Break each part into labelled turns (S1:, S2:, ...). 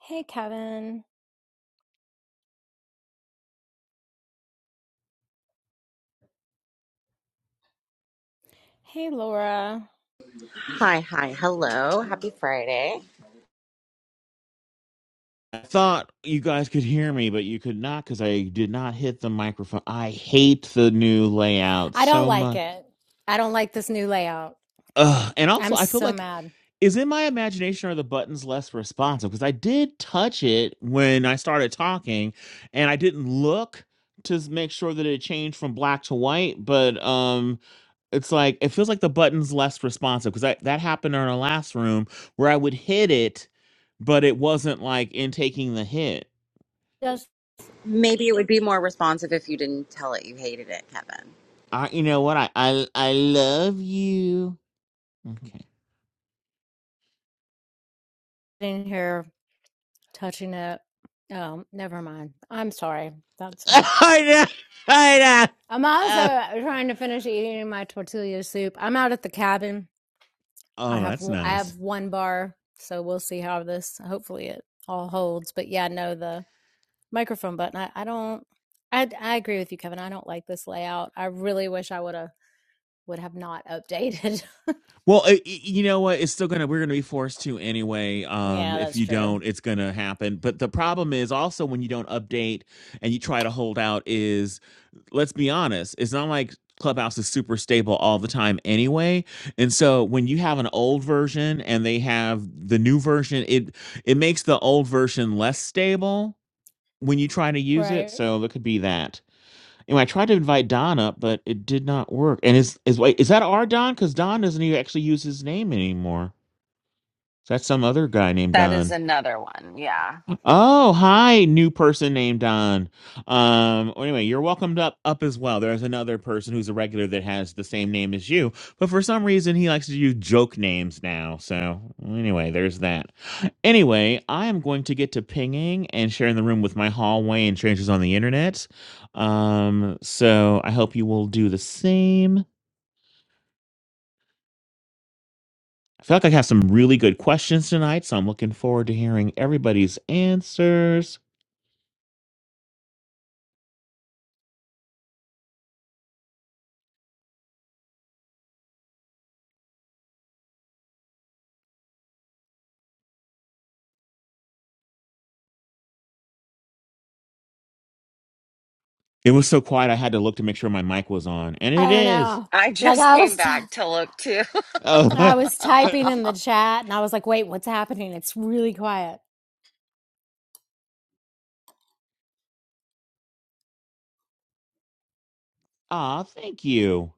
S1: Hey, Kevin. Hey, Laura.
S2: Hi, hi, hello. Happy Friday.
S3: I thought you guys could hear me, but you could not because I did not hit the microphone. I hate the new layout
S1: I don't
S3: so
S1: like
S3: much.
S1: it. I don't like this new layout.
S3: Ugh. And also,
S1: I'm
S3: I feel
S1: so
S3: like
S1: mad.
S3: is in my imagination are the buttons less responsive because I did touch it when I started talking, and I didn't look to s- make sure that it changed from black to white. But um, it's like it feels like the button's less responsive because that, that happened in our last room where I would hit it, but it wasn't like in taking the hit.
S1: Just
S2: Maybe it would be more responsive if you didn't tell it you hated it, Kevin.
S3: I, you know what? I, I, I love you. Okay.
S1: sitting here touching it. Oh, never mind. I'm sorry. That's not.
S3: I know. I know.
S1: I'm also
S3: Oh,
S1: uh, trying to finish eating my tortilla soup. I'm out at the cabin. I
S3: oh,
S1: have
S3: that's
S1: I
S3: nice.
S1: have one bar, so we'll see how this. Hopefully, it all holds. But yeah, no, the microphone button. I, I don't. I I agree with you, Kevin. I don't like this layout. I really wish I would have would have not updated
S3: Well, i i- you know what? It's still gonna. We're gonna be forced to anyway. Um,
S1: Yeah,
S3: if
S1: that's
S3: you
S1: true.
S3: don't, it's gonna happen. But the problem is also when you don't update and you try to hold out. Is let's be honest. It's not like Clubhouse is super stable all the time anyway. And so when you have an old version and they have the new version, it it makes the old version less stable when you try to use it,
S1: Right.
S3: so there could be that. Anyway, I tried to invite Don up, but it did not work. And is is wait, is that our Don? Because Don doesn't even actually use his name anymore. Is that some other guy named
S2: That is
S3: Don.
S2: another one. Yeah.
S3: Oh, hi, new person named Don. Um, well, anyway, you're welcomed up up as well. There's another person who's a regular that has the same name as you, but for some reason he likes to do joke names now. So well, anyway, there's that. Anyway, I am going to get to pinging and sharing the room with my hallway and strangers on the internet. Um, so I hope you will do the same. I feel like I have some really good questions tonight, so I'm looking forward to hearing everybody's answers. It was so quiet I had to look to make sure my mic was on, and it
S1: I don't
S3: is.
S1: know.
S2: I
S1: Like
S2: just
S1: I
S2: came
S1: was, t-
S2: back to look too.
S1: I
S3: Oh,
S1: was typing in the chat, and I was like, "Wait, what's happening? It's really quiet."
S3: ah, thank you.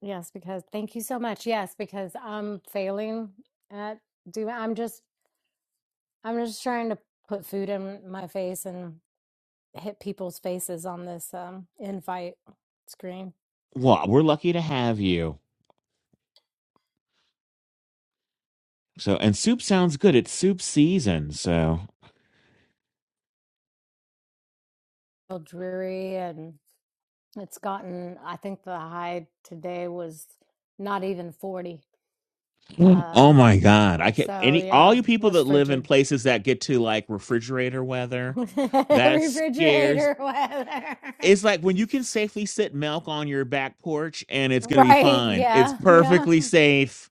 S1: Yes, because thank you so much. Yes, because I'm failing at doing. I'm just, I'm just trying to put food in my face and hit people's faces on this um, invite screen.
S3: Well, we're lucky to have you. So, and soup sounds good. It's soup season, so.
S1: Feel dreary, and it's gotten. I think the high today was not even forty.
S3: Oh
S1: Um,
S3: my god! I
S1: oh,
S3: can't.
S1: so
S3: Any all
S1: yeah, it
S3: you people
S1: was
S3: that live in
S1: frigid.
S3: places that get to like refrigerator weather, that scares
S1: Refrigerator weather.
S3: It's like when you can safely sit milk on your back porch and it's going to be
S1: Right.
S3: fine. It's
S1: Yeah. Yeah.
S3: perfectly safe.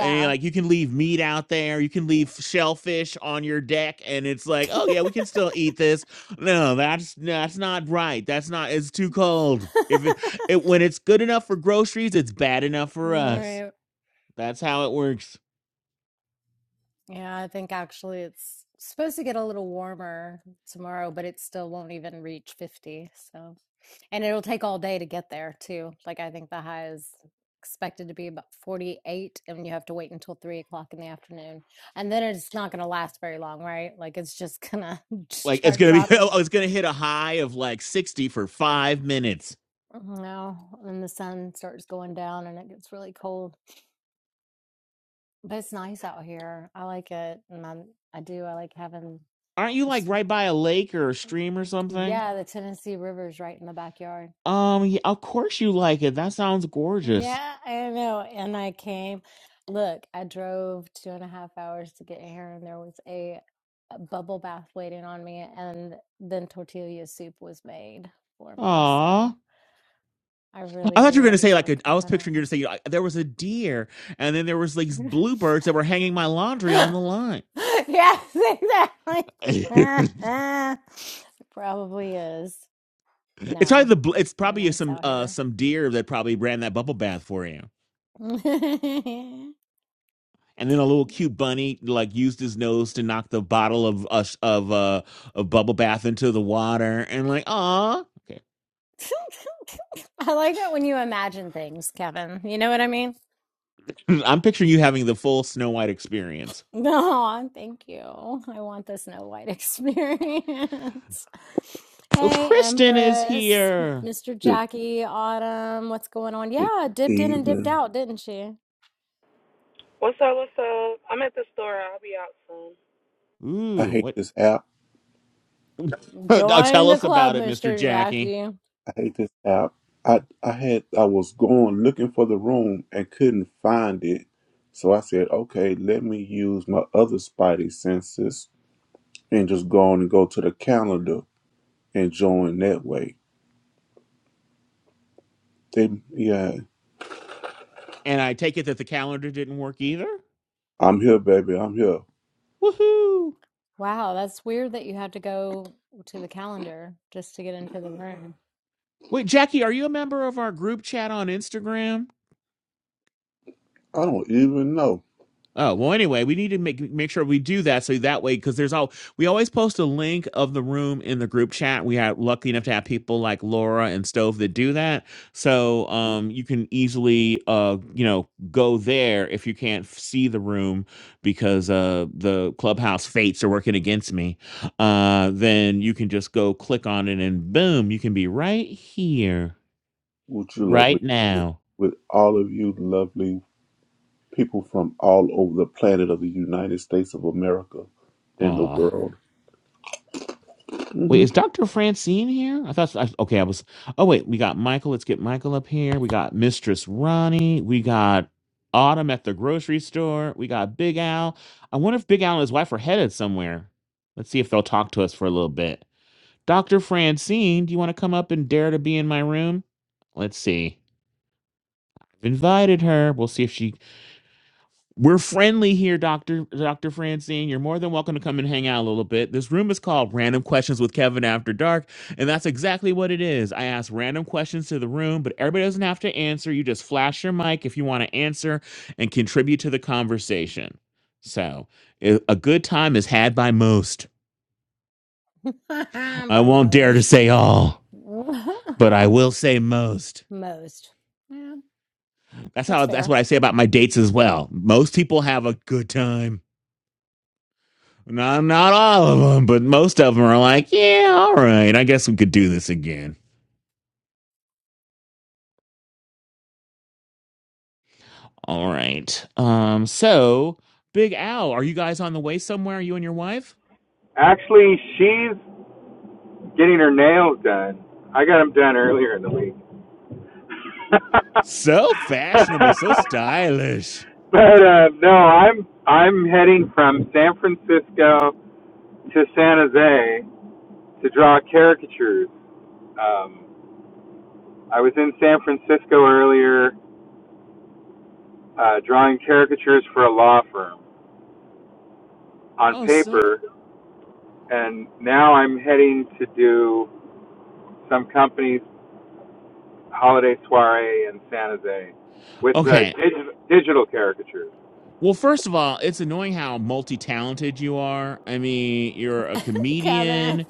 S3: And like you can leave meat out there, you can leave shellfish on your deck, and it's like, oh yeah, we can still eat this. No, that's that's not right. That's not. It's too cold. If it, it when it's good enough for groceries, it's bad enough for us.
S1: Right.
S3: That's how it works.
S1: Yeah. I think actually it's supposed to get a little warmer tomorrow, but it still won't even reach 50. So. And it'll take all day to get there too. Like I think the high is expected to be about 48 and you have to wait until three o'clock in the afternoon. And then it's not gonna last very long, right? Like it's just gonna
S3: Like it's
S1: start
S3: gonna be, oh,
S1: dropping
S3: it's gonna hit a high of like sixty for five minutes.
S1: now and the sun starts going down and it gets really cold. But it's nice out here. I like it and i I do. I like having
S3: Aren't you like
S1: this
S3: right by a lake or a stream or something?
S1: yeah, the Tennessee River's right in the backyard.
S3: Um, yeah, of course you like it. That sounds gorgeous.
S1: Yeah, I know. And I came. Look, I drove two and a half hours to get here, and there was a, a bubble bath waiting on me, and then tortilla soup was made for me. So
S3: Aw.
S1: I really
S3: I
S1: do
S3: thought you were gonna say like
S1: enjoy
S3: a, I was
S1: coming out
S3: picturing you to say you there was a deer and then there was like these bluebirds that were hanging my laundry on
S1: here.
S3: the line.
S1: Yes, exactly.
S3: it's
S1: It probably is.
S3: probably
S1: No,
S3: the bl- it's
S1: it's really
S3: probably
S1: nice
S3: some
S1: out
S3: uh
S1: here.
S3: some deer that probably ran that bubble bath for you. And then a little cute bunny like used his nose to knock the bottle of uh, sh- of uh of bubble bath into the water and like ah okay.
S1: I like it when you imagine things, Kevin. You know what I mean?
S3: I'm picturing you having the full Snow White experience.
S1: No, thank you. I want the Snow White experience.
S3: Oh,
S1: Hey,
S3: Kristen is
S1: Empress,
S3: here.
S1: Mr.
S4: Good,
S1: Jackie, Autumn, what's going on?
S4: good
S1: Yeah, dipped in and dipped
S4: evening.
S1: out, didn't she?
S5: What's up? What's up? I'm at the store. I'll be out soon.
S4: I
S3: Ooh,
S4: hate
S3: what?
S4: this app.
S3: now
S1: Join
S3: tell
S1: the
S3: us
S1: club,
S3: about it, Mr.
S1: Mr.
S3: Jackie.
S1: Jackie.
S4: I hate this app. I I had I was going looking for the room and couldn't find it. So I said, okay, let me use my other spidey senses and just go on and go to the calendar and join that way. They yeah,
S3: And I take it that the calendar didn't work either?
S4: I'm here, baby. I'm here.
S3: Woohoo!
S1: Wow, that's weird that you had to go to the calendar just to get into the room.
S3: Wait, Jackie, are you a member of our group chat on Instagram?
S4: I don't even know
S3: Oh, well, anyway, we need to make make sure we do that so that way, because there's all we always post a link of the room in the group chat. We are lucky enough to have people like Laura and Stove that do that. So um you can easily uh you know go there if you can't f- see the room because uh the clubhouse fates are working against me. Uh then you can just go click on it and boom, you can be right here,
S4: what you lovely
S3: right
S4: people
S3: now.
S4: with all of you lovely people from all over the planet of the United States of America and the
S3: Aw.
S4: world. Mm-hmm.
S3: Wait, is Dr. Francine here? I thought, I, okay, I was, oh, wait, we got Michael. Let's get Michael up here. We got Mistress Ronnie. We got Autumn at the grocery store. We got Big Al. I wonder if Big Al and his wife are headed somewhere. Let's see if they'll talk to us for a little bit. Dr. Francine, do you want to come up and dare to be in my room? Let's see. I've invited her. We'll see if she we're friendly here, Doctor Doctor Francine. You're more than welcome to come and hang out a little bit. This room is called Random Questions with Kevin After Dark, and that's exactly what it is. I ask random questions to the room, but everybody doesn't have to answer. You just flash your mic if you want to answer and contribute to the conversation. So, i- a good time is had by most. I
S1: By
S3: won't dare to
S1: most.
S3: say all, but I will say most.
S1: most. Yeah,
S3: That's
S1: that's
S3: how. That's what
S1: fair.
S3: I say about my dates as well. Most people have a good time. Not, not all of them, but most of them are like, yeah, all right, I guess we could do this again. All right. Um, so Big Al, are you guys on the way somewhere? You and your wife?
S6: Actually, she's getting her nails done. I got them done earlier in the week. but
S3: So fashionable, so stylish.
S6: uh, no, I'm I'm heading from San Francisco to San Jose to draw caricatures. Um, I was in San Francisco earlier uh, drawing caricatures for a law firm on
S3: Oh, so. g-
S6: paper, and now I'm heading to do some companies holiday soiree in San Jose with uh,
S3: Okay.
S6: dig- digital caricatures.
S3: Well, first of all, it's annoying how multi-talented you are. I mean, you're a
S1: Kevin.
S3: comedian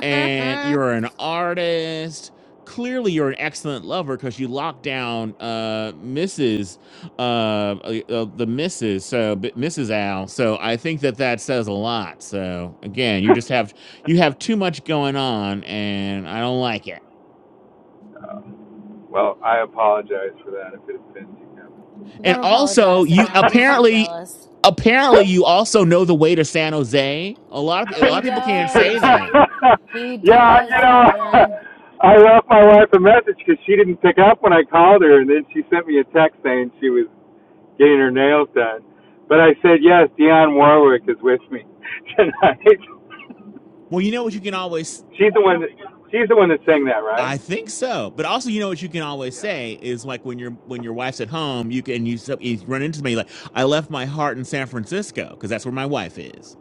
S3: and you're an artist. Clearly, you're an excellent lover because you locked down uh, Mrs. Uh, uh, uh, the Mrs. So b- Mrs. Al. So I think that that says a lot. So again, you just have you have too much going on, and I don't like it.
S6: Uh, well, I apologize for that if it offends you, Kevin.
S3: And
S1: Don't
S3: also,
S1: apologize to
S3: you
S1: him. He's just
S3: apparently
S1: jealous.
S3: apparently you also know the way to San Jose. A lot of a lot
S1: He
S3: of people can't say
S1: does.
S3: that.
S1: He
S6: yeah,
S1: does,
S6: you know,
S1: Kevin.
S6: I left my wife a message because she didn't pick up when I called her, and then she sent me a text saying she was getting her nails done. But I said yes, Dionne Warwick is with me tonight.
S3: Well, you know what you can always
S6: She's the one that she's the one that sang that, right?
S3: I think so. But also you know what you can always
S6: Yeah.
S3: say is like when your when your wife's at home, you can you, sup- you run into me like I left my heart in San Francisco because that's where my wife is.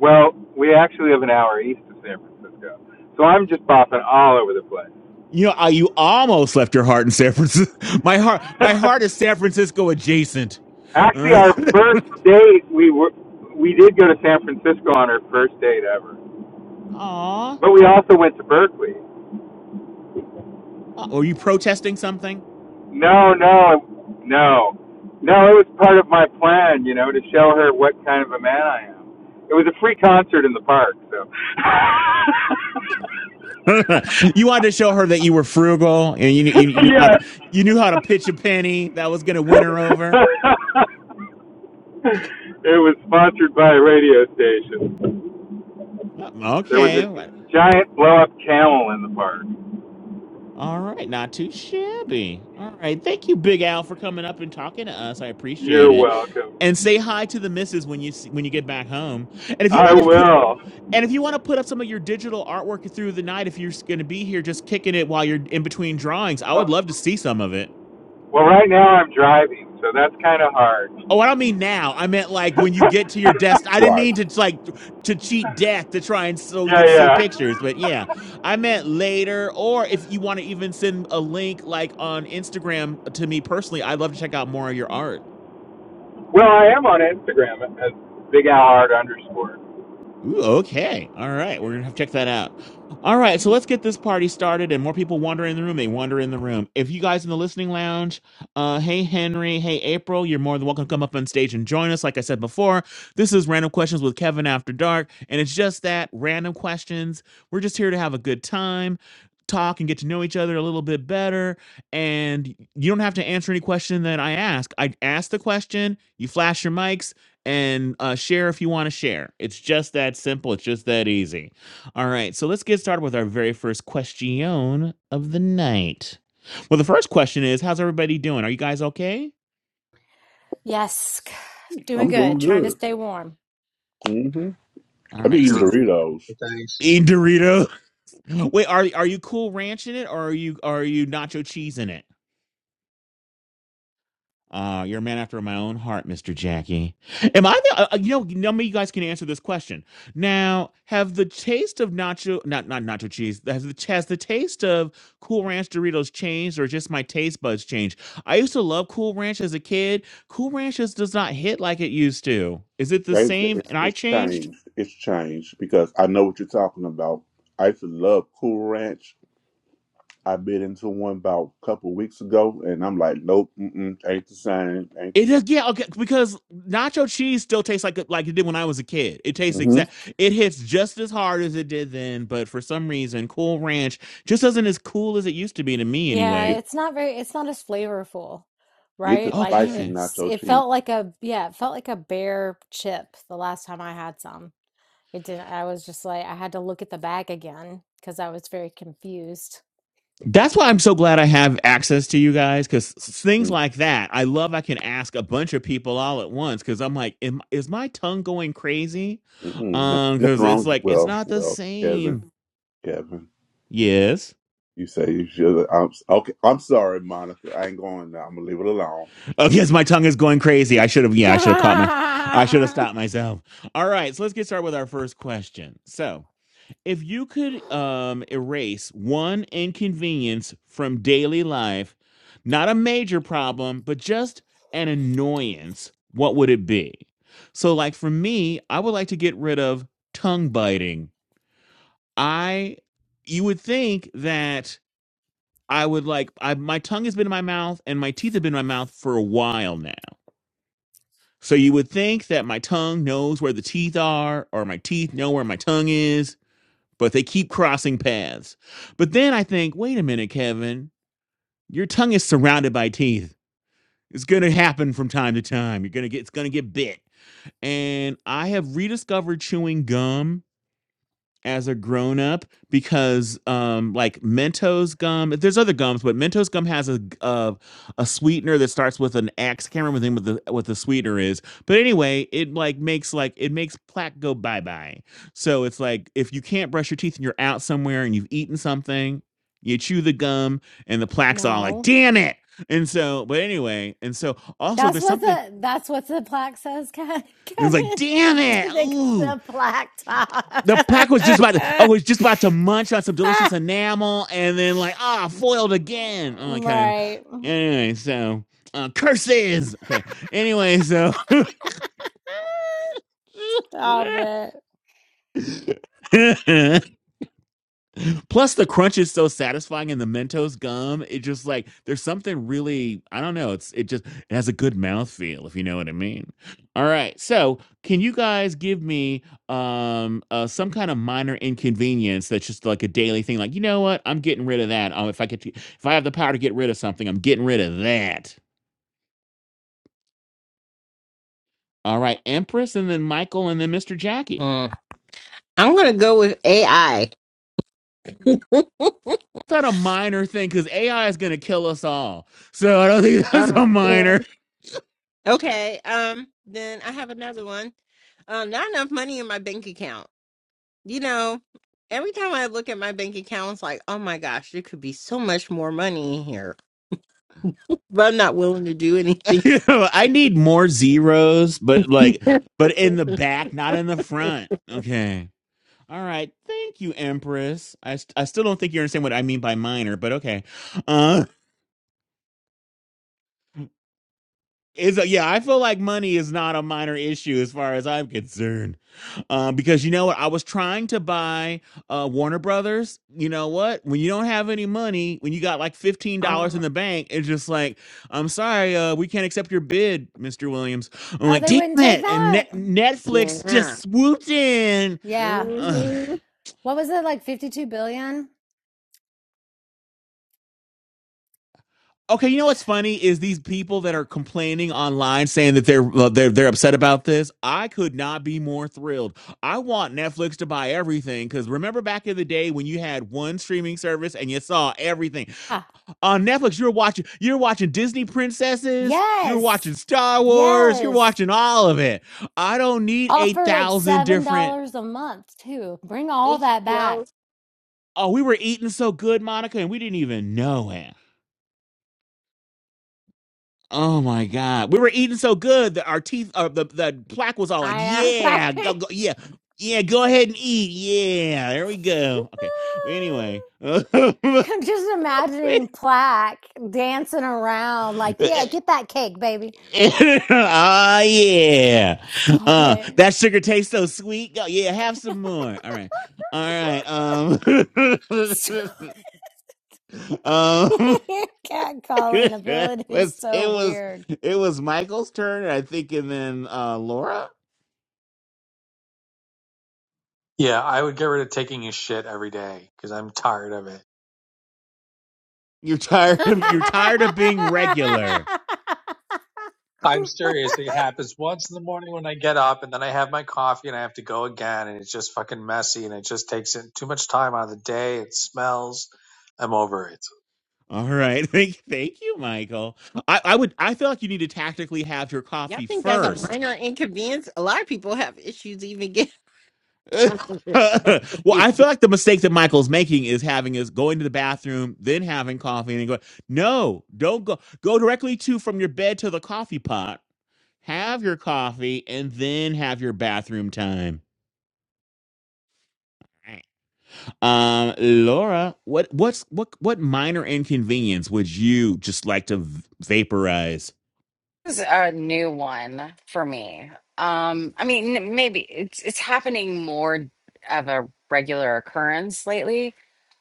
S6: Well, we actually live an hour east of San Francisco, so I'm just bopping all over the place.
S3: You know, I, you almost left your heart in San Francisco. My heart my heart is San Francisco adjacent. All
S6: actually,
S3: right.
S6: our first date, we were we did go to San Francisco on our first date ever,
S3: Aw.
S6: but we also went to Berkeley.
S3: Uh, Were you protesting something?
S6: No, no, no, no. It was part of my plan, you know, to show her what kind of a man I am. It was a free concert in the park, so.
S3: you wanted to show her that you were frugal and you knew, you, you knew how to you knew how to
S6: yes.
S3: pitch a penny that was going to win
S6: it
S3: her over.
S6: was sponsored by a radio station.
S3: Well,
S6: There was
S3: Okay,
S6: a giant blow up camel in the park.
S3: all right, not too shabby. All right, thank you, Big Al, for coming up and talking to us. I appreciate
S6: You're
S3: it. And
S6: welcome.
S3: say hi to the missus when you see, when you get back home. And if you
S6: I
S3: want to put
S6: will.
S3: and if you want to put up some of your digital artwork through the night, if you're going to be here, just kicking it while you're in between drawings, I would
S6: Oh,
S3: love to see some of it.
S6: well, right now I'm driving, so that's kind of hard.
S3: Oh, I don't mean now. I meant like when you get to your desk. I didn't
S4: Right.
S3: mean to like to cheat death to try and so we
S6: yeah,
S3: could see
S6: yeah.
S3: pictures. But yeah, I meant later. Or if you want to even send a link like on Instagram to me personally, I'd love to check out more of your art.
S6: Well, I am on Instagram as Big Al Hard underscore.
S3: Ooh, okay. All right. We're going to have to check that out. All right. So let's get this party started and more people wander in the room. They wander in the room. If you guys in the listening lounge, uh, hey, Henry, hey, April, you're more than welcome to come up on stage and join us. Like I said before, this is Random Questions with Kevin After Dark. And it's just that random questions. We're just here to have a good time. Talk and get to know each other a little bit better. And you don't have to answer any question that I ask. I ask the question, you flash your mics, and uh, share if you want to share. It's just that simple. It's just that easy. All right. So let's get started with our very first question of the night. Well, the first question is, how's everybody doing? Are you guys okay?
S1: Yes. Doing
S4: I'm
S1: good.
S4: doing
S1: Trying to
S4: good.
S1: stay warm.
S4: hmm
S3: All
S4: I'm
S3: right.
S4: eating
S3: So,
S7: doing
S4: Doritos.
S7: things.
S3: Eat Dorito. Wait, are are you cool ranching it or are you are you nacho cheese in it? Uh, you're a man after my own heart, Mr. Jackie. Am I the, uh, uh, you know, none of you guys can answer this question. Now, have the taste of nacho, not, not nacho cheese, has the, has the taste of Cool Ranch Doritos changed or just my taste buds changed? I used to love Cool Ranch as a kid. Cool Ranch just does not hit like it used to. Is it the
S4: They-
S3: same
S4: It's,
S3: and I
S4: it's
S3: changed?
S4: changed. It's changed because I know what you're talking about. I used to love Cool Ranch. I bit into one about a couple weeks ago, and I'm like, nope, mm-mm, ain't the same. Ain't the
S3: It
S4: same.
S3: is, yeah, okay, because nacho cheese still tastes like like it did when I was a kid. It tastes
S4: hmm
S3: exact. It hits just as hard as it did then, but for some reason, Cool Ranch just isn't as cool as it used to be to me,
S1: Yeah,
S4: Get,
S3: anyway.
S1: it's not very it's not as flavorful,
S4: get the
S1: right? Like
S4: spicy
S3: Okay,
S1: it's
S4: nacho
S1: it
S4: cheese.
S1: felt like a yeah, it felt like a bear chip the last time I had some. It didn't I was just like I had to look at the bag again because I was very confused.
S3: that's why I'm so glad I have access to you guys because things
S4: Mm,
S3: like that, I love. I can ask a bunch of people all at once because I'm like, am, is my tongue going crazy?
S4: Mm-mm, no,
S3: Um,
S4: nothing
S3: because it's
S4: wrong.
S3: like it's
S4: Well,
S3: not the
S4: well, Kevin,
S3: same.
S4: Kevin,
S3: Yes.
S4: you say you should. I'm s- okay. I'm sorry, Monica. I ain't going. Now. I'm gonna leave it alone.
S3: Oh, yes, my tongue is going crazy. I should have, yeah, I should have caught my, I should have stopped myself. All right, so let's get started with our first question. So, if you could um, erase one inconvenience from daily life, not a major problem, but just an annoyance, what would it be? So, like for me, I would like to get rid of tongue biting. I, you would think that I would like, I, my tongue has been in my mouth and my teeth have been in my mouth for a while now so you would think that my tongue knows where the teeth are, or my teeth know where my tongue is, but they keep crossing paths. But then I think, wait a minute, Kevin, your tongue is surrounded by teeth. It's gonna happen from time to time. You're gonna get it's gonna get bit. And I have rediscovered chewing gum as a grown up because um like Mentos gum, there's other gums, but Mentos gum has a uh, a sweetener that starts with an X. I can't remember the name of the what the sweetener is. But anyway, it like makes like it makes plaque go bye-bye. So it's like if you can't brush your teeth and you're out somewhere and you've eaten something, you chew the gum and the plaque's all like,
S1: no,
S3: damn it. And so, but anyway, and so also
S1: that's
S3: there's
S1: what
S3: something
S1: the that's what the plaque says, Ke-
S3: and it's like,
S1: Kevin.
S3: damn it,
S1: Did they got
S3: ooh.
S1: the plaque top?
S3: The plaque was just about to, I was just about to munch on some delicious enamel and then like ah foiled again. Oh, kind of.
S1: right.
S3: Anyway, so uh, curses. Okay. Anyway, so
S1: Stop it.
S3: Plus, the crunch is so satisfying in the Mentos gum. It just like there's something really I don't know. It's it just it has a good mouth feel if you know what I mean. All right, so can you guys give me um uh, some kind of minor inconvenience that's just like a daily thing? Like you know what, I'm getting rid of that. Um, if I get to, if I have the power to get rid of something, I'm getting rid of that. All right, Empress, and then Michael, and then Mr. Jackie.
S8: Mm. I'm gonna go with AI.
S3: Is that a minor thing? Because AI is going to kill us all. So I don't think that's a
S8: Oh, yeah.
S3: minor.
S8: okay. Um. Then I have another one. Uh, not enough money in my bank account. You know, every time I look at my bank account, it's like, oh my gosh, there could be so much more money in here, but I'm not willing to do anything.
S3: You know, I need more zeros, but like, but in the back, not in the front. Okay. All right. Thank you, Empress. I, st- I still don't think you understand what I mean by minor, but okay. Uh. Is a, yeah, I feel like money is not a minor issue as far as I'm concerned, um, because you know what? I was trying to buy uh, Warner Brothers. You know what? When you don't have any money, when you got like fifteen dollars in
S8: Oh
S3: the bank, it's just like, I'm sorry, uh, we can't accept your bid, Mister Williams. I'm
S1: Oh,
S3: like,
S1: they
S3: damn
S1: wouldn't take
S3: it! And
S1: that.
S3: Net- Netflix
S8: yeah.
S3: just swooped in.
S1: Yeah.
S3: Ugh.
S8: Mm-hmm.
S1: What was it like? Fifty-two billion.
S3: Okay, you know what's funny is these people that are complaining online saying that they're uh, they're they're upset about this. I could not be more thrilled. I want Netflix to buy everything cuz remember back in the day when you had one streaming service and you saw everything.
S1: Yeah.
S3: On Netflix you're watching you're watching Disney princesses, you're
S1: Yes.
S3: watching Star Wars, you're
S1: Yes.
S3: watching all of it. I don't need
S1: Offer like
S3: 8,000
S1: $7
S3: different
S1: a month too. Bring all that back.
S8: HBO.
S3: Oh, we were eating so good, Monica, and we didn't even know it. Oh my God. We were eating so good that our teeth, uh, the, the plaque was all like,
S1: I am.
S3: yeah, go, go, yeah, yeah, go ahead and eat. Yeah, there we go. Okay. But anyway. oh,
S1: I'm just imagining plaque dancing around like, yeah, get that cake, baby.
S3: yeah.
S1: Stop
S3: Uh,
S1: it.
S3: that sugar tastes so sweet. Go, yeah, have some more. All right. All right.
S1: Stop.
S3: Um. Um,
S1: Your cat calling ability is
S3: let's.
S1: so
S3: It was
S1: weird.
S3: it was Michael's turn, I think, and then uh Laura.
S7: Yeah, I would get rid of taking a shit every day because I'm tired of it.
S3: You're tired of you're tired of being regular.
S7: I'm serious. It happens once in the morning when I get up and then I have my coffee and I have to go again and it's just fucking messy and it just takes in too much time out of the day. It smells. I'm over it.
S3: All right. Thank thank you, Michael. I, I would I feel like you need to tactically have your
S8: Y'all
S3: coffee
S8: think that's a
S3: first.
S8: minor inconvenience? A lot of people have issues even getting. out of it.
S3: well,
S8: Say
S3: I feel like the mistake that Michael's making is having is going to the bathroom, then having coffee, and then going, no, don't go go directly to from your bed to the coffee pot. Have your coffee and then have your bathroom time. Um, Laura, what what's what what minor inconvenience would you just like to v- vaporize?
S2: It's a new one for me. Um, I mean, maybe it's it's happening more of a regular occurrence lately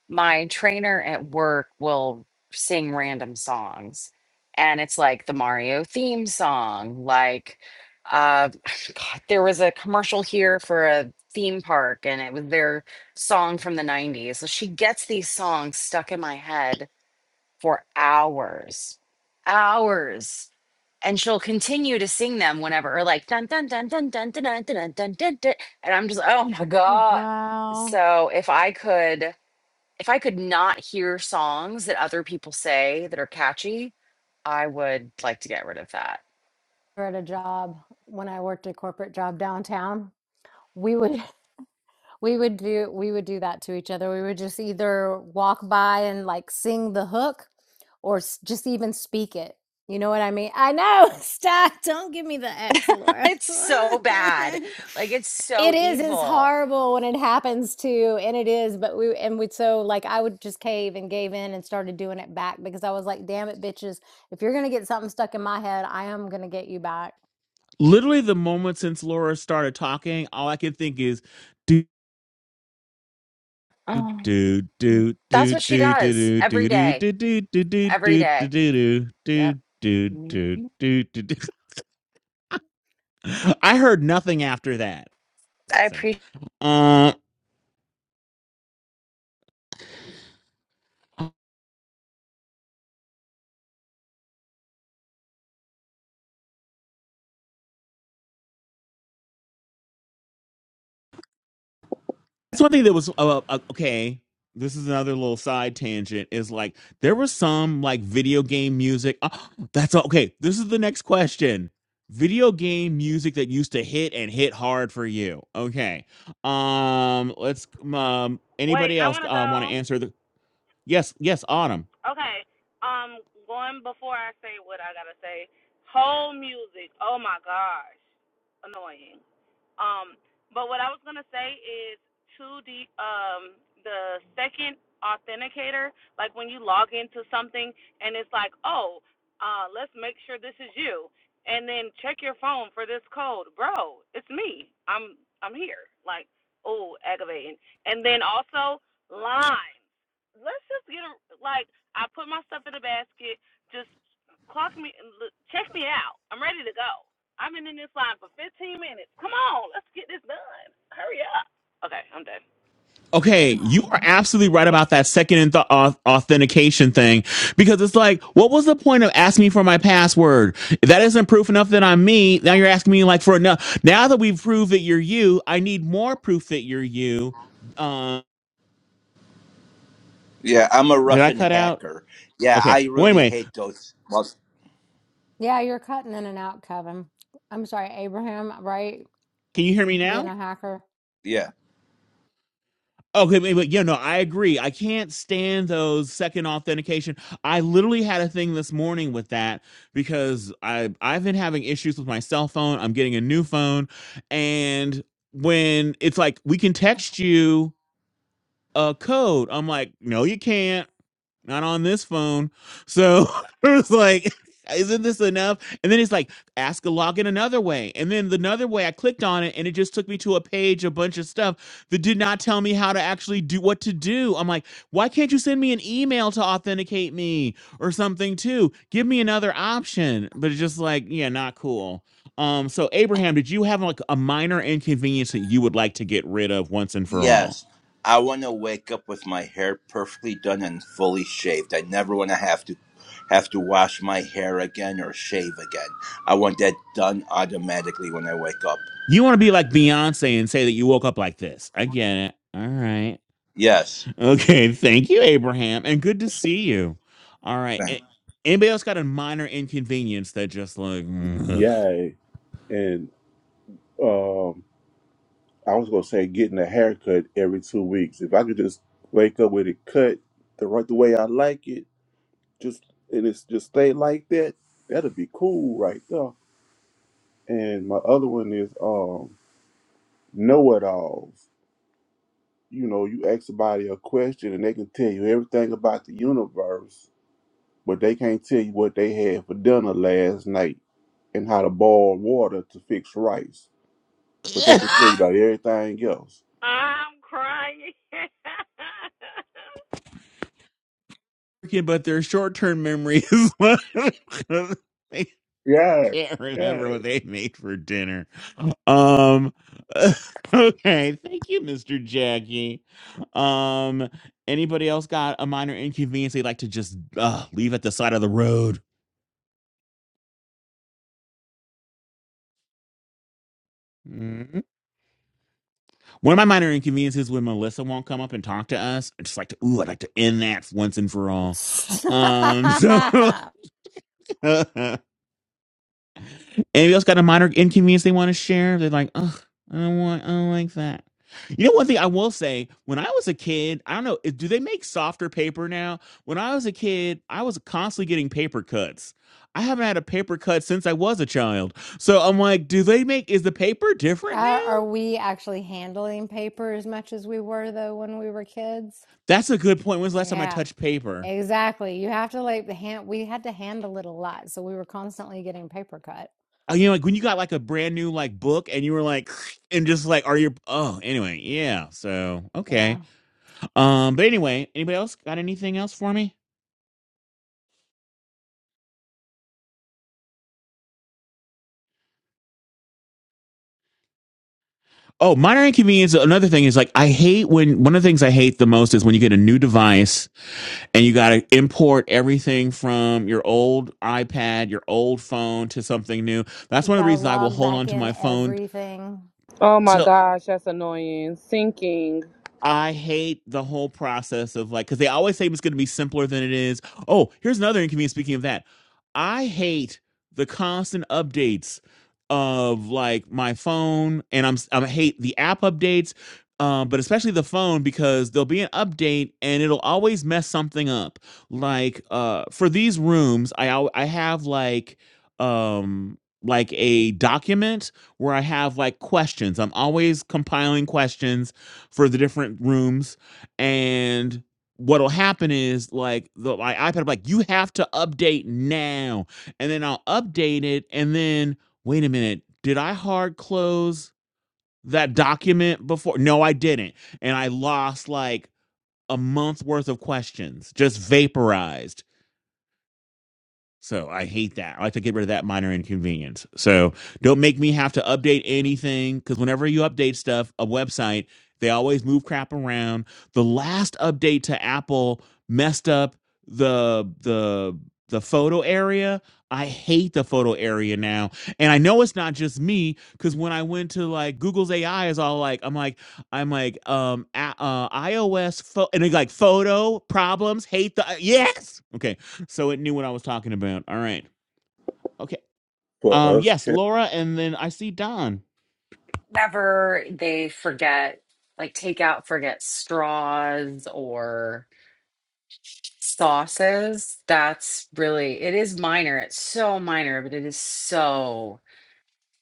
S2: my trainer at work will sing random songs and it's like the mario theme song like uh God, there was a commercial here for a theme park and it was their song from the 90s so she gets these songs stuck in my head for hours hours and she'll continue to sing them whenever or like dun dun dun dun dun dun dun dun dun dun, dun and i'm just oh my god
S1: wow.
S2: so if i could if I could not hear songs that other people say that are catchy, I would like to get rid of that.
S1: at a job when I worked a corporate job downtown, we would we would do we would do that to each other. We would just either walk by and like sing the hook or s- just even speak it. You know what I mean? I know. Stop. Don't give me the X, Laura.
S2: It's so bad. Like it's so
S1: it is it's
S2: evil.
S1: horrible when it happens to and it is but we and we so like i would just cave and gave in and started doing it back because i was like damn it bitches if you're gonna get something stuck in my head i am gonna get you back
S3: Literally, the moment since Laura started talking, all I could think is do
S2: Oh,
S3: do do
S2: that's
S3: do
S2: what she
S3: do do
S2: does every
S3: do do do
S2: day.
S3: do do do do do
S2: Every
S3: do
S2: day.
S3: do
S2: Yep.
S3: do do
S2: Mhm.
S3: do do do. I heard nothing after that.
S2: I
S3: So,
S2: appreciate
S3: um. That's one thing that was uh, uh, uh, okay. This is another little side tangent. Is like there was some like video game music. Ah, that's okay. This is the next question. Video game music that used to hit and hit hard for you. Okay. Um. Let's. Um.
S5: Wait,
S3: Anybody
S5: I
S3: else
S5: want to
S3: uh,
S5: go.
S3: want to answer the? Yes. Yes. Autumn.
S5: Okay. Um, going before I say what I gotta say. Whole music. Oh my gosh, annoying. Um, but what I was gonna say is to the um the second authenticator, like when you log into something and it's like, oh, uh, let's make sure this is you, and then check your phone for this code, bro. It's me. I'm I'm here. Like, oh, aggravating. And then also lines. Let's just get a, like I put my stuff in a basket. Just clock me, check me out. I'm ready to go. I've been in this line for 15 minutes. Come on, let's get this done. Hurry up. Okay, I'm done.
S3: Okay, you are absolutely right about that second th- authentication thing because it's like, what was the point of asking me for my password? If that isn't proof enough that I'm me. Now you're asking me like for enough. Now that we've proved that you're you, I need more proof that you're you. Uh,
S9: Yeah, I'm a
S3: did I
S9: Russian
S3: cut out?
S9: hacker. Yeah,
S3: Okay.
S9: I
S3: Well,
S9: really
S3: anyway,
S9: hate those. Mus-
S1: Yeah, you're cutting in and out, Kevin. I'm sorry, Abraham, right?
S3: can you hear me now?
S1: Being a hacker.
S9: Yeah.
S3: Okay, but yeah, no, I agree. I can't stand those second authentication. I literally had a thing this morning with that because I I've been having issues with my cell phone. I'm getting a new phone, and when it's like we can text you a code, I'm like, no, you can't not on this phone. So it was like, isn't this enough? And then it's like, ask a login another way. And then the another way, I clicked on it and it just took me to a page, a bunch of stuff that did not tell me how to actually do what to do. I'm like, why can't you send me an email to authenticate me or something too? Give me another option. But it's just like, yeah, not cool. Um, so Abraham, did you have like a minor inconvenience that you would like to get rid of once and for all?
S9: Yes. I want to wake up with my hair perfectly done and fully shaved. I never want to have to have to wash my hair again or shave again. I want that done automatically when I wake up.
S3: You want to be like Beyonce and say that you woke up like this. I get it. All right.
S9: Yes.
S3: Okay. Thank you, Abraham. And good to see you. All right.
S9: Thank-
S3: a- Anybody else got a minor inconvenience that just like, mm,
S4: Yay! And um. I was gonna say getting a haircut every two weeks. If I could just wake up with it cut the right the way I like it, just and it's just stay like that, that'd be cool right there. And my other one is um know it alls. You know, you ask somebody a question and they can tell you everything about the universe, but they can't tell you what they had for dinner last night and how to boil water to fix rice. But they
S3: ugh.
S4: can tell you about everything else.
S5: I'm crying.
S3: Okay, but their short term memory is they
S4: Yeah,
S3: can't
S4: yeah.
S3: remember what they made for dinner. Um. Okay. Thank you, Mr. Jackie. Um. Anybody else got a minor inconvenience they'd like to just uh, leave at the side of the road? Mhm. One of my minor inconveniences when Melissa won't come up and talk to us, I just like to, ooh, I'd like to end that once and for all. Um, so
S1: Stop.
S3: anybody else got a minor inconvenience they want to share? They're like, ugh, I don't want, I don't like that. You know, one thing I will say, when I was a kid, I don't know, i- do they make softer paper now? When I was a kid, I was constantly getting paper cuts. I haven't had a paper cut since I was a child. So I'm like, do they make, is the paper different
S1: Are
S3: now?
S1: are we actually handling paper as much as we were though when we were kids?
S3: That's a good point. When's the last time I
S1: Yeah,
S3: touched paper?
S1: exactly. You have to like the hand, we had to handle it a lot. So we were constantly getting paper cut.
S3: Oh, you know, like when you got like a brand new like book and you were like, and just like, are you? Oh, anyway, yeah. So
S1: Yeah.
S3: okay. Um, but anyway, anybody else got anything else for me? Oh, minor inconvenience. Another thing is like, I hate when one of the things I hate the most is when you get a new device and you got to import everything from your old iPad, your old phone to something new. That's
S1: We
S3: one of the
S1: gotta
S3: reasons I will
S1: log
S3: hold
S1: back
S3: on to
S1: in
S3: my phone
S1: everything.
S5: Oh my
S3: till.
S5: gosh, that's annoying. Sinking.
S3: I hate the whole process of like, because they always say it's going to be simpler than it is. Oh, here's another inconvenience. Speaking of that, I hate the constant updates of like my phone, and I'm I hate the app updates, um, but especially the phone because there'll be an update and it'll always mess something up. Like uh, for these rooms, I al- I have like um like a document where I have like questions. I'm always compiling questions for the different rooms and what'll happen is like the my iPad I'm like you have to update now and then I'll update it and then wait a minute did I hard close that document before no I didn't and I lost like a month worth of questions just vaporized so I hate that. I like to get rid of that minor inconvenience. So don't make me have to update anything because whenever you update stuff, a website, they always move crap around. The last update to Apple messed up the the the photo area. I hate the photo area now. And I know it's not just me because when I went to like Google's AI is all like, I'm like, I'm like, um, a- uh, iOS, pho- and they like photo problems, hate the, yes. okay so it knew what I was talking about. All right. Okay.
S4: For
S3: Um,
S4: us
S3: yes, Laura, and then I see Don.
S2: whenever they forget, like take out, forget straws or sauces. That's really, it is minor. It's so minor, but it is so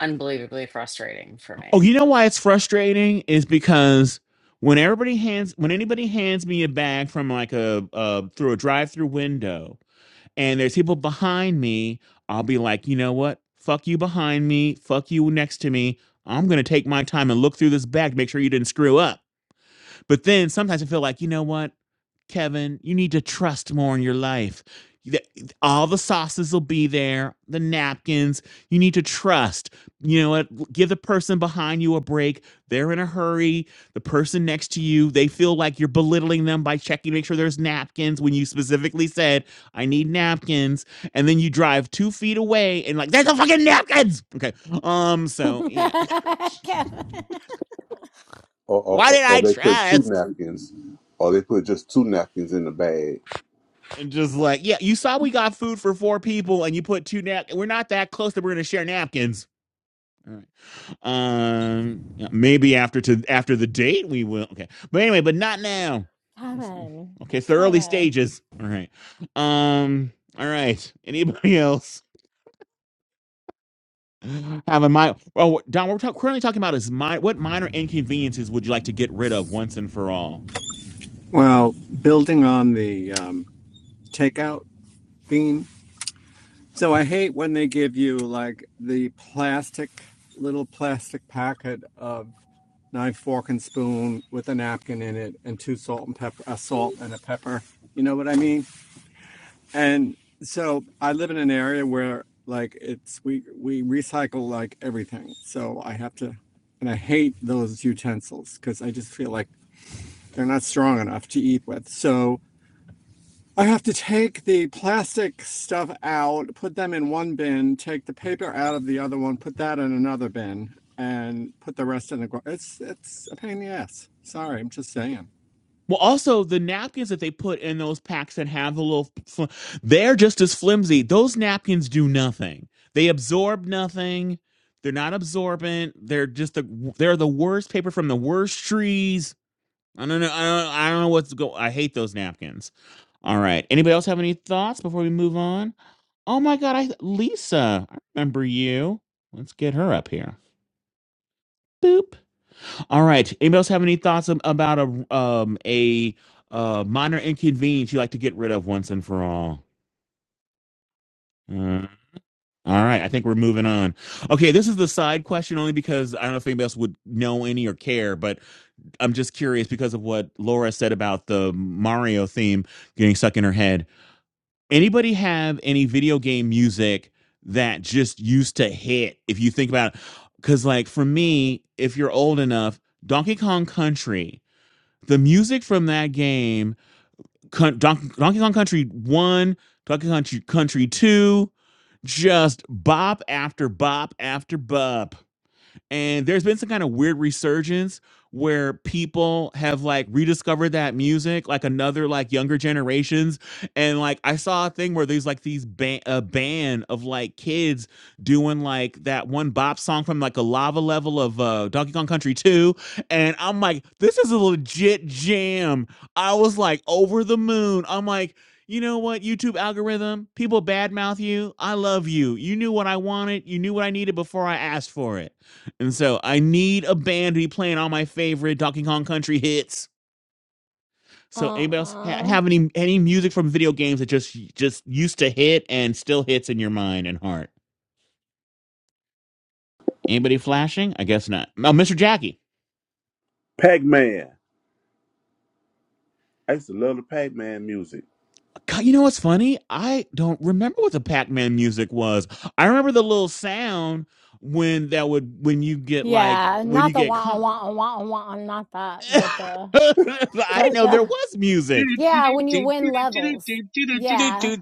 S2: unbelievably frustrating for
S3: Oh,
S2: me.
S3: you know why it's frustrating is because when everybody hands when anybody hands me a bag from like a uh through a drive-through window and there's people behind me, I'll be like, "You know what? Fuck you behind me. Fuck you next to me. I'm going to take my time and look through this bag to make sure you didn't screw up." But then sometimes I feel like, you know what, Kevin, you need to trust more in your life. All the sauces will be there, the napkins. You need to trust. You know what? Give the person behind you a break. They're in a hurry. The person next to you, they feel like you're belittling them by checking to make sure there's napkins when you specifically said, I need napkins. And then you drive two feet away and like, there's no fucking napkins. Okay. Um, so yeah.
S1: Kevin.
S4: or, or,
S3: Why
S4: or
S3: did
S4: or
S3: I
S4: they put two
S3: trust?
S4: napkins, or they put just two napkins in the bag.
S3: and just like, yeah, you saw we got food for four people, and you put two nap. We're not that close that we're gonna share napkins. All right. Um, yeah, maybe after to after the date we will. Okay, but anyway, but not now.
S1: Kevin.
S3: Okay, it's the early
S1: Kevin.
S3: stages. All right. Um. All right. Anybody else have a minor? Well, Don, what we're talk- currently talking about is my what minor inconveniences would you like to get rid of once and for all?
S10: Well, building on the um, takeout theme, so I hate when they give you like the plastic, little plastic packet of knife, fork, and spoon with a napkin in it and two salt and pepper, a salt and a pepper. You know what I mean? And so I live in an area where like it's we we recycle like everything. So I have to, and I hate those utensils because I just feel like they're not strong enough to eat with. So I have to take the plastic stuff out, put them in one bin, take the paper out of the other one, put that in another bin, and put the rest in the. It's it's a pain in the ass. Sorry, I'm just saying.
S3: Well, also the napkins that they put in those packs that have the little, they're just as flimsy. Those napkins do nothing. They absorb nothing. They're not absorbent. They're just the they're the worst paper from the worst trees. I don't know. I don't. I don't know what's go. I hate those napkins. All right. Anybody else have any thoughts before we move on? Oh my God, I Lisa. I remember you. Let's get her up here. Boop. All right. Anybody else have any thoughts ab- about a um a uh minor inconvenience you like to get rid of once and for all? Uh, all right, I think we're moving on. Okay, this is the side question only because I don't know if anybody else would know any or care, but I'm just curious because of what Laura said about the Mario theme getting stuck in her head. Anybody have any video game music that just used to hit? If you think about, because like for me, if you're old enough, Donkey Kong Country The music from that game, Con- Don- Donkey Kong Country 1, Donkey Kong Country 2, just bop after bop after bop and there's been some kind of weird resurgence where people have like rediscovered that music like another like younger generations and like i saw a thing where there's like these ban a band of like kids doing like that one bop song from like a lava level of uh donkey kong country 2 and i'm like this is a legit jam i was like over the moon i'm like you know what, YouTube algorithm? People badmouth you. I love you. You knew what I wanted. You knew what I needed before I asked for it. And so I need a band to be playing all my favorite Donkey Kong Country hits. So anybody else ha-
S1: Uh-uh.
S3: have any any music from video games that just just used to hit and still hits in your mind and heart? Anybody flashing? I guess not. Oh, Mr. Jackie.
S4: Pac Man. I used to love the Pac Man music.
S3: God, you know what's funny? I don't remember what the Pac-Man music was. I remember the little sound when that would when you get like
S1: Yeah,
S3: when
S1: not
S3: you
S1: the
S3: get
S1: wah
S3: caught.
S1: wah wah wah, not that, but the
S3: I didn't
S1: but
S3: know there
S1: the
S3: was music.
S1: yeah, when you win levels, yeah,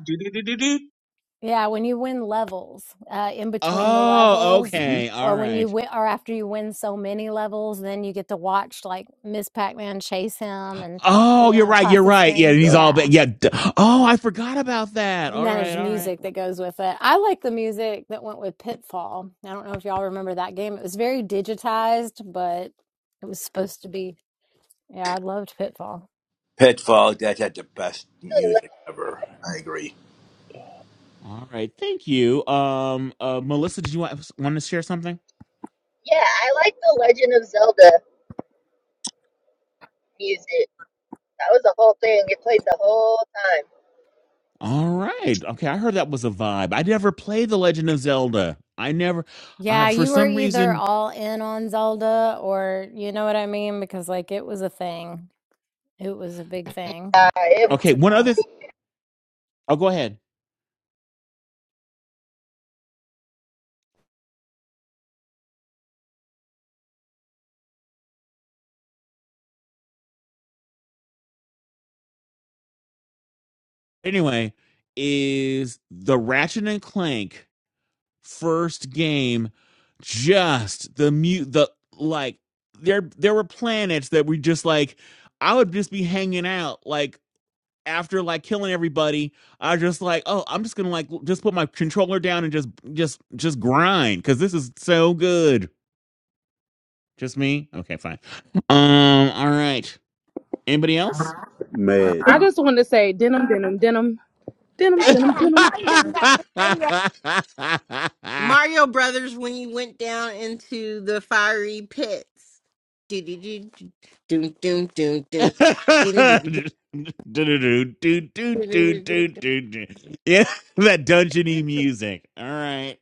S1: yeah, when you win levels, uh, in between the
S3: Oh,
S1: levels,
S4: hmm
S3: okay. All
S1: or when you
S3: right.
S1: win, or after you win so many levels, then you get to watch like Miss Pac Man chase him and you
S3: Oh, you're
S1: know
S3: right.
S1: across
S3: You're
S1: the
S3: right. Yeah, and
S1: screen.
S3: he's
S4: Yep.
S3: all but
S1: Yeah,
S3: yeah. d- Oh, I forgot about that.
S1: and
S3: All
S1: then there's
S3: right. All right.
S1: music that goes with it. I like the music that went with Pitfall. I don't know if y'all remember that game. It was very digitized, but it was supposed to be. Yeah, I loved Pitfall.
S9: Pitfall that had the best
S11: the le-
S9: music ever. I agree.
S3: All right. Thank you. Um, uh, Melissa, did you want want to share something?
S11: yeah, I like the Legend of Zelda music. That was the whole thing. It played the whole time.
S3: All right. Okay, I heard that was a vibe. I never played The Legend of Zelda. I never. I
S1: Yeah,
S3: for
S1: you were
S3: some
S1: either
S3: reason.
S1: all in on Zelda or you know what I mean? Because like it was a thing. It was a big thing.
S11: Uh, it
S1: It
S3: Okay,
S1: took
S3: one
S1: off.
S3: other. Th- oh, go ahead. Anyway, is the Ratchet and Clank first game just the mute the like there there were planets that we just like I would just be hanging out like after like killing everybody I was just like oh I'm just gonna like just put my controller down and just just just grind because this is so good just me okay fine um all right anybody else
S4: Madden,
S8: that. I just got to say that. Mario Brothers when you went down into the fiery pits. Do do do do do do do do
S3: yeah, that dungeony music. All right.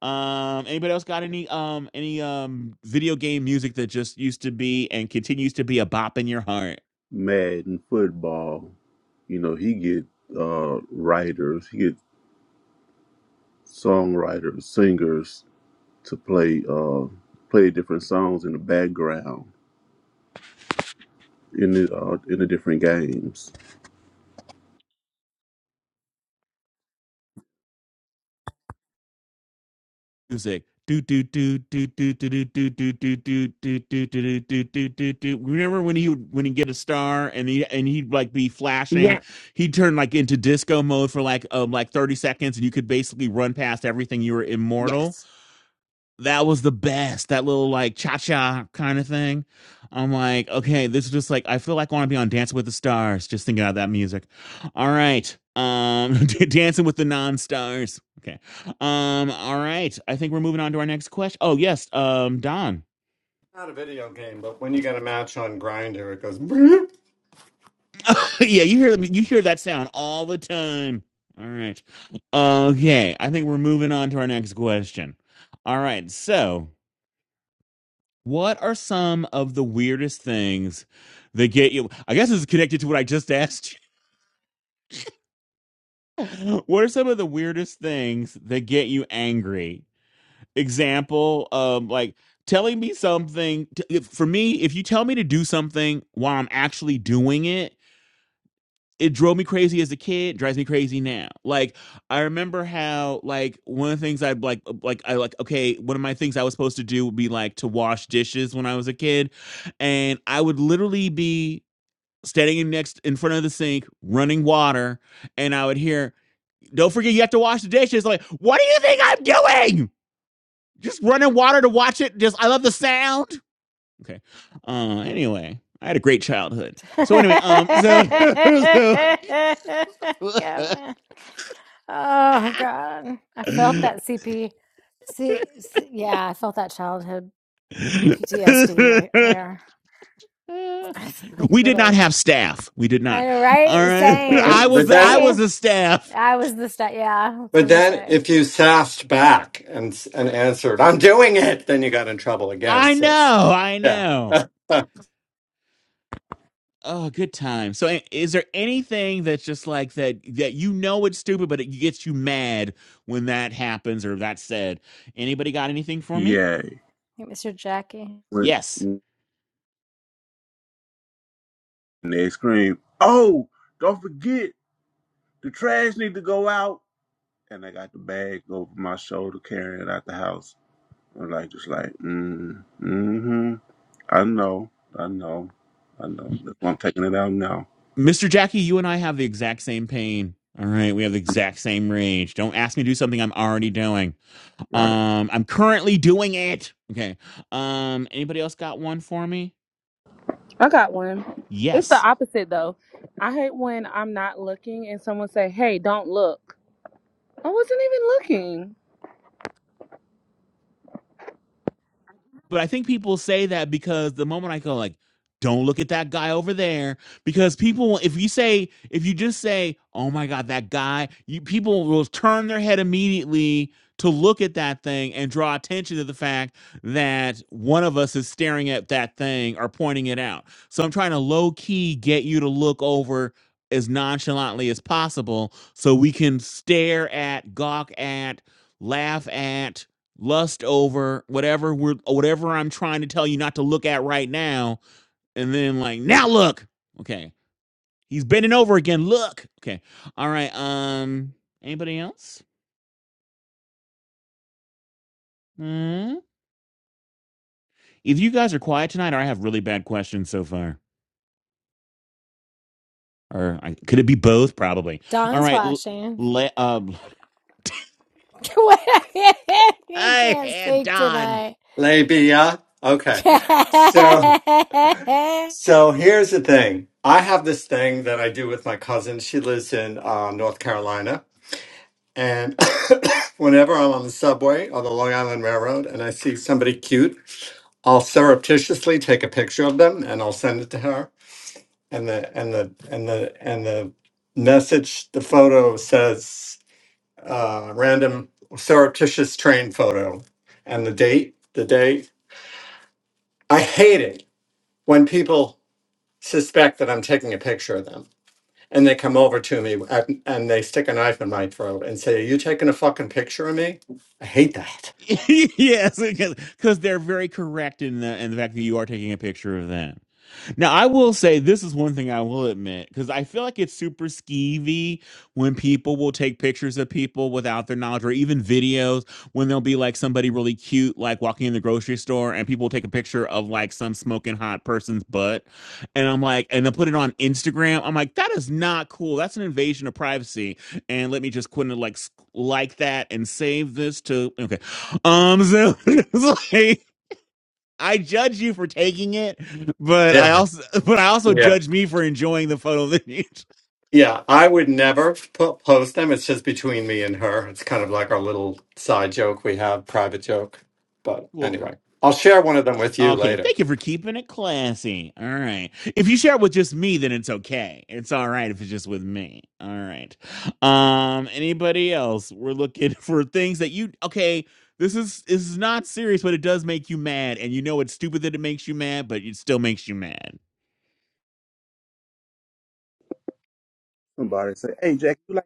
S3: Um, anybody else got any um any um video game music that just used to be and continues to be a bop in your heart?
S4: Madden football. You know, he get uh, writers, he get songwriters, singers to play uh, play different songs in the background in the uh, in the different games.
S3: music. Do do do do do do do do do do do do do do do do do do do. Remember when he would when he get a star and he and he'd like be flashing,
S8: Yeah.
S3: he'd turn like into disco mode for like um like thirty seconds and you could basically run past everything. You were immortal
S8: Yes.
S3: that was the best. That little like cha cha kind of thing. I'm like, okay, this is just like I feel like I want to be on Dancing with the Stars. Just thinking about that music. All right, um, Dancing with the Non Stars. Okay, um, all right. I think we're moving on to our next question. Oh yes, um, Don.
S10: Not a video game, but when you get a match on Grinder, it goes.
S3: yeah, you hear you hear that sound all the time. All right. Okay, I think we're moving on to our next question. All right, so What are some of the weirdest things that get you? I guess it's connected to what I just asked you. What are some of the weirdest things that get you angry? Example, um, like telling me something. t- if, for me, if you tell me to do something while I'm actually doing it, it drove me crazy as a kid. Drives me crazy now. Like I remember how, like one of the things I'd like, uh, like I like. Okay, one of my things I was supposed to do would be like to wash dishes when I was a kid and I would literally be standing next in front of the sink, running water, and I would hear, "Don't forget you have to wash the dishes." I'm Like, what do you think I'm doing? Just running water to watch it. Just I love the sound. Okay. Uh. Anyway, I had a great childhood. So anyway, um. So so.
S1: Kevin. Oh God. I felt that CP. See, see, yeah, I felt that childhood PTSD right there. like a
S3: we did not
S1: little,
S3: have staff. We did
S1: I
S3: not.
S1: know,
S3: All
S1: right?
S3: right. I
S1: Same,
S10: But but
S3: was I
S10: then
S3: was
S1: same.
S3: the staff.
S1: I was the, stu- yeah, I was
S10: but
S1: gonna
S10: then
S1: say.
S10: if you sassed back and and answered, "I'm doing it," then you got in trouble again.
S3: I
S10: So
S3: know. I
S10: yeah,
S3: know. Oh, good time. So, i- is there anything that's just like that that you know it's stupid, but it gets you mad when that happens or that's said? Anybody got anything for me?
S4: Yay!
S1: Hey, Mr. Jackie.
S4: When,
S3: Yes,
S4: when they scream, "Oh, don't forget the trash need to go out." and I got the bag over my shoulder carrying it out the house. I'm like, just like, mm, mm-hmm. I know, I know, I know.
S3: M-
S4: That's why I'm taking it out now.
S3: Mr. Jackie, you and I have the exact same pain. All right, we have the exact same rage. Don't ask me to do something I'm already doing.
S4: Right.
S3: Um, I'm currently doing it. Okay. Um, anybody else got one for me?
S5: I got one. It's the
S3: Yes.
S5: opposite though. I hate when I'm not looking and someone say, "Hey, don't look." I wasn't even looking.
S3: But I think people say that because the moment I go like, don't look at that guy over there, because people, if you say, if you just say, oh my God, that guy, you people will turn their head immediately to look at that thing and draw attention to the fact that one of us is staring at that thing or pointing it out. So I'm trying to low key get you to look over as nonchalantly as possible so we can stare at, gawk at, laugh at, lust over whatever we're whatever I'm trying to tell you not to look at right now, and then like now look. Okay, he's bending over again. Look. Okay, all right. Um, anybody else? Hmm? Either you guys are quiet tonight, or I have really bad questions so far. Or I, could it be both? Probably. All
S1: Dawn's
S3: right. l-
S1: flashing.
S3: Le, uh,
S1: he
S3: I
S1: can't
S3: had
S1: speak
S3: Don.
S1: tonight.
S10: labia. Okay,
S1: no,
S10: so. So here's the thing. I have this thing that I do with my cousin. She lives in uh, North Carolina. And whenever I'm on the subway or the Long Island Railroad and I see somebody cute, I'll surreptitiously take a picture of them and I'll send it to her. And the and the and the and the message, the photo says uh, random surreptitious train photo and the date, the day. I hate it when people suspect that I'm taking a picture of them. and they come over to me and, and they stick a knife in my throat and say, "Are you taking a fucking picture of me?" I hate that.
S3: yes, because 'cause they're very correct in the in the fact that you are taking a picture of that. Now, I will say this is one thing I will admit because I feel like it's super skeevy when people will take pictures of people without their knowledge or even videos when there will be like somebody really cute, like walking in the grocery store, and people will take a picture of like some smoking hot person's butt. And I'm like, and they'll put it on Instagram. I'm like, that is not cool. That's an invasion of privacy. And let me just quit and like, s- like that and save this to, okay. Um, so it's like I judge you for taking it, but
S10: Yeah,
S3: I also but I also
S10: yeah,
S3: judge me for enjoying the photo that you took.
S10: yeah. I would never po- post them. It's just between me and her. It's kind of like our little side joke we have, private joke. But
S3: well
S10: anyway, I'll share one of them with you
S3: okay,
S10: later.
S3: thank you for keeping it classy. All right. If you share it with just me, then it's okay. It's all right if it's just with me. All right. Um anybody else? We're looking for things that you okay. This is this is not serious, but it does make you mad, and you know it's stupid that it makes you mad, but it still makes you mad.
S4: Somebody say, hey, Jack, you like,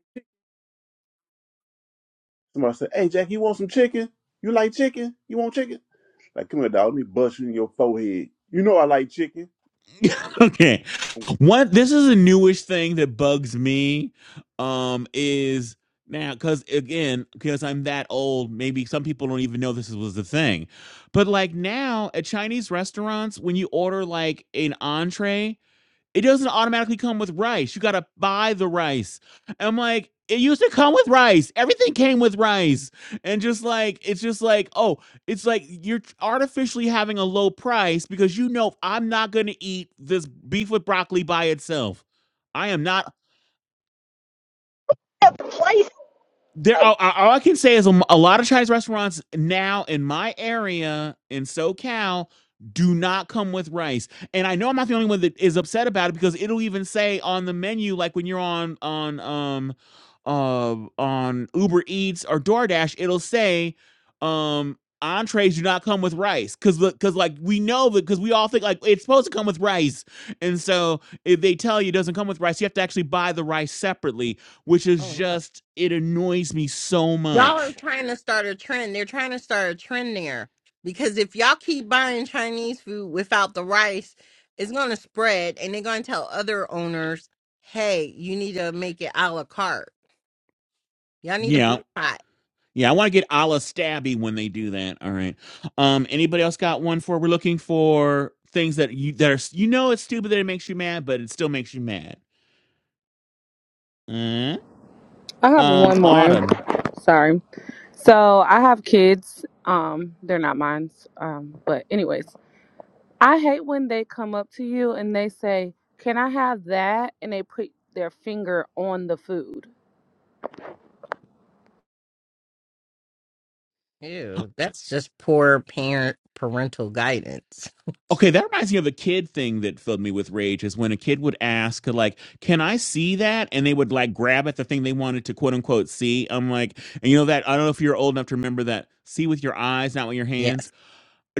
S4: somebody say, hey, Jack, you want some chicken? You like chicken? You want chicken? Like, come here, dog. Let me bust you in your forehead. You know I like chicken.
S3: okay.
S4: I'm going,
S3: What this is a newish thing that bugs me um is now cuz again because I'm that old maybe some people don't even know this was the thing. But like now at Chinese restaurants when you order like an entree it doesn't automatically come with rice. You gotta buy the rice. And I'm like, it used to come with rice. Everything came with rice. And just like, it's just like, oh, it's like you're artificially having a low price because you know I'm not gonna eat this beef with broccoli by itself. I am not
S11: it plays.
S3: there
S11: Um,
S3: all, all I can say is a a lot of Chinese restaurants now in my area in SoCal do not come with rice. And I know I'm not the only one that is upset about it because it'll even say on the menu like when you're on on um uh on Uber Eats or DoorDash it'll say um entrees do not come with rice cuz cuz like we know that cuz we all think like it's supposed to come with rice. And so if they tell you it doesn't come with rice, you have to actually buy the rice separately which is
S8: Oh no.
S3: just it annoys me so
S8: Y'all are
S3: much.
S8: trying to start a trend. They're trying to start a trend there because if y'all keep buying Chinese food without the rice, it's going to spread, and they're going to tell other owners, "Hey, you need to make it a la carte. Y'all need to
S3: Yeah.
S8: boycott."
S3: Yeah, I want to get a la stabby when they do that. All right. Um, anybody else got one for? We're looking for things that you that are you know it's stupid that it makes you mad, but it still makes you mad. Uh, um, autumn.
S5: Ah, mine's. Anyways, I hate when they come up to you and they say, "Can I have that?" and they put their finger on the food.
S8: Ew, that's just poor parent parental guidance.
S3: Okay, that reminds me of a kid thing that filled me with rage is when a kid would ask, like, can I see that? And they would like grab at the thing they wanted to quote unquote see. I'm like, and you know that I don't know if you're old enough to remember that. See with your eyes, not with your
S8: Yes.
S3: hands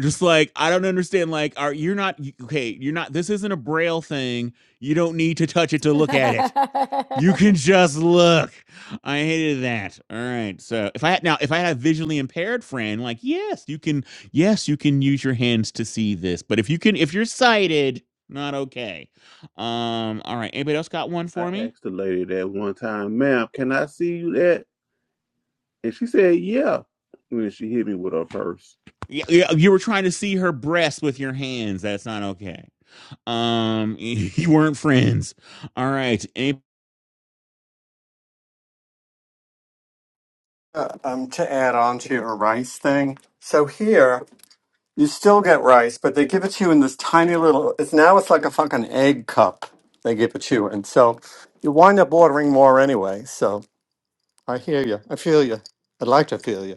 S3: just like I don't understand. Like, are you're not okay? You're not. This isn't a braille thing. You don't need to touch it to look at it. You can just look. I hated that. All right. So if I had now, if I had a visually impaired friend, like yes, you can. Yes, you can use your hands to see this. But if you can, if you're sighted, not okay. Um. All right. Anybody else got one
S4: I
S3: for me?
S4: asked the lady that one time, ma'am, can I see you that? And she said, yeah. And then she hit me with her purse.
S3: Yeah, yeah, you were trying to see her breast with your hands. That's not okay. Um, you weren't friends. All right. Anybody.
S10: Uh, um, to add on to your rice thing, so here you still get rice, but they give it to you in this tiny little. It's now it's like a fucking egg cup. They give it to you, and so you wind up ordering more anyway. So I hear you. I feel you. I'd like to feel you.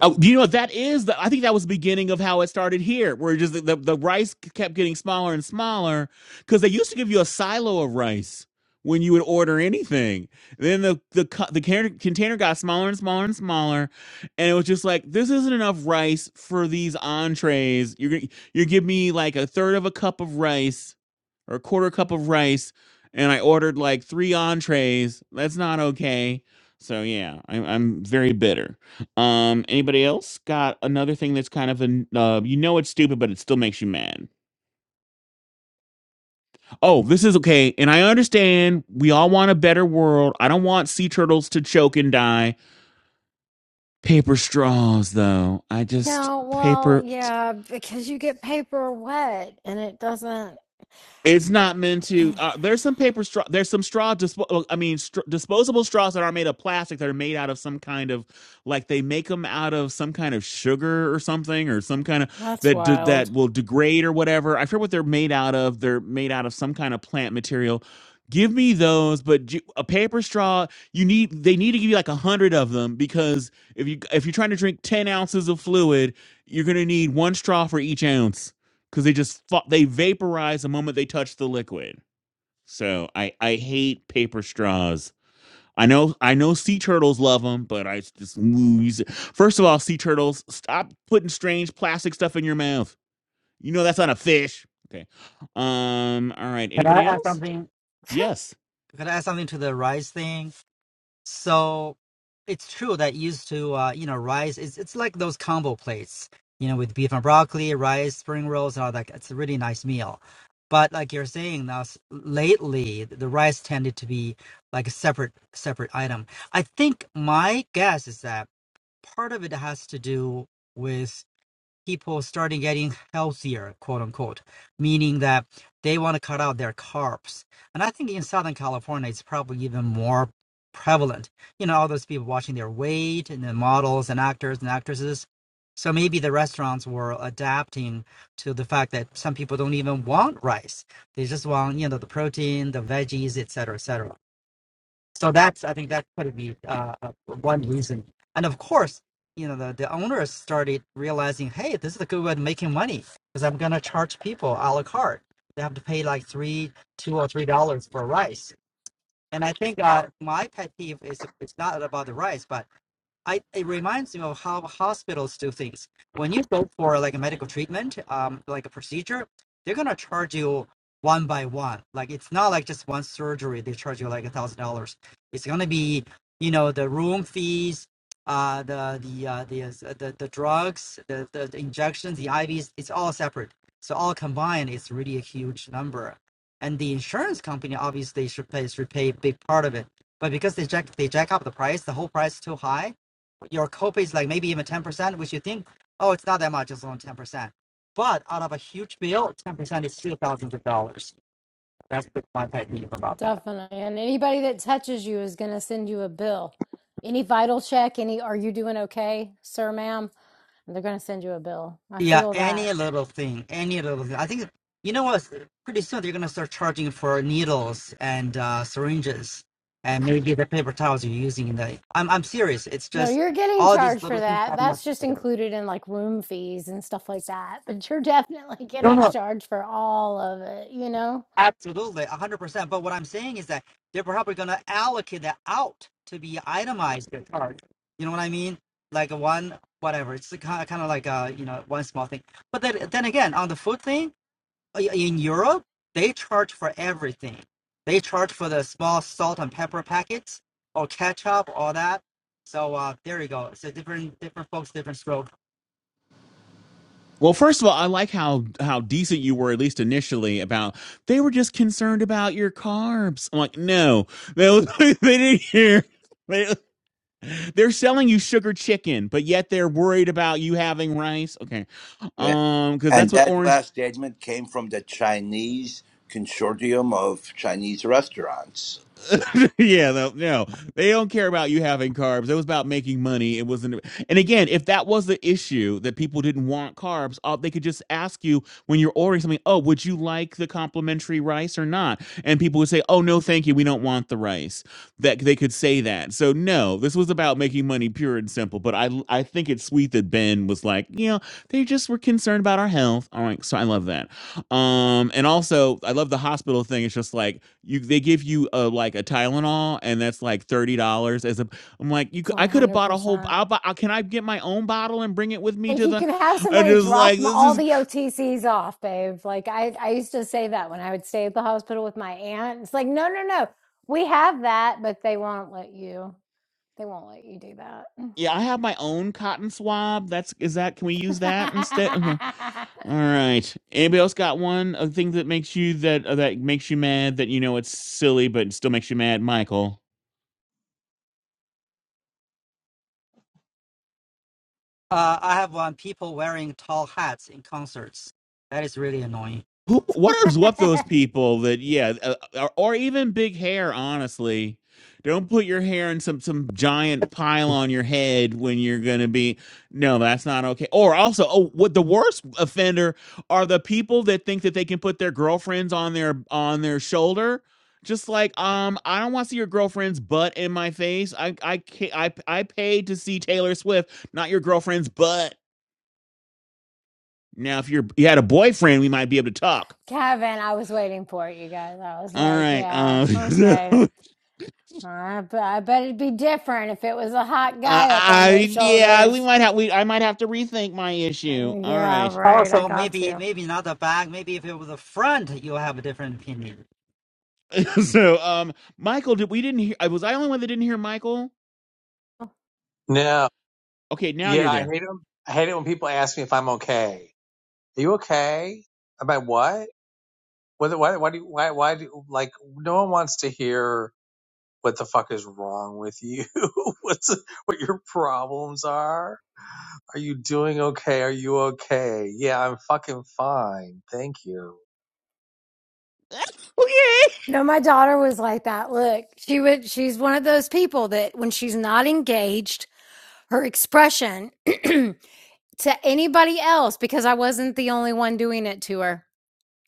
S3: Oh, you know what that is? The, I think that was the beginning of how it started here, where just the, the, the rice kept getting smaller and smaller because they used to give you a silo of rice when you would order anything. Then the the co- the container container got smaller and smaller and smaller, and it was just like this isn't enough rice for these entrees. You're gonna- you give me like a third of a cup of rice or a quarter cup of rice, and I ordered like three entrees. That's not okay. So yeah, I'm I'm very bitter. Um, anybody else got another thing that's kind of an uh, you know it's stupid, but it still makes you mad. Oh, this is okay, and I understand we all want a better world. I don't want sea turtles to choke and die. Paper straws, though. I just
S1: well,
S3: paper.
S1: yeah, because you get paper wet and it doesn't.
S3: It's not meant to. Uh, there's some paper straw. There's some straw. Dispo- well, I mean, str- disposable straws that are made of plastic that are made out of some kind of, like they make them out of some kind of sugar or something or some kind of
S1: That's
S3: that de-
S1: wild.
S3: that will degrade or whatever. I forget what they're made out of. They're made out of some kind of plant material. Give me those, but ju- a paper straw. You need. They need to give you like a hundred of them because if you if you're trying to drink ten ounces of fluid, you're gonna need one straw for each ounce because they just fa- they vaporize the moment they touch the liquid. So I I hate paper straws. I know I know sea turtles love them, but I just lose you first of all, sea turtles stop putting strange plastic stuff in your mouth. You know that's not a fish. Okay. Um. All right.
S12: Can I
S3: Anybody
S12: add
S3: else?
S12: something?
S3: Yes.
S12: Can I add something to the rise thing? So it's true that used to, uh, you know, rise is it's like those combo plates, you know, with beef and broccoli, rice, spring rolls, and all that. It's a really nice meal. But like you're saying now, s- lately the rice tended to be like a separate separate item. I think my guess is that part of it has to do with people started getting healthier, quote unquote, meaning that they want to cut out their carbs. And I think in Southern California, it's probably even more prevalent. You know, all those people watching their weight and the models and actors and actresses. So maybe the restaurants were adapting to the fact that some people don't even want rice. They just want, you know, the protein, the veggies, et cetera, et cetera so that's i think that could be uh, uh, one reason and of course you know the, the owners started realizing hey this is a good way of making money because i'm going to charge people a la carte they have to pay like three two or three dollars for rice and i think uh, my pet peeve is it's not about the rice but I, it reminds me of how hospitals do things. When you go for like a medical treatment, um, like a procedure, they're gonna charge you one by one. Like it's not like just one surgery. They charge you like a thousand dollars. It's gonna be, you know, the room fees, uh, the the uh, the, uh, the the drugs, the, the the injections, the IVs. It's all separate. So all combined, it's really a huge number. And the insurance company obviously should pay should pay a big part of it. But because they jack they jack up the price, the whole price is too high your copay is like maybe even 10%, which you think, oh, it's not that much, it's only 10%. But out of a huge bill, 10% is still thousands of dollars. That's the- my pet peeve about that.
S1: Definitely. And anybody that touches you is going to send you a bill. Any vital check, any, are you doing okay, sir, ma'am? And They're going to send you a bill. I
S12: Yeah,
S1: feel that.
S12: any little thing, any little thing. I think, you know what, pretty soon they're going to start charging for needles and uh, syringes and maybe the paper towels you're using. In the, I'm, I'm serious. It's
S1: No,
S12: just
S1: you're getting
S12: all these
S1: charged for
S12: little things
S1: that.
S12: adding up
S1: That's just
S12: together.
S1: included in like room fees and stuff like that. But you're definitely
S12: No,
S1: getting
S12: no.
S1: charged for all of it, you know?
S12: Absolutely, 100%. But what I'm saying is that they're probably going to allocate that out to be itemized charge. You know what I mean? Like a one, whatever. It's kind of, kind of like, uh, you know, one small thing. But then, then again, on the food thing, uh, in Europe, they charge for everything. They charge for the small salt and pepper packets or ketchup, all that. So uh, there you go. So different, different folks, different stroke.
S3: Well, first of all, I like how how decent you were at least initially about they were just concerned about your carbs. I'm like, no, they, they didn't hear. They, They're selling you sugar chicken, but yet they're worried about you having rice. Okay.
S9: Yeah.
S3: Um, because
S9: And
S3: that's what
S9: that
S3: orange
S9: last statement came from the Chinese consortium of Chinese restaurants.
S3: yeah, no, no, they don't care about you having carbs. It was about making money. It wasn't. And again, if that was the issue that people didn't want carbs, uh, they could just ask you when you're ordering something. Oh, would you like the complimentary rice or not? And people would say, Oh, no, thank you. We don't want the rice. That they could say that. So no, this was about making money, pure and simple. But I, I think it's sweet that Ben was like, you know, they just were concerned about our health. All right, so I love that. Um, and also I love the hospital thing. It's just like you they give you a like a Tylenol and that's like $30 as a I'm like, you
S1: It's
S3: could, I could have bought a whole
S1: 100%.
S3: I'll buy, can I get my own bottle and bring it with me
S1: Like
S3: to
S1: you
S3: the
S1: can have
S3: I
S1: somebody
S3: just
S1: drop
S3: like
S1: m-
S3: this
S1: all
S3: is
S1: the
S3: cr-
S1: OTCs off, babe. Like I, I used to say that when I would stay at the hospital with my aunt. It's like, no, no, no. We have that, but they won't let you. They won't let you do that.
S3: yeah, I have my own cotton swab. That's is that can we use that instead? Okay. All right. Anybody else got one a thing that makes you that uh, that makes you mad that you know it's silly but it still makes you mad, Michael?
S12: Uh, I have one people wearing tall hats in concerts. That is really annoying.
S3: Who, what is what those people that yeah, uh, or, or even big hair? Honestly, don't put your hair in some some giant pile on your head when you're gonna be. No, that's not okay. Or also, oh, what the worst offender are the people that think that they can put their girlfriends on their on their shoulder. Just like um, I don't want to see your girlfriend's butt in my face. I I ca- I I paid to see Taylor Swift, not your girlfriend's butt. Now, if you're you had a boyfriend, we might be able to talk
S1: Kevin, I was waiting for it, you guys. I was
S3: All
S1: like,
S3: right.
S1: yeah,
S3: Uh, so,
S1: okay.
S3: uh,
S1: I, b- I bet it'd be different if it was a hot guy up on
S3: I,
S1: those
S3: yeah, we
S1: shoulders.
S3: might have we I might have to rethink my
S1: Uh,
S3: issue. All
S1: Yeah,
S3: right.
S1: right. I
S12: Also,
S1: got
S12: maybe
S1: you.
S12: maybe not the back. Maybe if it was the front, you'll have a different opinion.
S3: so, um, Michael, did we didn't hear? uh, Was I the only one that didn't hear Michael?
S7: No.
S3: Okay, now you're
S7: Yeah, I
S3: there.
S7: hate them. I hate it when people ask me if I'm okay. Are you okay? About what? Whether why why do you, why why do like no one wants to hear what the fuck is wrong with you? What's what your problems are? Are you doing okay? Are you okay? Yeah, I'm fucking fine. Thank you.
S3: Okay.
S1: No, my daughter was like that. Look, she would. She's one of those people that when she's not engaged, her expression to anybody else, because I wasn't the only one doing it to her.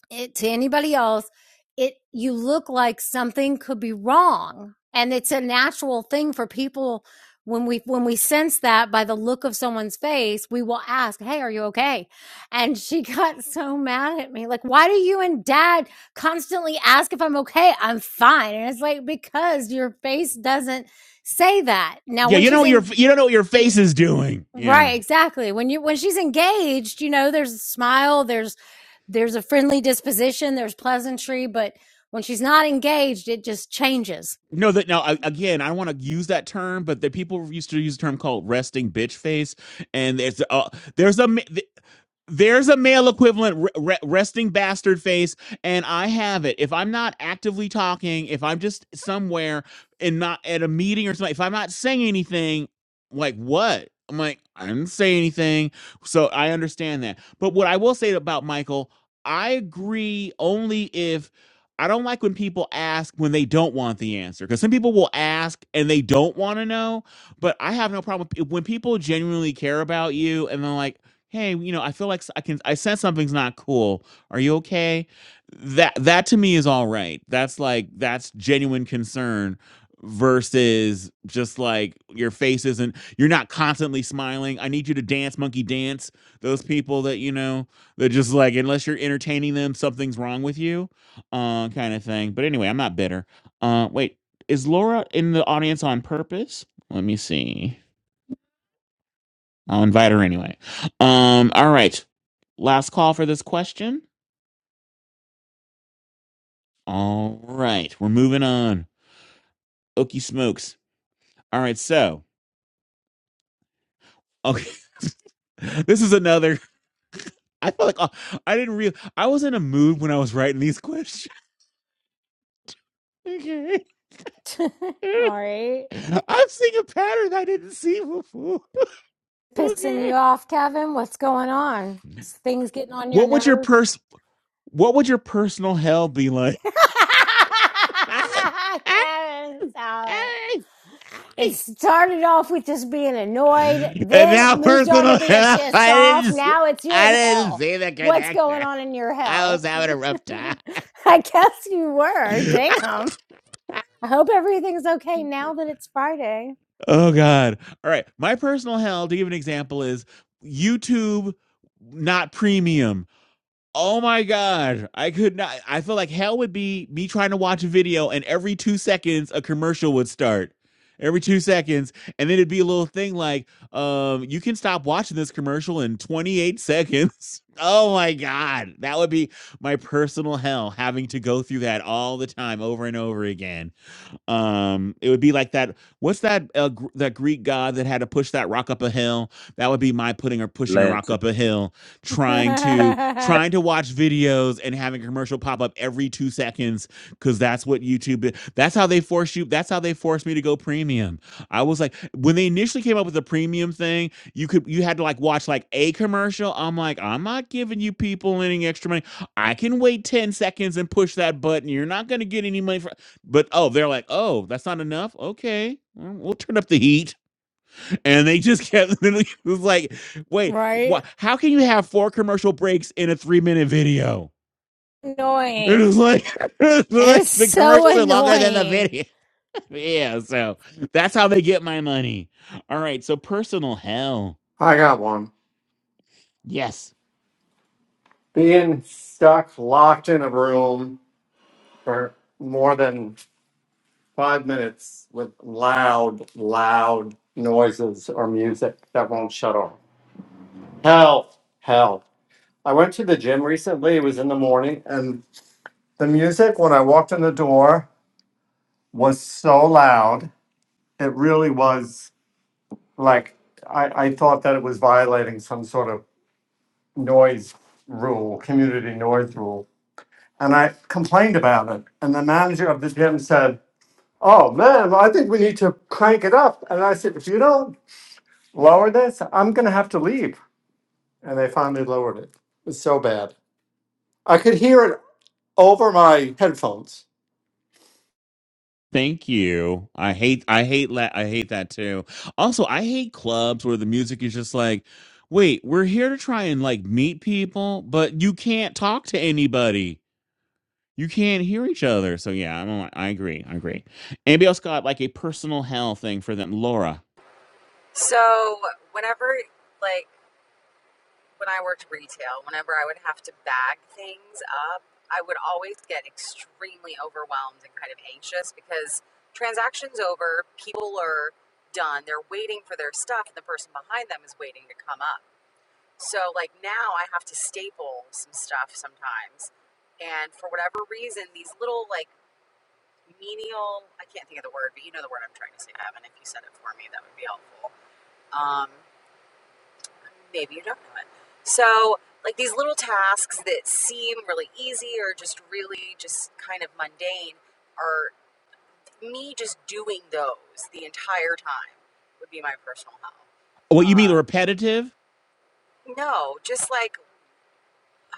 S1: it to anybody else it you look like something could be wrong and it's a natural thing for people when we when we sense that by the look of someone's face we will ask hey are you okay and she got so mad at me like why do you and dad constantly ask if i'm okay i'm fine and it's like because your face doesn't say that now
S3: Yeah,
S1: when
S3: you know
S1: she's
S3: what your
S1: in
S3: you don't know what your face is doing. Yeah.
S1: Right, exactly. When you when she's engaged, you know, there's a smile, there's there's a friendly disposition, there's pleasantry, but when she's not engaged, it just changes.
S3: No, that now I- again, I want to use that term, but the people used to use a term called resting bitch face, and there's uh, there's a mi- there's a male equivalent re- resting bastard face and i have it if i'm not actively talking if i'm just somewhere and not at a meeting or something if i'm not saying anything like what i'm like i didn't say anything so i understand that but what i will say about michael i agree only if i don't like when people ask when they don't want the answer because some people will ask and they don't want to know but i have no problem when people genuinely care about you and they're like hey, you know, I feel like s- I can, I sense something's not cool. Are you okay? That, that to me is all right. That's like, that's genuine concern versus just like your face isn't, you're not constantly smiling. I need you to dance, monkey dance. Those people that, you know, they're just like, unless you're entertaining them, something's wrong with you, uh, kind of thing. But anyway, I'm not bitter. Uh, wait, is Laura in the audience on purpose? Let me see. I'll invite her anyway. Um, all right. Last call for this question. All right, we're moving on. Okie smokes. All right, so okay, this is another. I feel like uh, I didn't real. I was in a mood when I was writing these questions. Okay,
S1: All right.
S3: I'm seeing a pattern I didn't see before.
S1: Pissing you
S3: Okay,
S1: off, Kevin? What's going on? Is things getting on your
S3: what would your
S1: nerves?
S3: pers? What would your personal hell be like?
S1: Karen, stop it. It started off with just being annoyed,
S3: and
S1: then it
S3: now
S1: moved on to
S3: personal.
S1: being pissed
S3: I
S1: off.
S3: didn't.
S1: Now it's you're
S3: I
S1: in
S3: didn't
S1: hell.
S3: see the
S1: What's going
S3: connection.
S1: on in your
S3: I was
S1: hell?
S3: having a rough time.
S1: I guess you were. Damn. I hope everything's okay now that it's Friday.
S3: oh God! All right, my personal hell to give an example is YouTube not premium. Oh my god, I could not. I feel like hell would be me trying to watch a video, and every two seconds a commercial would start. Every two seconds, and then it'd be a little thing like, um, you can stop watching this commercial in 28 seconds. Oh my god, that would be my personal hell having to go through that all the time over and over again. Um, it would be like that. What's that? Uh, gr- that Greek god that had to push that rock up a hill. That would be my putting or pushing a rock
S4: Lance.
S3: up a hill, trying
S4: Yeah,
S3: to trying to watch videos and having a commercial pop up every two seconds because that's what YouTube. i- That's how they force you. That's how they forced me to go premium. I was like, when they initially came up with the premium thing, you could you had to like watch like a commercial. I'm like, I'm not giving you people any extra money. I can wait 10 seconds and push that button. You're not going to get any money for but oh, they're like, oh, that's not enough. Okay, well, we'll turn up the heat, and they just kept. It was like, wait,
S1: right?
S3: what? How can you have four commercial breaks in a three-minute video? It
S1: Annoying.
S3: was like, it was
S1: It
S3: like
S1: is
S3: the
S1: so
S3: commercials are longer than the
S1: annoying.
S3: video. yeah, so that's how they get my money. All right, so personal hell.
S10: I got one.
S3: Yes.
S10: Being stuck locked in a room for more than five minutes with loud, loud noises or music that won't shut off. Hell, hell. I went to the gym recently. It was in the morning, and the music when I walked in the door was so loud. It really was like I, I thought that it was violating some sort of noise rule, community noise rule. and I complained about it. And the manager of the gym said, "Oh man, well, I think we need to crank it up." And I said, "If you don't lower this, I'm going to have to leave." And they finally lowered it. It was so bad. I could hear it over my headphones.
S3: Thank you. I hate I hate la- I hate that too. Also, I hate clubs where the music is just like, "Wait, we're here to try and like meet people, but you can't talk to anybody. You can't hear each other." So yeah, I don't like- I agree. I agree. Anybody else got like a personal hell thing for them, Laura?
S2: So whenever, like, when I worked retail, whenever I would have to bag things up, I would always get extremely overwhelmed and kind of anxious because transactions over, people are done, they're waiting for their stuff, and the person behind them is waiting to come up. So like now, I have to staple some stuff sometimes, and for whatever reason, these little like menial—I can't think of the word, but you know the word I'm trying to say, Evan. If you said it for me, that would be helpful Um, maybe you don't know it. So, like these little tasks that seem really easy or just really just kind of mundane are me just doing those the entire time would be my personal hell.
S3: What you mean
S2: Uh,
S3: repetitive?
S2: no, just like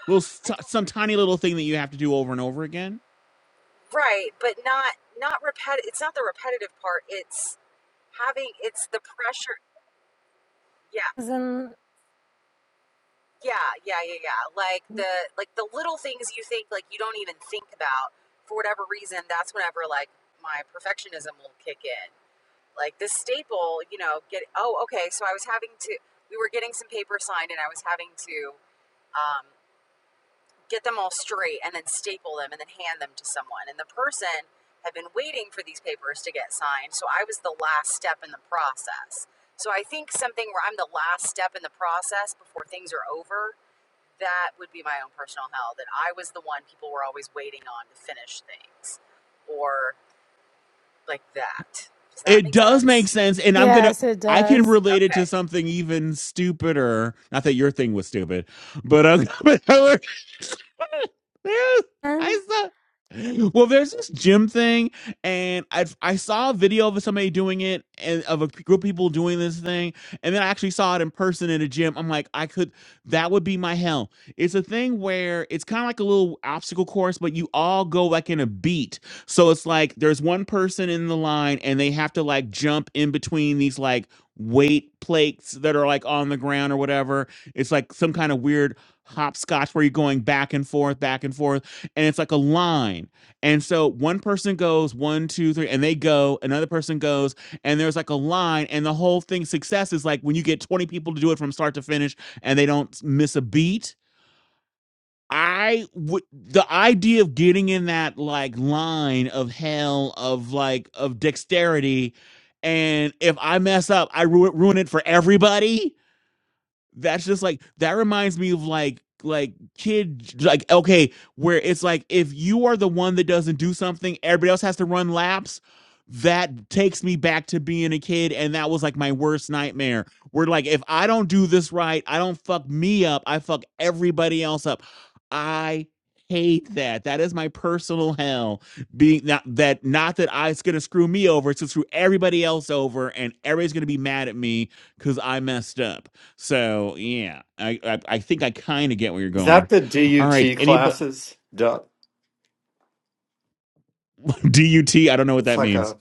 S3: Little
S2: I
S3: st-
S2: don't
S3: some
S2: really
S3: tiny little thing that you have to do over and over again?
S2: right, but not not repetitive. It's not the repetitive part. It's having it's the pressure. Yeah,
S1: 'Cause I'm-
S2: Yeah, yeah, yeah, yeah. Like the like the little things you think like you don't even think about for whatever reason. That's whenever like my perfectionism will kick in. Like this staple, you know, get oh okay. So I was having to we were getting some paper signed and I was having to um, get them all straight and then staple them and then hand them to someone. And the person had been waiting for these papers to get signed, so I was the last step in the process. So I think something where I'm the last step in the process before things are over that would be my own personal hell that I was the one people were always waiting on to finish things or like that. Does that
S3: It
S2: make
S3: does make
S2: sense?
S3: sense, and I'm gonna.
S1: Yes, it
S3: I can
S1: does.
S3: relate it to
S2: Okay.
S3: something even stupider. Not that your thing was stupid, but um, but I was- there's,
S1: Huh?
S3: I saw. Well, there's this gym thing, and I I saw a video of somebody doing it, and of a group of people doing this thing, and then I actually saw it in person in a gym. I'm like, I could. That would be my hell. It's a thing where it's kind of like a little obstacle course, but you all go like in a beat, so it's like there's one person in the line and they have to like jump in between these like weight plates that are like on the ground or whatever. It's like some kind of weird hopscotch where you're going back and forth, back and forth. And it's like a line. And so one person goes one, two, three, and they go. Another person goes, and there's like a line. And the whole thing success is like when you get 20 people to do it from start to finish and they don't miss a beat I would the idea of getting in that like line of hell of like of dexterity, and if I mess up, I ru- ruin it for everybody that's just like that reminds me of like like kid like okay where it's like if you are the one that doesn't do something everybody else has to run laps that takes me back to being a kid and that was like my worst nightmare where like if i don't do this right i don't fuck me up i fuck everybody else up i hate that that is my personal hell being not that not that I, it's gonna screw me over it's gonna screw everybody else over and everybody's gonna be mad at me because i messed up so yeah, I I, I think I kind of get where you're
S10: Is
S3: going.
S10: that the
S3: All right,
S10: DUT
S3: anybody?
S10: classes? Duh.
S3: D U T? I don't know what
S10: It's
S3: that
S10: like
S3: means.
S10: a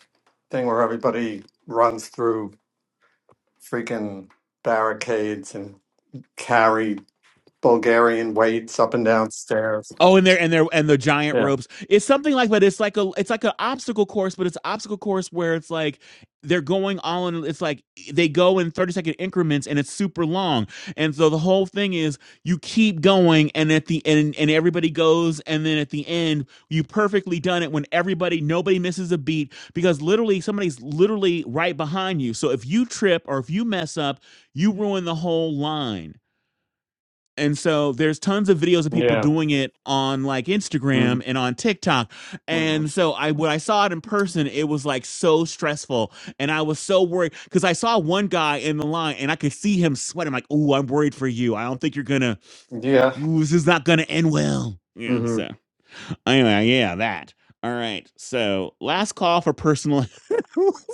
S10: thing where everybody runs through freaking barricades and carry Bulgarian weights up and down stairs.
S3: Oh, and they're and they're and the giant
S10: Yeah.
S3: ropes. It's something like, but it's like a it's like an obstacle course, but it's an obstacle course where it's like they're going all in. It's like they go in thirty second increments, and it's super long. And so the whole thing is you keep going, and at the end, and everybody goes, and then at the end, you perfectly done it when everybody nobody misses a beat because literally somebody's literally right behind you. So if you trip or if you mess up, you ruin the whole line. And so there's tons of videos of people
S10: Yeah.
S3: doing it on like Instagram and on TikTok.
S10: Mm-hmm.
S3: And so I when I saw it in person, it was like so stressful. And I was so worried because I saw one guy in the line and I could see him sweating. I'm like, oh, I'm worried for you. I don't think you're gonna
S10: Yeah.
S3: ooh, this is not gonna end well. Yeah,
S10: hmm
S3: so anyway, yeah, that. All right. So last call for personal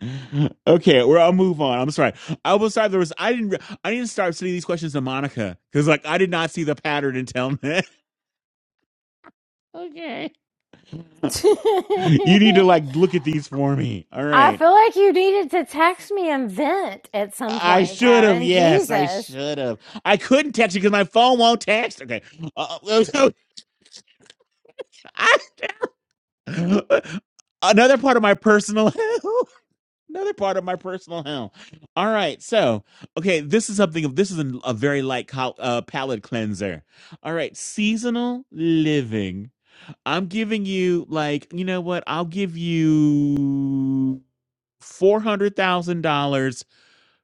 S3: okay, well, I'll move on. I'm sorry. I was sorry. There was I didn't re- I didn't start sending these questions to Monica because like I did not see the pattern until now. okay. You need to like look at these for me. All
S1: I
S3: right.
S1: feel like you needed to text me and vent at some
S3: I
S1: point,
S3: should have.
S1: Kevin.
S3: Yes, I
S1: Jesus.
S3: should have. I couldn't text you because my phone won't text. Okay. Uh, uh, I- another part of my personal. another part of my personal hell. All right, so okay, this is something of this is an- a, very light col- uh, palate cleanser. All right, seasonal living. I'm giving you like you know what? I'll give you four hundred thousand dollars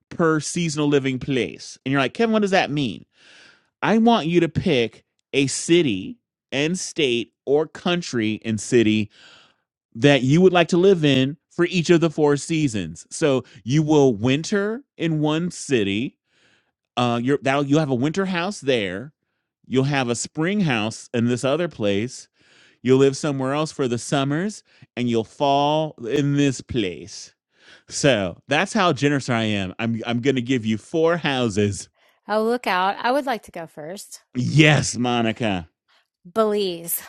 S3: per seasonal living place, and you're like Kevin, what does that mean? I want you to pick a city and state or country and city that you would like to live in for each of the four seasons. So you will winter in one city. Uh, you're, that'll, you'll have a winter house there. You'll have a spring house in this other place. You'll live somewhere else for the summers, and you'll fall in this place. So that's how generous I am. I'm I'm gonna give you four houses.
S1: Oh, look out. I would like to go first.
S3: Yes, Monica.
S1: Belize.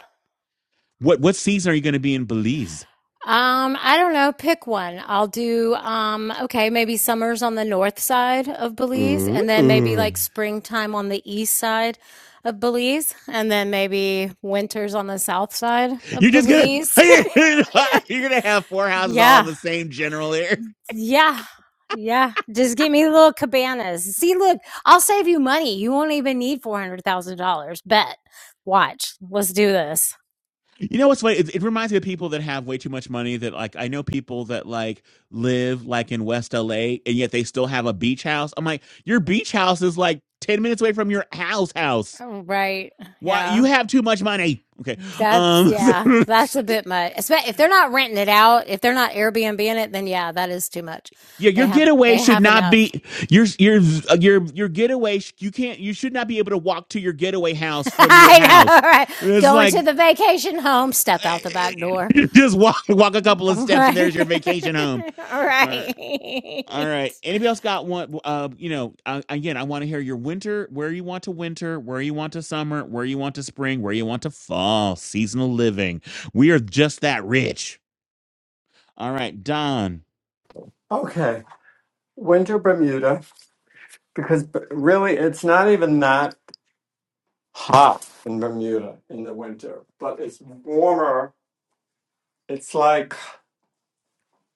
S3: What what season are you gonna be in Belize?
S1: Um, I don't know. Pick one. I'll do, um, okay, maybe summer's on the north side of Belize and then maybe
S3: Ooh.
S1: like springtime on the east side of Belize and then maybe winter's on the south side
S3: You're
S1: of
S3: just gonna
S1: Belize.
S3: you're gonna have four houses all
S1: yeah.
S3: in the same general area.
S1: Yeah. Yeah. Just give me little cabanas. See, look, I'll save you money. You won't even need $400,000. Bet. Watch. Let's do this.
S3: You know what's funny? It, it reminds me of people that have way too much money. That like I know people that like live like in West LA and yet they still have a beach house. I'm like, your beach house is like ten minutes away from your house house.
S1: Oh, Right.
S3: Why you
S1: Yeah.
S3: have too much money? Okay,
S1: That's,
S3: um,
S1: yeah,
S3: so-
S1: that's a bit much. Espe- If they're not renting it out, if they're not Airbnb in it, then yeah, that is too much.
S3: yeah,
S1: They
S3: your
S1: have,
S3: getaway
S1: they
S3: should
S1: have
S3: not
S1: enough.
S3: be your your your your getaway. sh- You can't. You should not be able to walk to your getaway house from your
S1: I
S3: house.
S1: know, right?
S3: It's
S1: Going
S3: like
S1: to the vacation home, step out the back door.
S3: Just walk walk a couple
S1: All
S3: of steps, and
S1: right.
S3: there's your vacation home.
S1: All
S3: All right. All
S1: right.
S3: right. Anybody else got one? Uh, you know, uh, again, I want to hear your winter, where you want to winter, where you want to summer, where you want to spring, where you want to fall. Seasonal living. We are just that rich. All right, Don.
S10: Okay. Winter Bermuda, because b- really it's not even that hot in Bermuda in the winter, but it's warmer. It's like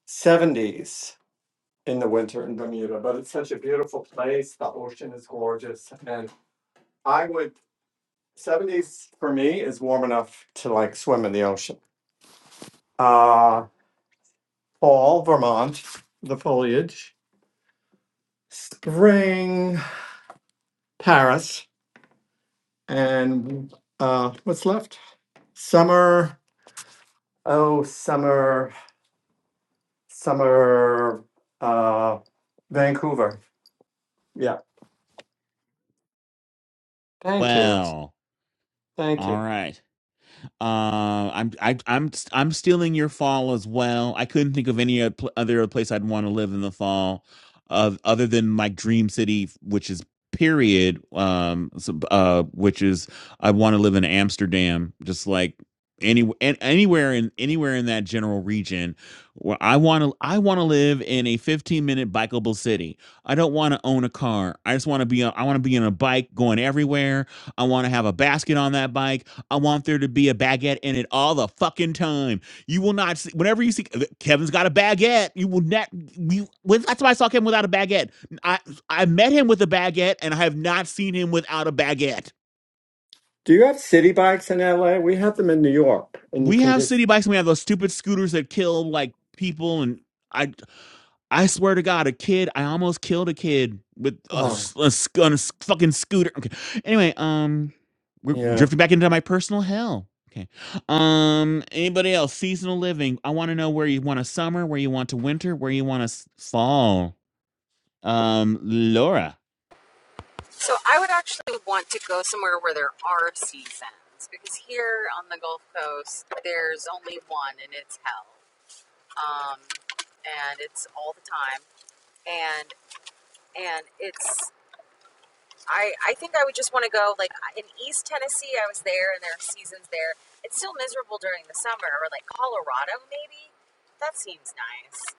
S10: 70s in the winter in Bermuda, but it's such a beautiful place. The ocean is gorgeous. And I would, 70s for me is warm enough to like swim in the ocean. Uh, fall, Vermont, the foliage, spring, Paris, and uh, what's left? summer, Oh, summer, summer, uh, Vancouver. Yeah. Thank you.
S3: Well,
S10: Thank
S3: all
S10: you.
S3: right. Uh, I'm I, I'm I'm stealing your fall as well. I couldn't think of any other place I'd want to live in the fall, of other than my dream city, which is period. Um, so, uh, which is I want to live in Amsterdam, just like any an- anywhere in anywhere in that general region. Where I want to I want to live in a 15 minute bikeable city. I don't want to own a car. I just want to be on- I want to be on a bike going everywhere. I want to have a basket on that bike. I want there to be a baguette in it all the fucking time. You will not see whenever you see Kevin's got a baguette. You will not. You that's why I saw Kevin without a baguette. I I met him with a baguette, and I have not seen him without a baguette.
S10: Do you have city bikes in LA? We have them in New York, and you
S3: We
S10: can
S3: have
S10: just,
S3: city bikes. and We have those stupid scooters that kill like people, and I I swear to God, a kid. I almost killed a kid with a,
S10: oh,
S3: s- a s- on a s- fucking scooter. Okay. Anyway, um, we're, we're
S10: yeah.
S3: drifting back into my personal hell. Okay. Um, anybody else? Seasonal living. I want to know where you want a summer, where you want to winter, where you want to fall. Um, Laura.
S2: So I would actually want to go somewhere where there are seasons because here on the Gulf Coast, there's only one and it's hell. Um, and it's all the time. And and it's I, I think I would just want to go like in East Tennessee. I was there, and there are seasons there. It's still miserable during the summer, or like Colorado, maybe. That seems nice.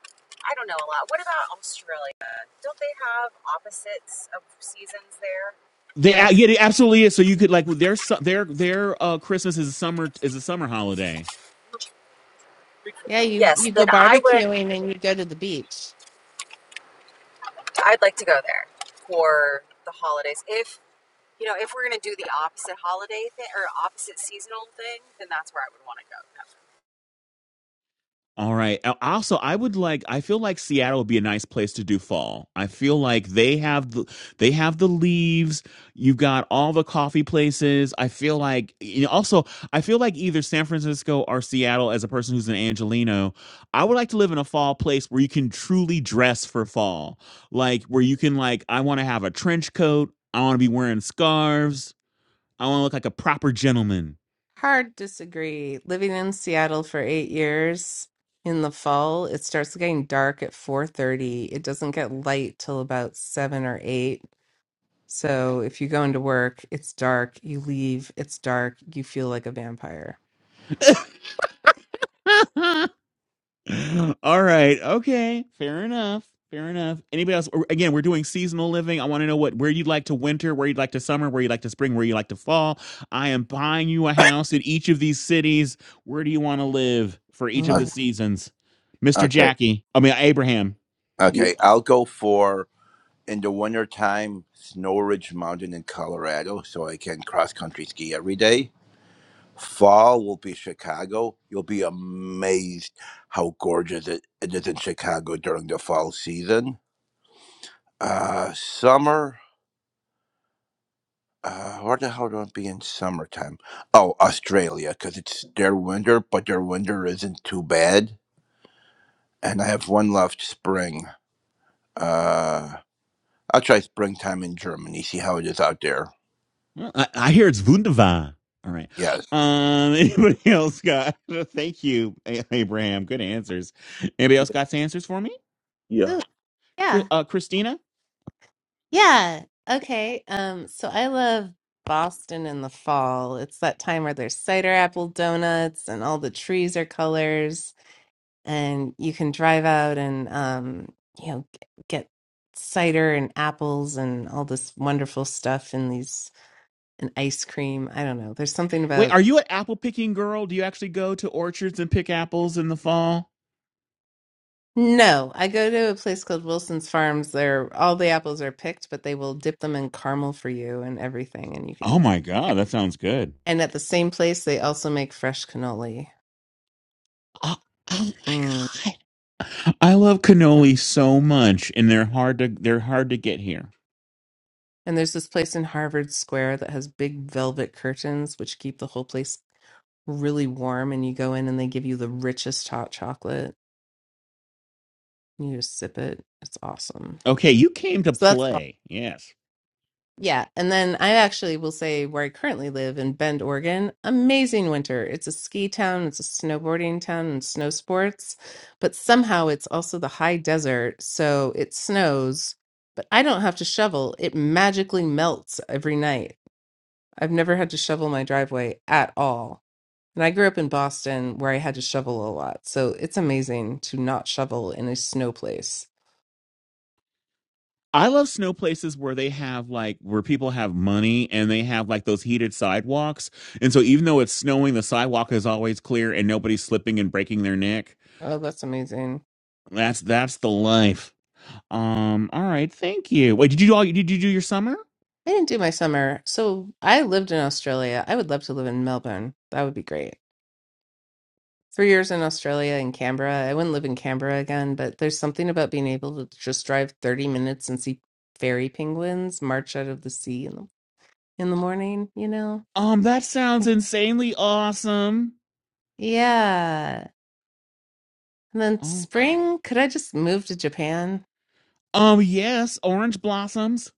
S2: I don't know a lot. What about Australia? Don't they have opposites of seasons there?
S3: They a-
S13: Yeah.
S3: yeah, it absolutely is. So you could like their su- their their uh Christmas is a summer is a summer holiday.
S13: Yeah, you you
S2: Yes,
S13: go
S2: then I would.
S13: barbecuing and you go to the beach.
S2: I'd like to go there for the holidays. If you know, if we're gonna do the opposite holiday thing or opposite seasonal thing, then that's where I would want to go.
S3: All right. Al- Also, I would like. I feel like Seattle would be a nice place to do fall. I feel like they have the they have the leaves. You've got all the coffee places. I feel like. You know, also, I feel like either San Francisco or Seattle. As a person who's an Angelino, I would like to live in a fall place where you can truly dress for fall. Like where you can like. I want to have a trench coat. I want to be wearing scarves. I want to look like a proper gentleman.
S13: Hard disagree. Living in Seattle for eight years in the fall, it starts getting dark at 4:30. It doesn't get light till about seven or eight. So if you go into work, it's dark, you leave, it's dark, you feel like a vampire.
S3: All right. Okay. Fair enough. Fair enough. Anybody else? Again, we're doing seasonal living. I want to know what where you'd like to winter, where you'd like to summer, where you'd like to spring, where you would like to fall. I am buying you a house in each of these cities. Where do you want to live for each of
S9: Uh,
S3: the
S13: Mhm.
S3: seasons, Mister
S9: Okay.
S3: Jackie? I mean Abraham.
S4: yeah,
S9: Okay, I'll go for in the wintertime, Snow Ridge Mountain in Colorado, so I can cross country ski every day. Fall will be Chicago. You'll be amazed how gorgeous it, it is in Chicago during the fall season. Uh, summer, uh, where the hell do I be in summertime? Oh, Australia, because it's their winter, but their winter isn't too bad. And I have one left spring. Uh, I'll try springtime in Germany, see how it is out there.
S3: Well, I, I hear it's wunderbar. All right.
S9: Yes.
S3: Um. Anybody else got? Thank you, A- Abraham. Good answers. Anybody else got some answers for me?
S4: yeah.
S13: Ooh, yeah.
S3: Chri- Uh, Christina.
S13: Yeah. Okay. Um, so I love Boston in the fall. It's that time where there's cider apple donuts and all the trees are colors and you can drive out and um, you know, g- get cider and apples and all this wonderful stuff and these and ice cream. I don't know. There's something
S3: Wait,
S13: about
S3: are you an apple picking girl? Do you actually go to orchards and pick apples in the fall?
S13: No, I go to a place called Wilson's Farms. There all the apples are picked, but they will dip them in caramel for you and everything and you can
S3: Oh
S13: eat them.
S3: my god, that sounds good.
S13: And at the same place, they also make fresh cannoli.
S3: Oh, oh my
S13: Mm.
S3: god. I love cannoli so much and they're hard to they're hard to get here.
S13: And there's this place in Harvard Square that has big velvet curtains, which keep the whole place really warm. And you go in and they give you the richest hot chocolate. and You just sip it. It's awesome.
S3: Okay, you came to
S13: So that's
S3: play. Yes.
S13: Yeah, and then I actually will say where I currently live in Bend, Oregon, amazing winter. It's a ski town, it's a snowboarding town, and snow sports, but somehow it's also the high desert, so it snows, but I don't have to shovel. It magically melts every night. I've never had to shovel my driveway at all. And I grew up in Boston where I had to shovel a lot, so it's amazing to not shovel in a snow place.
S3: I love snow places where they have like where people have money and they have like those heated sidewalks. And so even though it's snowing, the sidewalk is always clear and nobody's slipping and breaking their neck.
S13: Oh, that's amazing.
S3: That's that's the life. Um, all right, thank you. Wait, did you do all did you do your summer?
S13: I didn't do my summer. So I lived in Australia. I would love to live in Melbourne. That would be great. Three years in Australia in Canberra. I wouldn't live in Canberra again, but there's something about being able to just drive 30 minutes and see fairy penguins march out of the sea in the in the morning, you know?
S3: Um, that sounds
S13: Think-
S3: insanely awesome.
S13: Yeah. And then
S3: Oh.
S13: spring, could I just move to Japan?
S3: Um, yes, orange blossoms.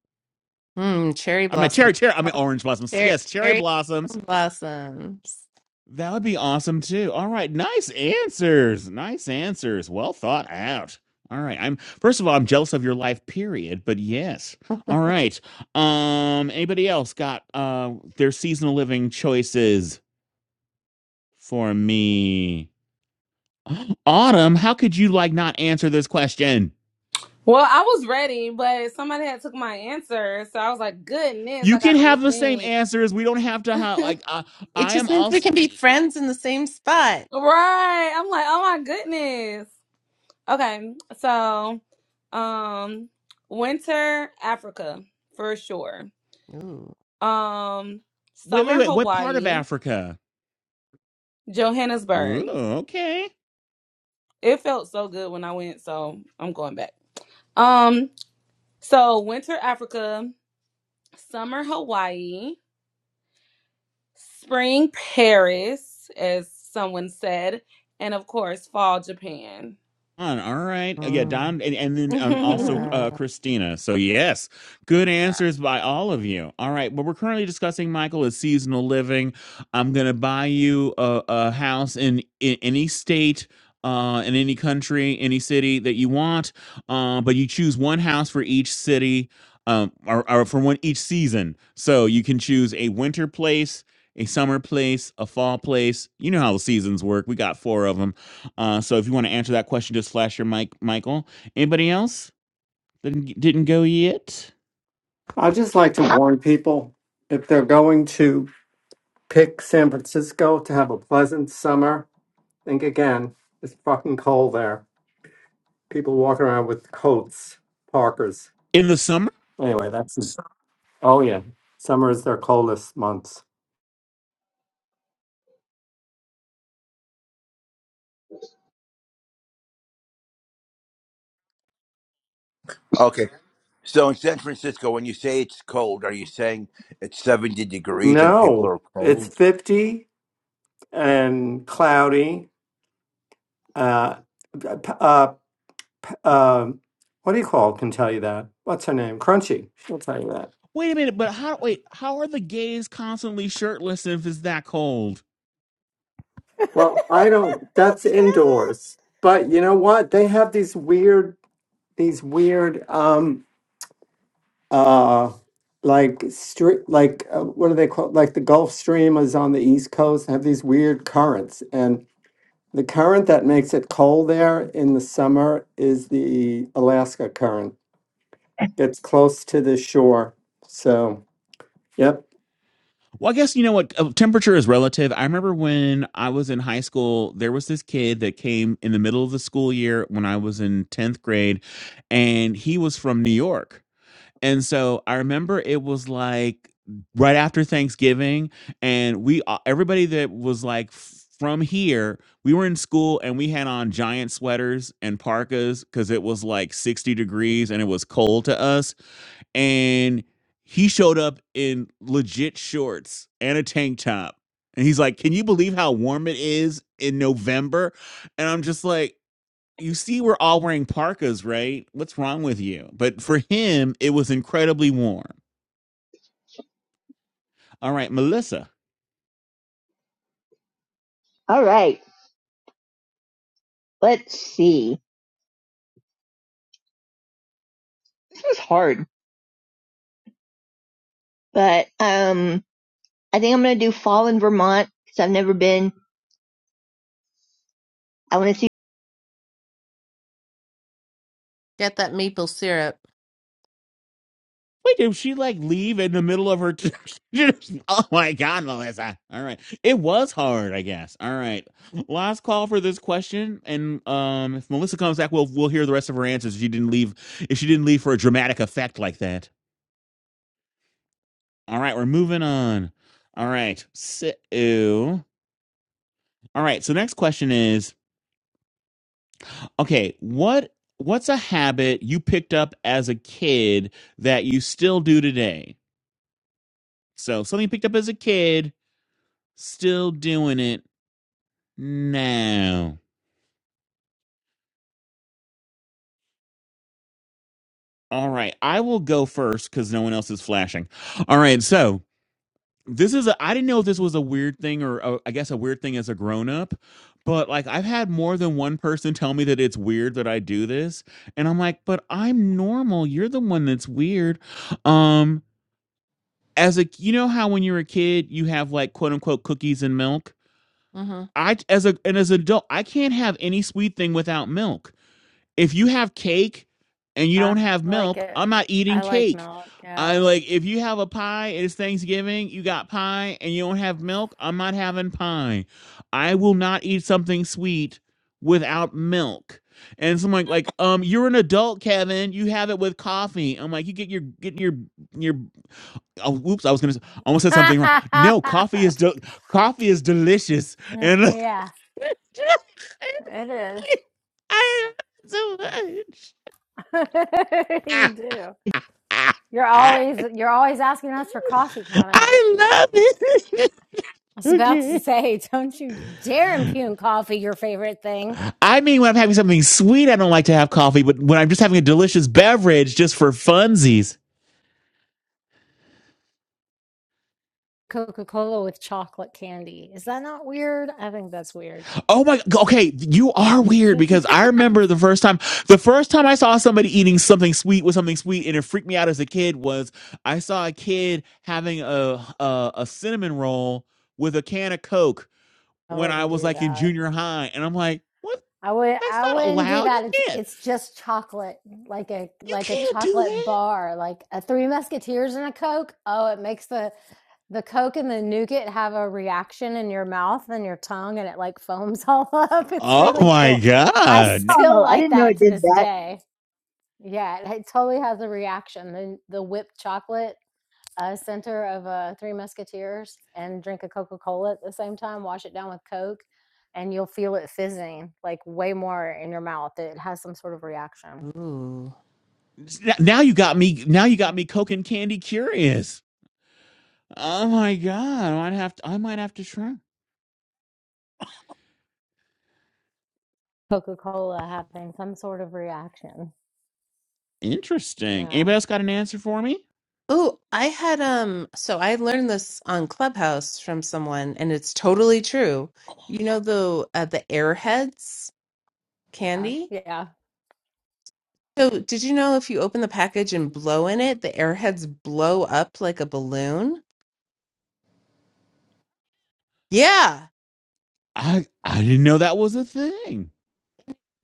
S13: Hmm, cherry
S3: I mean
S13: blossom.
S3: cherry cherry, I mean orange blossoms.
S13: Cher-
S3: Yes, cherry
S13: Cherry
S3: blossoms.
S13: blossoms.
S3: That would be awesome too. All right, nice answers. Nice answers. Well thought out. All right. I'm first of all, I'm jealous of your life, period. But yes. All right. Um, anybody else got uh their seasonal living choices for me? Autumn, how could you like not answer this question?
S5: Well, I was ready, but somebody had took my answer, so I was like, "Goodness,
S3: You
S5: I
S3: can
S5: gotta
S3: have the same
S5: rethink."
S3: answers. We don't have to have
S5: right?
S3: like uh,
S13: It
S3: I
S13: just
S3: am
S13: means we
S3: also.
S13: can be friends in the same spot.
S5: I'm like, "Oh my goodness." Okay, so, um, winter Africa for sure.
S13: Ooh.
S5: Um,
S3: Wait, wait,
S5: summer
S3: wait. What part of
S5: Hawaii,
S3: Africa? Ooh,
S5: Johannesburg.
S3: okay.
S5: It felt so good when I went, so I'm going back. Um, so winter Africa, summer Hawaii, Paris, as someone said, and of course, fall Japan.
S3: On. All right. Uh, Yeah,
S13: Mm.
S3: Don, and, and then um, also
S13: Yeah.
S3: uh, Christina. So, yes, good answers by all of you. All right. What we're currently discussing, Michael, is seasonal living. I'm going to buy you a, a house in, in any state. Uh, in any country, any city that you want, uh, but you choose one house for each city, um, or, or for one each season. So you can choose a winter place, a summer place, a fall place. You know how the seasons work. We got four of them uh, so if you want to answer that question, just flash your mic, Michael. Anybody else didn't didn't go yet
S10: I just like to warn people if they're going to pick San Francisco to have a pleasant summer, think again. It's fucking cold there. People walk around with coats, parkers.
S3: in the summer?
S10: Anyway, that's, oh, yeah. Summer is their coldest month.
S9: Okay. So in San Francisco, when you say it's cold, are you saying it's 70 degrees and people
S10: No,
S9: are
S10: it's
S9: cold?
S10: 50 and cloudy. Uh, p- uh, p- um, what do you call it? can tell you that? What's her name? Crunchy. She'll tell you that.
S3: Wait a minute, but how? Wait, how are the gays constantly shirtless if it's that cold?
S10: Well, I don't. That's
S1: Kevin.
S10: indoors. But you know what? They have these weird, these weird, um, uh, like street, like uh, what do they call? Like the Gulf Stream is on the East Coast. Have these weird currents, and the current that makes it cold there in the summer is the Alaska current. It's close to the shore. So, yep.
S3: Well, I guess you know what uh, temperature is relative. I remember when I was in high school, there was this kid that came in the middle of the school year when I was in tenth grade, and he was from New York And so I remember it was like right after Thanksgiving, and we a- everybody that was like f- from here, we were in school and we had on giant sweaters and parkas because it was like 60 degrees and it was cold to us. And he showed up in legit shorts and a tank top. And he's like, Can you believe how warm it is in November? And I'm just like, you see we're all wearing parkas, right? What's wrong with you? But for him, it was incredibly warm. All right, Melissa.
S11: All right. Let's see. This was hard, but um, I think I'm gonna do Fall in Vermont because I've never been. I want to see.
S13: Get that maple syrup.
S3: Wait, did she like leave in the middle of her? T- oh my God, Melissa. All right, it was hard, I guess. All right, last call for this question, and um, if Melissa comes back, we'll we'll hear the rest of her answers. If she didn't leave, if she didn't leave for a dramatic effect like that. All right, we're moving on. All right, so all right. So next question is okay what what's a habit you picked up as a kid that you still do today so something you picked up as a kid still doing it now all right i will go first because no one else is flashing all right so this is a i didn't know if this was a weird thing or uh, I guess a weird thing as a grown-up but like i've had more than one person tell me that it's weird that i do this and i'm like but i'm normal you're the one that's weird Um. as a you know how when you're a kid you have like quote unquote cookies and milk
S13: hmm
S3: i as a and as an adult i can't have any sweet thing without milk if you have cake and you
S1: Uh,
S3: don't have
S1: I like
S3: milk
S1: it.
S3: i'm not eating
S1: I like
S3: cake
S1: milk,
S3: i
S1: yeah.
S3: like if you have a pie and it's thanksgiving you got pie and you don't have milk i'm not having pie i will not eat something sweet without milk and someone like, like, um, you're an adult, Kevin. You have it with coffee. I'm like, you get your get your your Oh, whoops! I was gonna. s- I almost said something wrong. No, coffee is del coffee is delicious, and
S1: Yeah, it is.
S3: I love it so much.
S1: You do. You're always you're always asking us for coffee, Kevin.
S3: I love it.
S1: I was about to
S3: okay.
S1: say, don't you dare impugn coffee, your favorite thing.
S3: I mean, when I'm having something sweet, I don't like to have coffee, but when I'm just having a delicious beverage, just for funsies,
S1: Coca-Cola with chocolate candy. Is that not weird? I think that's weird.
S3: Oh my, okay, you are weird
S1: I
S3: because I remember the first time, the first time I saw somebody eating something sweet with something sweet and it freaked me out as a kid was I saw a kid having a, a, a cinnamon roll with a can of Coke when I
S1: wouldn't
S3: was
S1: do
S3: like in
S1: that.
S3: junior high. And I'm like, what?
S1: I would
S3: That's
S1: I
S3: not
S1: wouldn't do
S3: allowed. You
S1: that. It's
S3: can't,
S1: it's just chocolate, like a
S3: you
S1: like a
S3: can't do
S1: chocolate
S3: that.
S1: bar, like a Three Musketeers and a Coke. Oh, it makes the the Coke and the nougat have a reaction in your mouth and your tongue, and it like foams all up. It's
S3: Oh
S1: really
S3: my
S1: cool. I
S3: God.
S1: still
S11: Oh, I
S1: like
S11: didn't know
S1: that
S11: it
S1: to
S11: did
S1: this
S11: that.
S1: day. Yeah, it, it totally has a reaction. The the whipped chocolate a center of uh, Three Musketeers and drink a Coca Cola at the same time, wash it down with Coke, and you'll feel it fizzing like way more in your mouth. It has some sort of reaction.
S13: Ooh.
S3: Now, now you got me, now you got me Coke and candy curious. Oh my God. I might have to, I might have to try.
S1: Coca Cola having some sort of reaction.
S3: Interesting.
S1: Yeah.
S3: Anybody else got an answer for me?
S13: Oh, I had um so I learned this on Clubhouse from someone and it's totally true. You know the uh, the Airheads
S1: Yeah.
S13: candy?
S1: Yeah.
S13: So did you know if you open the package and blow in it, the Airheads blow up like a balloon? Yeah,
S3: I I didn't know that was a thing.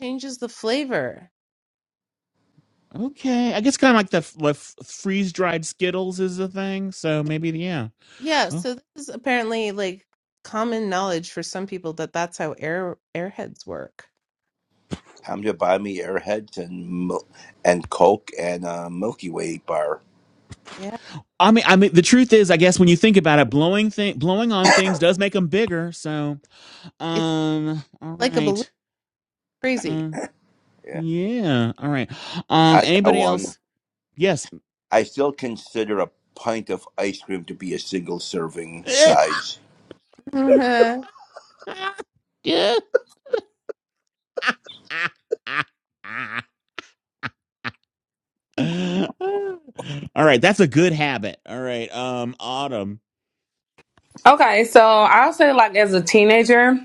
S13: changes the flavor.
S3: Okay, I guess kind of like the f- like freeze dried Skittles is a thing. So maybe yeah.
S13: Yeah,
S3: Oh.
S13: so this is apparently like common knowledge for some people that that's how air Airheads work.
S9: Time to buy me airheads and mil- and Coke and a Milky Way bar.
S13: Yeah,
S3: I mean, I mean, the truth is, I guess when you think about it, blowing thing, blowing on things does make them bigger. So,
S13: it's
S3: um, all
S13: like a balloon.
S3: right,
S13: Crazy.
S3: uh,
S9: Yeah,
S3: yeah, all right. Um,
S9: I got
S3: anybody else?
S9: one.
S3: Yes.
S9: I still consider a pint of ice cream to be a single serving size.
S13: Uh-huh.
S3: All right, that's a good habit. All right, um, Autumn,
S5: Okay, so I'll say like as a teenager.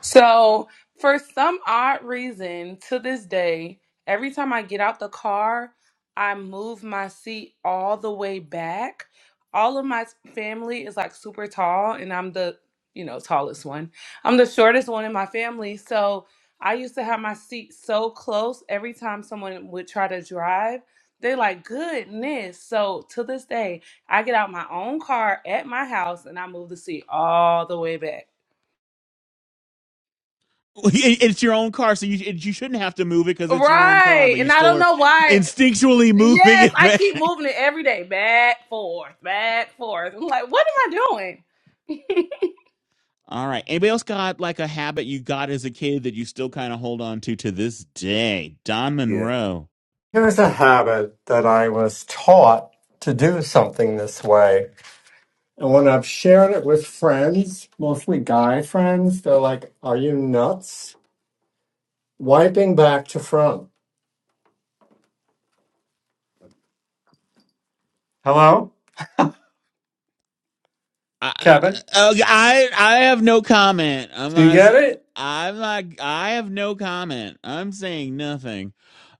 S5: So, for some odd reason, to this day, every time I get out the car, I move my seat all the way back. All of my family is like super tall, and I'm the, you know, tallest one. I'm the shortest one in my family. So, I used to have my seat so close every time someone would try to drive. They like, goodness. So to this day, I get out my own car at my house and I move the seat all the way back.
S3: It- it's your own car, so you it- you shouldn't have to move it because it's your own car,
S5: Right.
S3: but you
S5: And I
S3: still
S5: don't
S3: are
S5: know why.
S3: instinctually moving
S5: Yes,
S3: it
S5: I
S3: back.
S5: keep moving it every day, back, forth, back, forth. I'm like, what am I doing?
S3: All right, anybody else got like a habit you got as a kid that you still kind of hold on to to this day? Don
S4: Yeah.
S3: Monroe.
S10: Here's a habit that I was taught to do something this way. And when I've shared it with friends, mostly guy friends, they're like, Are you nuts? Wiping back to front. Hello?
S3: I,
S10: Kevin?
S3: okay, I I have no comment. I'm
S10: Do you
S3: not. s-
S10: get it?
S3: I'm not. I have no comment. I'm saying nothing.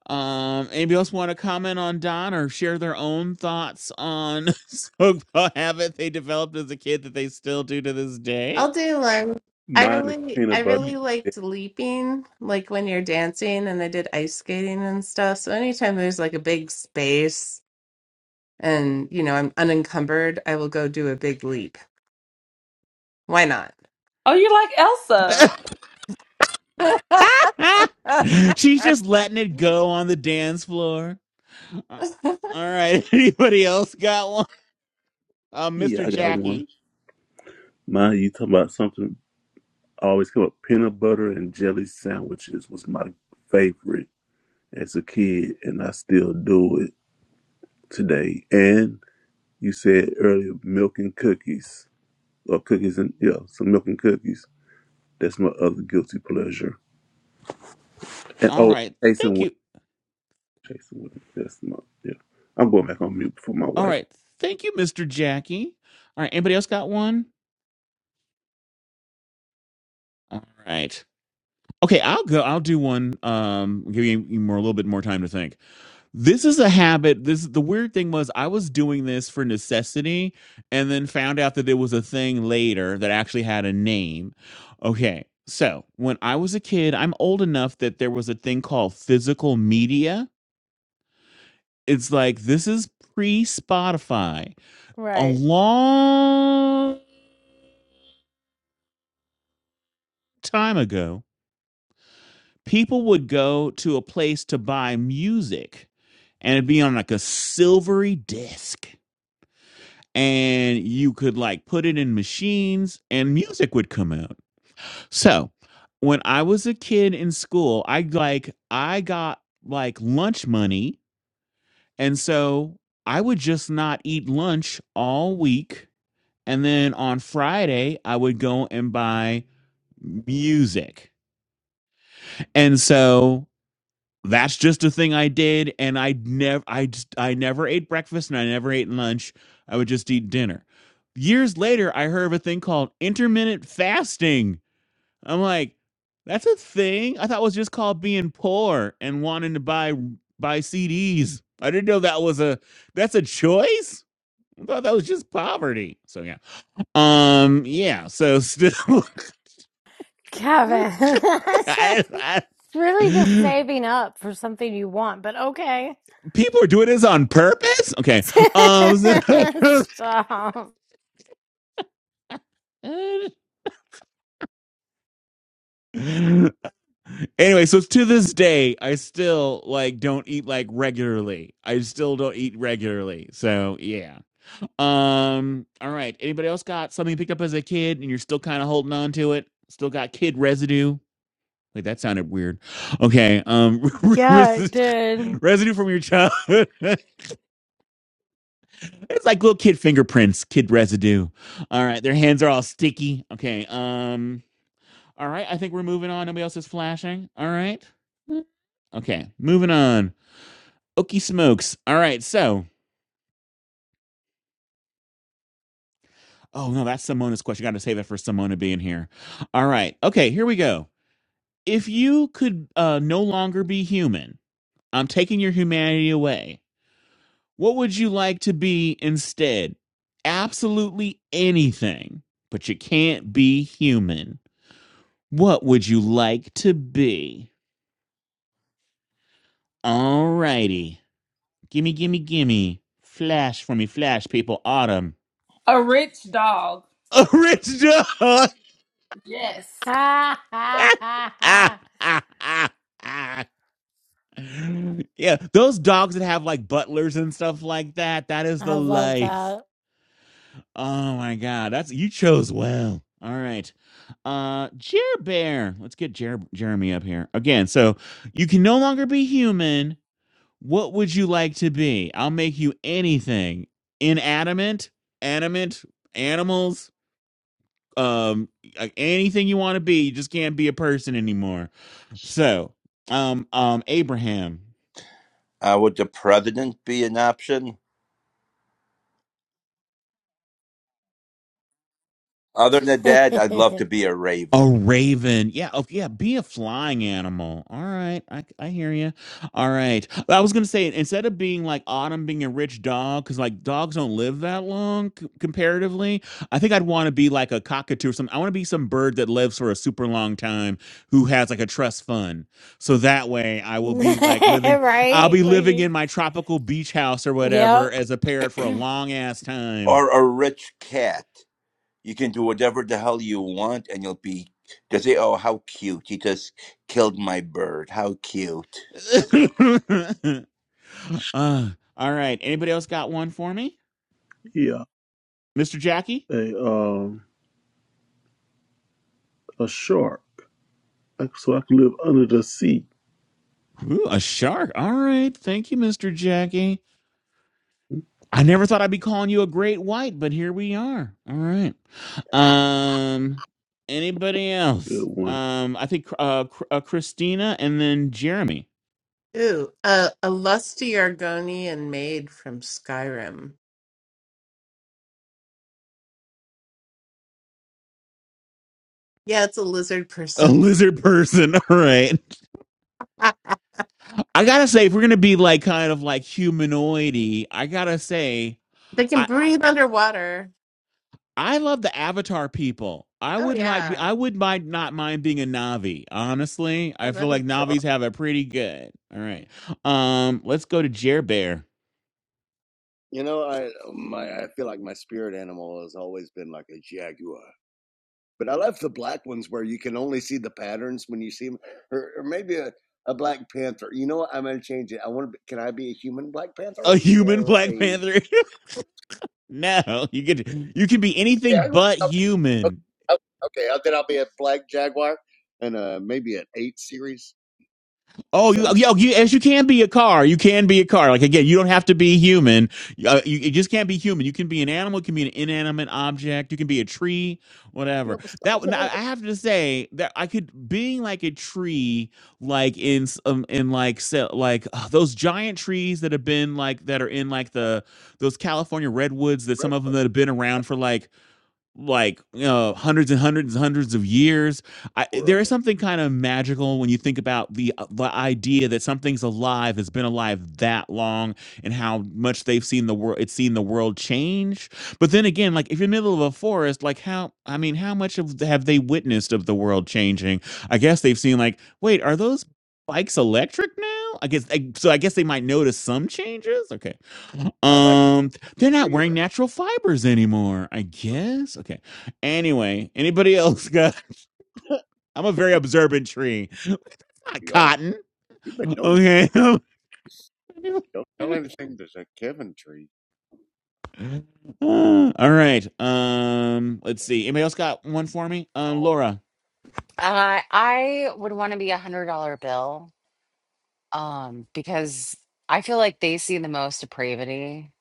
S3: Um. Anybody else want to comment on Don or share their own thoughts on a habit they developed as a kid that they still do to this day?
S13: I'll do one. I
S4: Mine is
S13: really, I
S4: peanut butter.
S13: really
S3: Ye-
S13: liked leaping, like when you're dancing, and I did ice skating and stuff. So anytime there's like a big space and you know I'm unencumbered, I will go do a big leap. Why not?
S5: Oh, you're like Elsa,
S3: She's just letting it go on the dance floor. Uh, All right. Anybody else got one? Uh,
S4: Yeah,
S3: Mr.
S4: I got one.
S3: Jackie.
S4: Mine, you talking about something always come up. Peanut butter and jelly sandwiches was my favorite as a kid, and I still do it today. And you said earlier, milk and cookies, or cookies and yeah, some milk and cookies. That's my other guilty pleasure. And
S3: All
S4: oh,
S3: right.
S4: chasing
S3: Thank
S4: women,
S3: you.
S4: chasing women. That's my yeah. I'm going back on mute before my
S3: All
S4: wife.
S3: right. Thank you, Mr. Jackie. All right. Anybody else got one? All right. Okay, I'll go. I'll do one. Um, give you, you more a little bit more time to think. This is a habit. This the weird thing was I was doing this for necessity, and then found out that it was a thing later that actually had a name. Okay, so when I was a kid, I'm old enough that there was a thing called physical media. It's like this is pre Spotify, a
S1: Right.
S3: long time ago people would go to a place to buy music and it'd be on like a silvery disc and you could like put it in machines and music would come out so when i was a kid in school i like i got like lunch money and so i would just not eat lunch all week and then on friday i would go and buy music and so that's just a thing I did, and I never, I just, I never ate breakfast, and I never ate lunch. I would just eat dinner. Years later, I heard of a thing called intermittent fasting. I'm like, that's a thing. I thought it was just called being poor and wanting to buy buy CDs. I didn't know that was a that's a choice. I thought that was just poverty. So yeah, um, yeah. So still,
S1: Kevin, it's
S3: I,
S1: really just
S3: I,
S1: saving up for something you want, but okay.
S3: people are doing this on purpose. Okay. Um.
S1: Stop.
S3: anyway, so to this day, I still like don't eat like regularly. I still don't eat regularly. So yeah. Um. All right. Anybody else got something you picked up as a kid and you're still kind of holding on to it? Still got kid residue? Wait, that sounded weird. Okay. Um.
S1: Yeah, it did.
S3: residue from your childhood. It's like little kid fingerprints, kid residue. All right, their hands are all sticky. Okay. Um. All right, I think we're moving on. Nobody else is flashing. All right. Okay, moving on. Okie smokes. All right, so oh no, that's Simona's question. Got to save it for Simona being here. All right. Okay, here we go. If you could uh, no longer be human, I'm taking your humanity away. What would you like to be instead? Absolutely anything, but you can't be human. What would you like to be? Alrighty. Gimme, gimme, gimme. Flash for me, flash people. Autumn.
S5: a rich dog.
S3: A rich dog.
S5: Yes.
S1: Ha,
S3: ah,
S1: ha, ha,
S3: ah,
S1: ha.
S3: ah, ah. yeah, those dogs that have like butlers and stuff like that. That is
S1: I
S3: the
S1: love
S3: life.
S1: that.
S3: Oh my god, that's you chose well. All right. Uh Jer Bear. Let's get Jer- Jeremy up here. Again, so you can no longer be human What would you like to be? I'll make you anything. Inanimate, animate, animals, um like, anything you want to be. You just can't be a person anymore. So, um um Abraham
S9: Uh, would the president be an option? Other than that, I'd love to be a
S3: A
S9: raven
S3: raven. Yeah. Oh, yeah. Be a flying animal. All right. I, I hear you. All right. I was going to say, instead of being like Autumn being a rich dog, because like dogs don't live that long c- comparatively, I think I'd want to be like a cockatoo or something. I want to be some bird that lives for a super long time who has like a trust fund. So that way I will be like living, I'll
S1: right?
S3: be living
S1: Like,
S3: in my tropical beach house or whatever
S1: yep.
S3: as a parrot for a long ass time.
S9: or a rich cat. you can do whatever the hell you want and you'll be they say oh how cute he just killed my bird how cute
S3: Uh, all right. Anybody else got one for me?
S4: Yeah,
S3: Mr. Jackie?
S4: a um a shark, so I can live under the sea.
S3: Ooh, a shark. All right. Thank you, Mr. Jackie. I never thought I'd be calling you a great white, but here we are. All right. Um anybody
S4: Good
S3: else?
S4: one.
S3: Um I think uh, Cr- uh Christina and then Jeremy.
S13: Ooh, uh, a lusty Argonian maid from Skyrim. Yeah, it's a lizard
S3: A
S13: person.
S3: lizard person. All right.
S13: Ah,
S3: I got to say if we're going to be like kind of like humanoidy, I got to say
S13: they can breathe underwater.
S3: I love the Avatar people. I
S13: Oh
S3: wouldn't like.
S13: yeah,
S3: I would mind not mind being a Navi. Honestly, I
S13: oh,
S3: feel
S13: that'd
S3: like
S13: be
S3: Navis
S13: cool.
S3: have it pretty good. All right, um, let's go to Jer Bear,
S14: You know, I my I feel like my spirit animal has always been like a jaguar, but I love the black ones where you can only see the patterns when you see them, or, or maybe a, a black panther. You know what? I'm gonna change it. I want to. Can I be a human black panther
S3: a human
S14: or
S3: Black
S14: a
S3: Panther. no, you could you can be anything
S14: jaguar?
S3: but human.
S14: Okay, okay, then I'll be a black jaguar and uh maybe an eight series,
S3: Oh, you,
S14: seven series.
S3: yo, you, as you can be a car, you can be a car. Like again, you don't have to be human. Uh, you, you just can't be human. You can be an animal. You can be an inanimate object. You can be a tree,
S14: You know,
S3: whatever. That
S14: besides
S3: now, I
S14: that, I
S3: have to say that I could being like a tree, like in s- um, in like se- like uh, those giant trees that have been like that are in like the those California redwoods that
S14: read
S3: some of them
S14: like
S3: that have been around for like like you know hundreds and hundreds and hundreds of years I,
S14: for
S3: there is
S14: them.
S3: something kind of magical when you think about the uh, the idea that something's alive has been alive that long and how much they've seen the world it's seen the world change but then again like if you're in the middle of a forest like how i mean how much of have they witnessed of the world changing i guess they've seen like wait are those bikes electric now i guess I, so i guess they might notice some changes okay
S14: I like
S3: um they're
S14: the
S3: not
S14: tree you're
S3: wearing natural fibers anymore, I guess. Okay. Anyway, anybody else got? I'm a very observant tree. It's not
S14: you are.
S3: cotton.
S14: You've been noticing.
S3: Okay.
S14: Don't tell anything. There's a Kevin tree,
S3: all right. Um, let's see. Anybody else got one for me? Um, Laura,
S2: Uh, I would want to be a one hundred dollar bill. um, because I feel like they see the most depravity,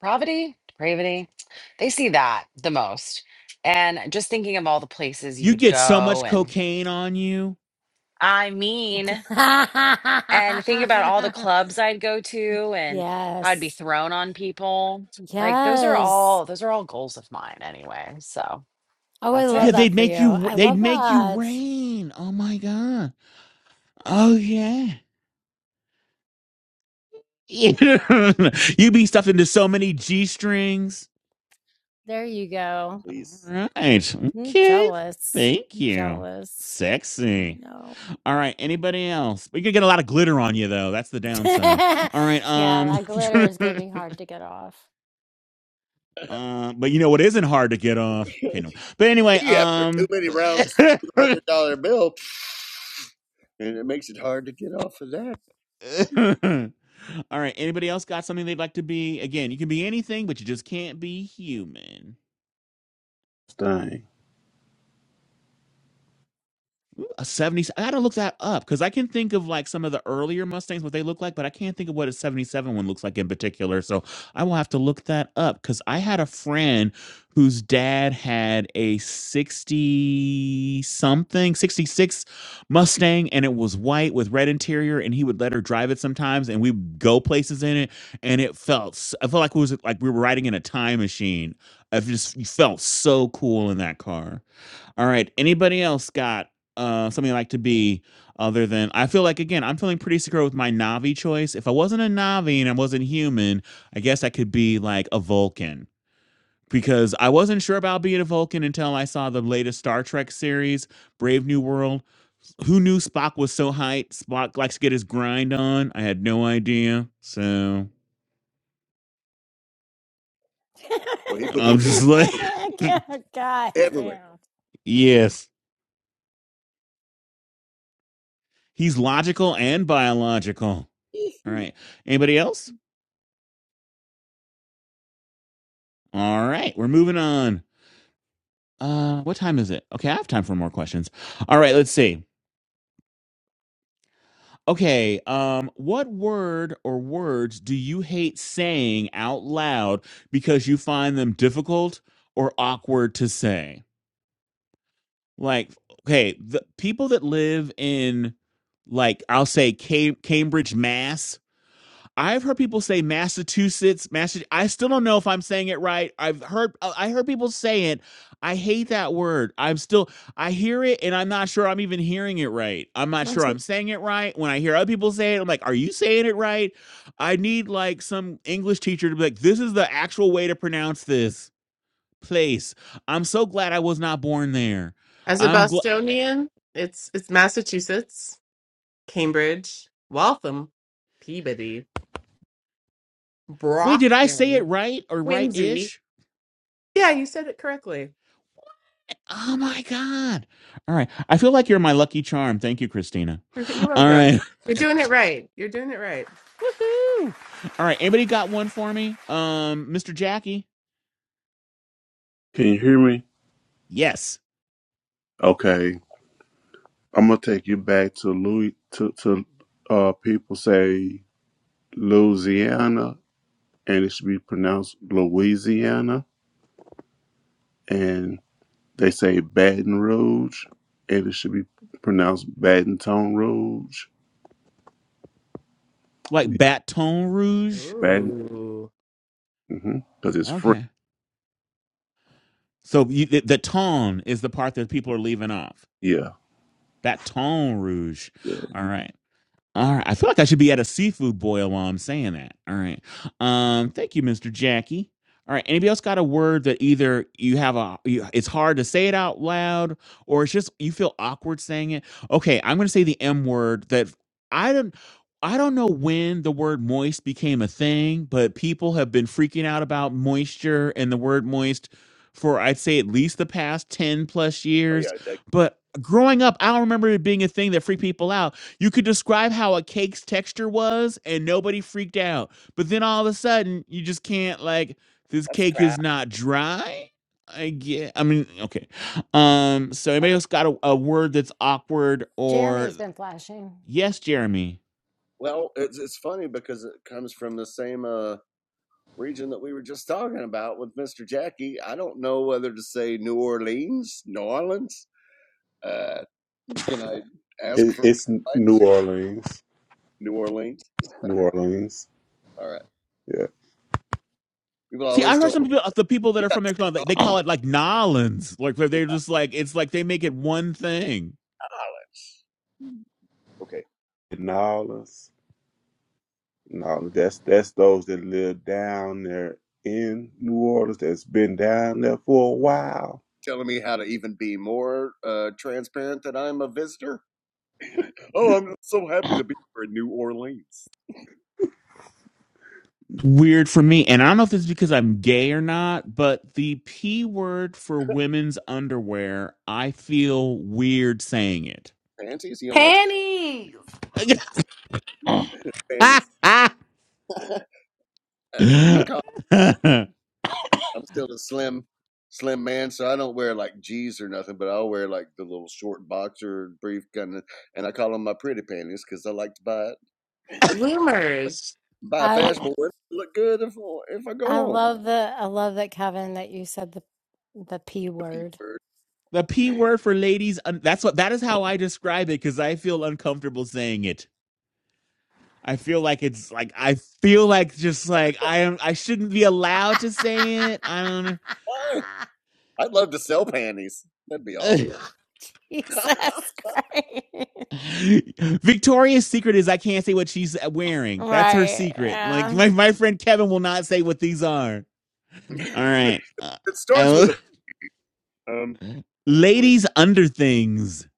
S2: pravity, depravity. They see that the most. And just thinking of all the places you
S3: you
S2: would
S3: get so much
S2: go, and
S3: cocaine on you.
S2: I mean, and think about all the clubs I'd go to and how I'd be
S1: yes.
S2: thrown on people. Like those are
S1: Yes.
S2: all those are all goals of mine anyway. So
S1: Oh, I
S2: that's
S3: Yeah,
S1: love
S2: it.
S1: that
S3: they'd
S1: for you.
S3: make you.
S1: I
S3: They'd
S1: love
S3: make you
S1: that.
S3: rain. Oh my god. Oh yeah. You'd be stuffed into so many g strings.
S1: There you go.
S14: please.
S3: All right.
S1: I'm
S3: Okay.
S1: jealous.
S3: Thank
S1: I'm
S3: you.
S1: jealous. I
S3: Sexy.
S1: know.
S3: All right. Anybody else? We could get a lot of glitter on you though. That's the downside.
S1: yeah,
S3: All right. Um.
S1: that glitter is going to be hard to get off.
S3: uh, but you know what isn't hard to get off? Okay. No. But anyway.
S14: After too
S3: Um.
S14: many rounds, one hundred dollar bill, and it makes it hard to get off of that.
S3: All right. Anybody else got something they'd like to be? Again, you can be anything, but you just can't be human.
S4: Stein.
S3: a 70 i gotta look that up because i can think of like some of the earlier mustangs what they look like but i can't think of what a 77 one looks like in particular so i will have to look that up because i had a friend whose dad had a 60 something 66 mustang and it was white with red interior and he would let her drive it sometimes and we'd go places in it and it felt s- i felt like it was like we were riding in a time machine i just felt so cool in that car all right. Anybody else got uh something they like to be other than I feel like again, I'm feeling pretty secure with my Navi choice. If I wasn't a Navi and I wasn't human, I guess I could be like a Vulcan. Because I wasn't sure about being a Vulcan until I saw the latest Star Trek series, Brave New World. Who knew Spock was so hype? Spock likes to get his grind on. I had no idea. So
S14: Well, he put
S3: I'm
S14: those ears
S3: just like,
S14: everywhere.
S1: God
S14: everywhere.
S1: damn.
S3: yes, he's logical and biological. All right. Anybody else? All right, we're moving on. Uh, what time is it? Okay, I have time for more questions. All right, let's see. Okay, um, what word or words do you hate saying out loud because you find them difficult or awkward to say? Like, okay, the people that live in, like, I'll say Cam- Cambridge, Mass I've heard people say Massachusetts, Massachusetts. I still don't know if I'm saying it right. I've heard I I heard people say it. I hate that word. I'm still I hear it and I'm not sure I'm even hearing it right. I'm not sure I'm saying it right. When I hear other people say it, I'm like, "Are you saying it right?" I need like some English teacher to be like, "This is the actual way to pronounce this place." I'm so glad I was not born there.
S13: As a
S3: I'm glad
S13: Bostonian, it's it's Massachusetts, Cambridge, Waltham, Peabody,
S3: Wait, did I say it
S13: Brockton,
S3: right or
S13: Quincy.
S3: right-ish?
S13: Yeah, you said it correctly.
S3: Oh my God. All right. I feel like you're my lucky charm. Thank you, Christina.
S13: You're
S3: All
S13: welcome.
S3: right.
S13: You're doing it right. You're doing it right.
S3: Woohoo. All right. Anybody got one for me? Um, Mr. Jackie?
S4: Can you hear me?
S3: Yes.
S4: Okay. I'm gonna take you back to Louis to, to uh people say Louisiana and it should be pronounced Louisiana and they say Baton Rouge and it should be pronounced Baton Rouge.
S3: Like Baton Rouge?
S4: Baton
S13: Ooh.
S4: mm-hmm, cuz it's French.
S3: Okay. So you, the, the tone is the part that people are leaving off.
S4: Yeah.
S3: Baton Rouge.
S4: Yeah.
S3: All right. All right. I feel like I should be at a seafood boil while I'm saying that. All right. Um, thank you, Mr. Jackie. All right. Anybody else got a word that either you have a, you, it's hard to say it out loud or it's just you feel awkward saying it? Okay. I'm going to say the M word that I don't, I don't know when the word moist became a thing, but people have been freaking out about moisture and the word moist for I'd say at least the past 10 plus
S14: Oh
S3: years.
S14: yeah, that,
S3: But growing up, I don't remember it being a thing that freaked people out you could describe how a cake's texture was and nobody freaked out. But then all of a sudden, you just can't like this
S14: that's
S3: cake is
S14: crap.
S3: not dry. I get I mean, okay. Um so anybody else got a, a word that's awkward
S1: Jeremy
S3: or
S1: has been flashing.
S3: yes, Jeremy.
S14: Well, it's it's funny because it comes from the same uh, region that we were just talking about with Mister Jackie. I don't know whether to say New Orleans, New Orleans. Uh, can I ask
S4: It,
S14: for
S4: it's New
S14: advice?
S4: Orleans.
S14: New Orleans.
S4: New Orleans.
S14: All right.
S4: Yeah.
S14: People
S3: See,
S14: always
S3: I heard
S14: told me
S3: some people the people that are from there they
S14: "Oh,
S3: they call it like Nolans. Like they're
S14: New
S3: they're just like it's like they make it one thing.
S14: Orleans. Okay.
S4: New Orleans. No, that's that's those that live down there in New Orleans that's been down there for a while.
S14: telling me how to even be more uh, transparent that I'm a visitor. Oh, I'm so happy to be here in New Orleans.
S3: weird for me. And I don't know if it's because I'm gay or not, but the P word for women's underwear, I feel weird saying it.
S14: Panties? You don't like
S5: Panties.
S14: panties? I
S3: the
S14: call. I'm still a slim, slim man, so I don't wear like G's or nothing, but I'll wear like the little short boxer brief kind of, and I call them my pretty panties because I like to buy it,
S13: Bloomers.
S14: buy a fashionable one. Look good if if I go
S1: I
S14: home.
S1: love the I love that Kevin that you said the the P
S14: The people
S1: word.
S14: are,
S3: P word for ladies, un- that's what that is how I describe it because I feel uncomfortable saying it. I feel like it's like I feel like just like I am I shouldn't be allowed to say it. I don't
S14: Why? I'd love to sell panties. That'd be
S3: know.
S14: awesome.
S1: Jesus Christ.
S3: Victoria's secret is I can't say what she's wearing. That's her
S1: Right.
S3: secret. Like
S1: Yeah.
S3: my, my friend Kevin will not say what these are.
S14: it
S3: All right. Uh,
S14: starts
S3: I,
S14: with a. Um, Tours.
S3: ladies under things.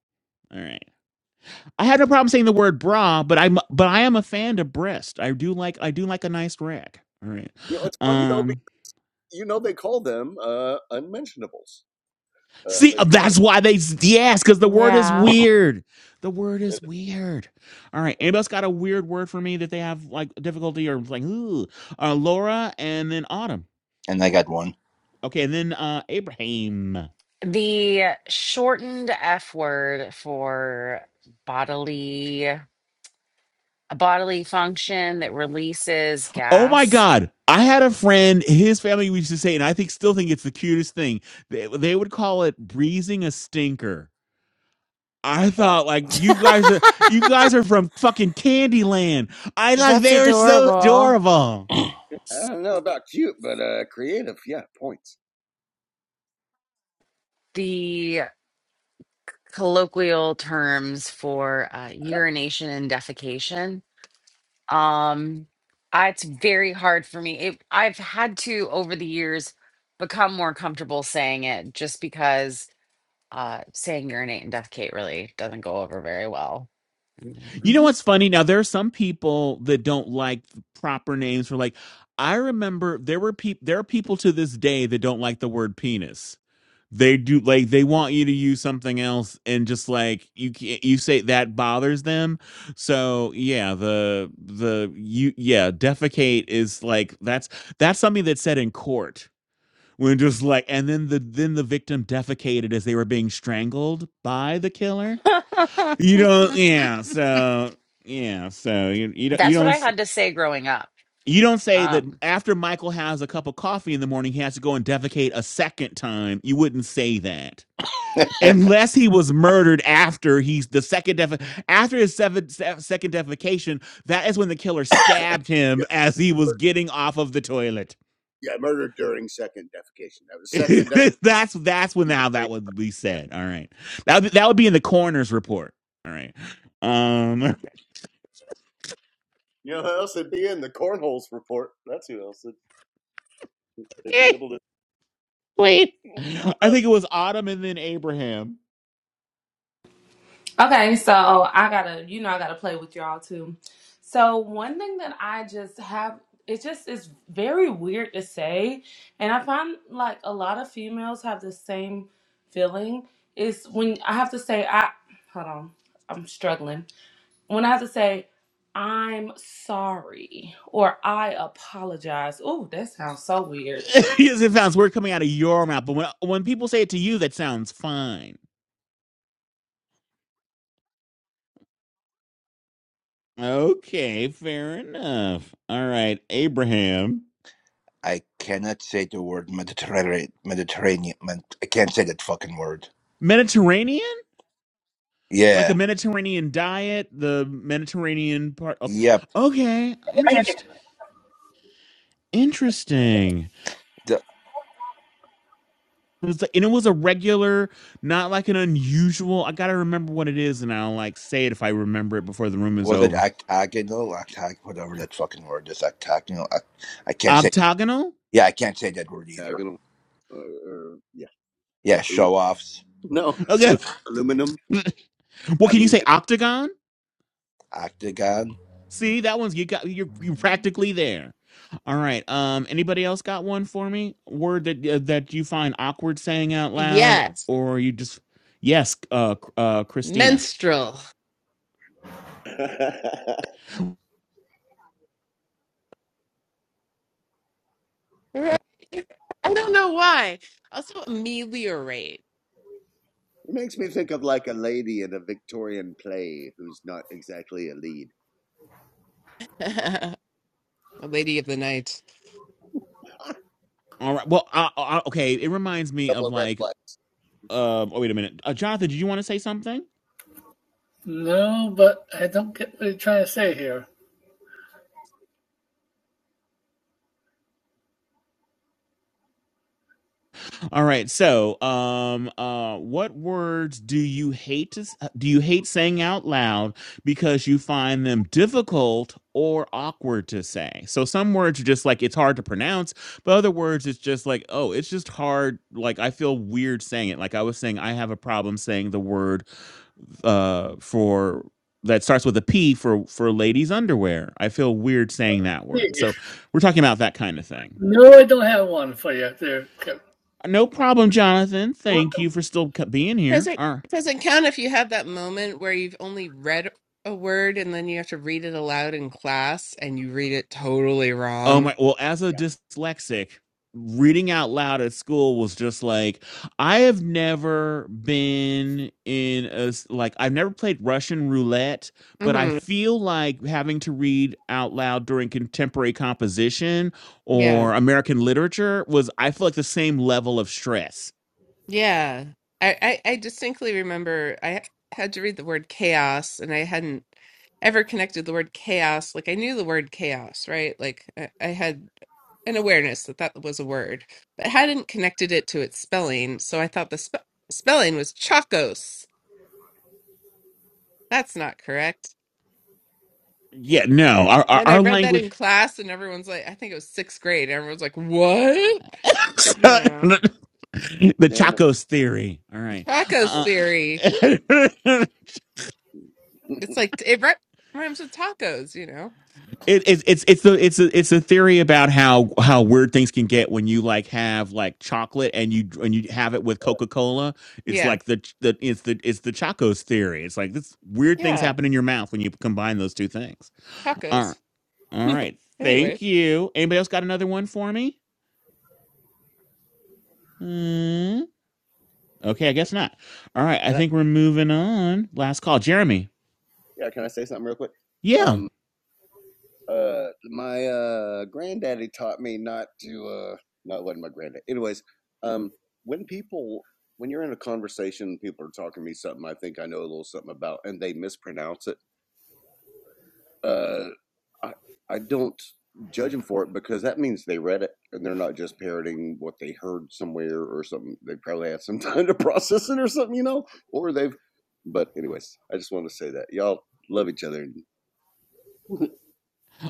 S3: All right. I have no problem saying the word bra, but I'm but I am a fan of breast. I do like I do like a nice rack. All right.
S14: You know, it's funny though. Because
S3: Um
S14: you know, they call them uh, unmentionables, uh,
S3: See, uh,
S14: ladies.
S3: that's why they yes, because the word is
S1: Yeah.
S3: weird. The word
S14: Uh,
S3: is weird. All right, anybody
S14: Okay,
S3: else got a weird word for me that they have like difficulty or like ooh, uh, Laura and then Autumn.
S9: and i got one
S3: Okay, and then uh Abraham.
S2: The shortened F word for bodily. a bodily function that releases
S3: Oh my
S2: gas.
S3: God! I had a friend. His family used to say, and I think still think it's the cutest thing. They, they would call it breezing a stinker. I
S14: wow.
S3: thought like you guys are you guys are from fucking Candyland. I like
S1: That's
S3: they were so
S1: adorable.
S3: adorable.
S14: I don't know about cute, but uh, creative. Yeah, points.
S2: The colloquial terms for uh, urination and defecation. Um, I- it's very hard for me. It, I've had to over the years become more comfortable saying it, just because uh, saying urinate and defecate really doesn't go over very well.
S3: You know what's funny? Now there are some people that don't like proper names for like I remember there were people there are people to this day that don't like the word penis. They do like they want you to use something else and just like you can't you say that bothers them. So yeah, the the you yeah, defecate is like that's that's something that's said in court. When just like and then the then the victim defecated as they were being strangled by the killer. You don't, yeah. So, yeah. So you you don't you
S2: That's what
S3: don't
S2: I
S3: s-
S2: had to say growing up.
S3: you don't say that
S2: Um,
S3: after Michael has a cup of coffee in the morning, he has to go and defecate a second time. You wouldn't say that unless he was murdered after he's the second def after his seven, se- second defecation. That is when the killer stabbed him
S14: Yeah,
S3: as he was
S14: mur-
S3: getting off of the toilet.
S14: yeah. Murder during second defecation. That was second defecation.
S3: that's that's when now that would be said. All right, that would be- that would be in the coroner's report. All right. Um
S14: You know who else would be in the cornholes report? That's who else would they'd be able to
S3: I think it was Autumn and then Abraham.
S5: Okay, so I gotta, you know, I gotta play with y'all too. So one thing that I just have, it just is very weird to say, and I find like a lot of females have the same feeling. Is when I have to say, I hold on, I'm struggling. When I have to say, I'm sorry or I apologize. Oh, that sounds so weird.
S3: yes, it sounds weird coming out of your mouth, but when when people say it to you, that sounds fine. Okay, fair enough. All right, Abraham.
S9: i cannot say the word mediterranean mediterranean i can't say that fucking word
S3: Mediterranean? Like a
S9: yeah
S3: Mediterranean diet, the Mediterranean part. Okay,
S9: yep
S3: okay, interest, interesting.
S9: the,
S3: It was like- and it was a regular, not like an unusual. I gotta remember what it is, and I'll like say it if I remember it before the room is
S9: was it
S3: over.
S9: octagonal octag whatever that fucking word is octagonal oct- i can't say
S3: Octagonal.
S9: yeah i can't say that word
S14: tag
S9: either
S14: them. Uh, uh, yeah.
S9: yeah show offs
S14: No,
S3: Okay.
S14: with aluminum.
S3: What
S14: How do
S3: can you
S14: you?
S3: say? Octagon?
S9: octagon
S3: See, that one's you got you're you practically there. All right. Um anybody else got one for me? Word that uh, that you find awkward saying out loud
S13: Yes.
S3: or you just Yes, uh uh Christina.
S13: Menstrual. Right. I don't know why. Also ameliorate.
S14: It makes me think of like a lady in a Victorian play who's not exactly a lead.
S13: A lady of the night.
S3: All right. Well, uh, uh, okay, it reminds me
S14: Couple
S3: of
S14: red
S3: like
S14: flags.
S3: uh oh wait a minute. Uh, Jonathan, did you want to say something?
S15: No, but I don't get what you're trying to say here.
S3: All right. So, um, uh, what words do you hate to do you hate saying out loud because you find them difficult or awkward to say? So, some words are just like it's hard to pronounce, but other words it's just like oh, it's just hard. Like I feel weird saying it. Like I was saying, I have a problem saying the word uh for that starts with a P for for ladies underwear. I feel weird saying that word. So, we're talking about that kind of thing.
S15: No, I don't have one for you there. okay.
S3: No problem, Jonathan.
S15: You're
S3: Thank you
S15: welcome.
S3: for still co- being
S13: Does
S3: here.
S13: it
S3: All right.
S13: doesn't count if you have that moment where you've only read a word and then you have to read it aloud in class and you read it totally
S3: Oh
S13: wrong.
S3: my. Well, as a
S14: Yeah.
S3: dyslexic, reading out loud at school was just like I have never been in a s- like I've never played Russian roulette, but I
S13: hmm
S3: feel like having to read out loud during contemporary composition
S13: Yeah.
S3: or American literature was I feel like the same level of stress.
S13: Yeah. I, I, I distinctly remember I had to read the word chaos and I hadn't ever connected the word chaos. Like I knew the word chaos, right? Like I, I had an awareness that that was a word, but hadn't connected it to its spelling. So I thought the spe- spelling was chacos. That's not correct.
S3: Yeah. No. Our
S13: And
S3: our,
S13: Then I
S3: our
S13: read that in
S3: language.
S13: class, and everyone's like, I think it was sixth grade. And everyone's like, what? Yeah.
S3: the
S14: Damn it.
S3: Chacos theory. All
S13: The
S3: right.
S13: tacos
S3: Uh,
S13: theory.
S3: it,
S13: It's like, it ri- rhymes with tacos, you know?
S3: it's it's it's the it's a it's a theory about how how weird things can get when you like have like chocolate and you and you have it with Coca Cola. It's
S13: Yeah.
S3: like the the it's the it's the Chacos theory. It's like this weird things
S13: Yeah.
S3: happen in your mouth when you combine those two things. All
S13: Tacos.
S3: right, all right.
S13: anyway.
S3: Thank you. Anybody else got another one for me? Hmm. okay, I guess not. All right, I
S14: Can I,
S3: think we're moving on. Last call, Jeremy.
S14: yeah, can I say something real quick?
S3: Yeah.
S14: Um, uh, my uh, granddaddy taught me not to. Uh, no, it wasn't my granddad. Anyways, um, when people, when you're in a conversation, people are talking to me something I think I know a little something about, and they mispronounce it. Uh. I I don't judge them for it because that means they read it and they're not just parroting what they heard somewhere or something. They probably had some time to process it or something, you know, or they've. But anyways, I just wanted to say that y'all love each other. And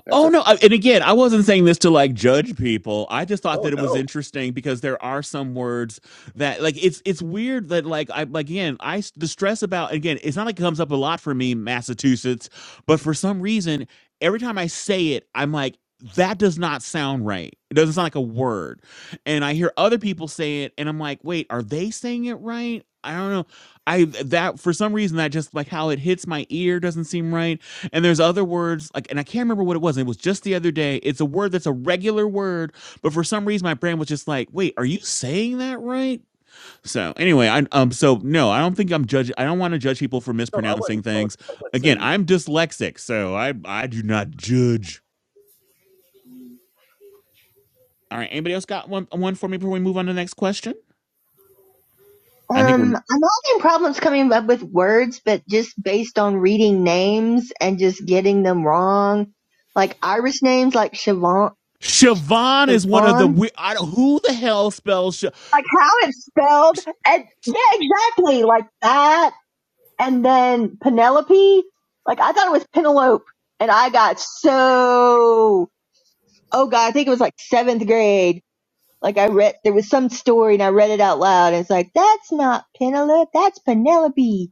S14: that's
S3: Oh
S14: it.
S3: no! And again, I wasn't saying this to like judge people. I just thought
S14: Oh
S3: that it was
S14: no,
S3: interesting because there are some words that like it's it's weird that like I like again I the stress about again it's not like it comes up a lot for me Massachusetts, but for some reason every time I say it I'm like that does not sound right. It doesn't sound like a word, and I hear other people say it and I'm like wait are they saying it right? I don't know. I that for some reason that just like how it hits my ear doesn't seem right and there's other words like, and I can't remember what it was. It was just the other day. It's a word that's a regular word, but for some reason my brain was just like, "Wait, are you saying that right?" So anyway, I um, so no, I don't think I'm judging. I don't want to judge people for
S14: no, I wasn't.
S3: mispronouncing
S14: Oh,
S3: things.
S14: I wasn't
S3: Again,
S14: saying you.
S3: I'm dyslexic, so I I do not judge. All right, anybody else got one one for me before we move on to the next question? I think
S11: Um,
S3: we're
S11: I'm having problems coming up with words, but just based on reading names and just getting them wrong, like Irish names like Siobhan.
S3: Siobhan is one of the
S11: Siobhan
S3: we- I don't, who the hell spells. Sh?
S11: like how it's spelled and yeah exactly like that and then penelope like i thought it was penelope and i got so oh god i think it was like seventh grade like i read there was some story and i read it out loud and it's like that's not penelope that's penelope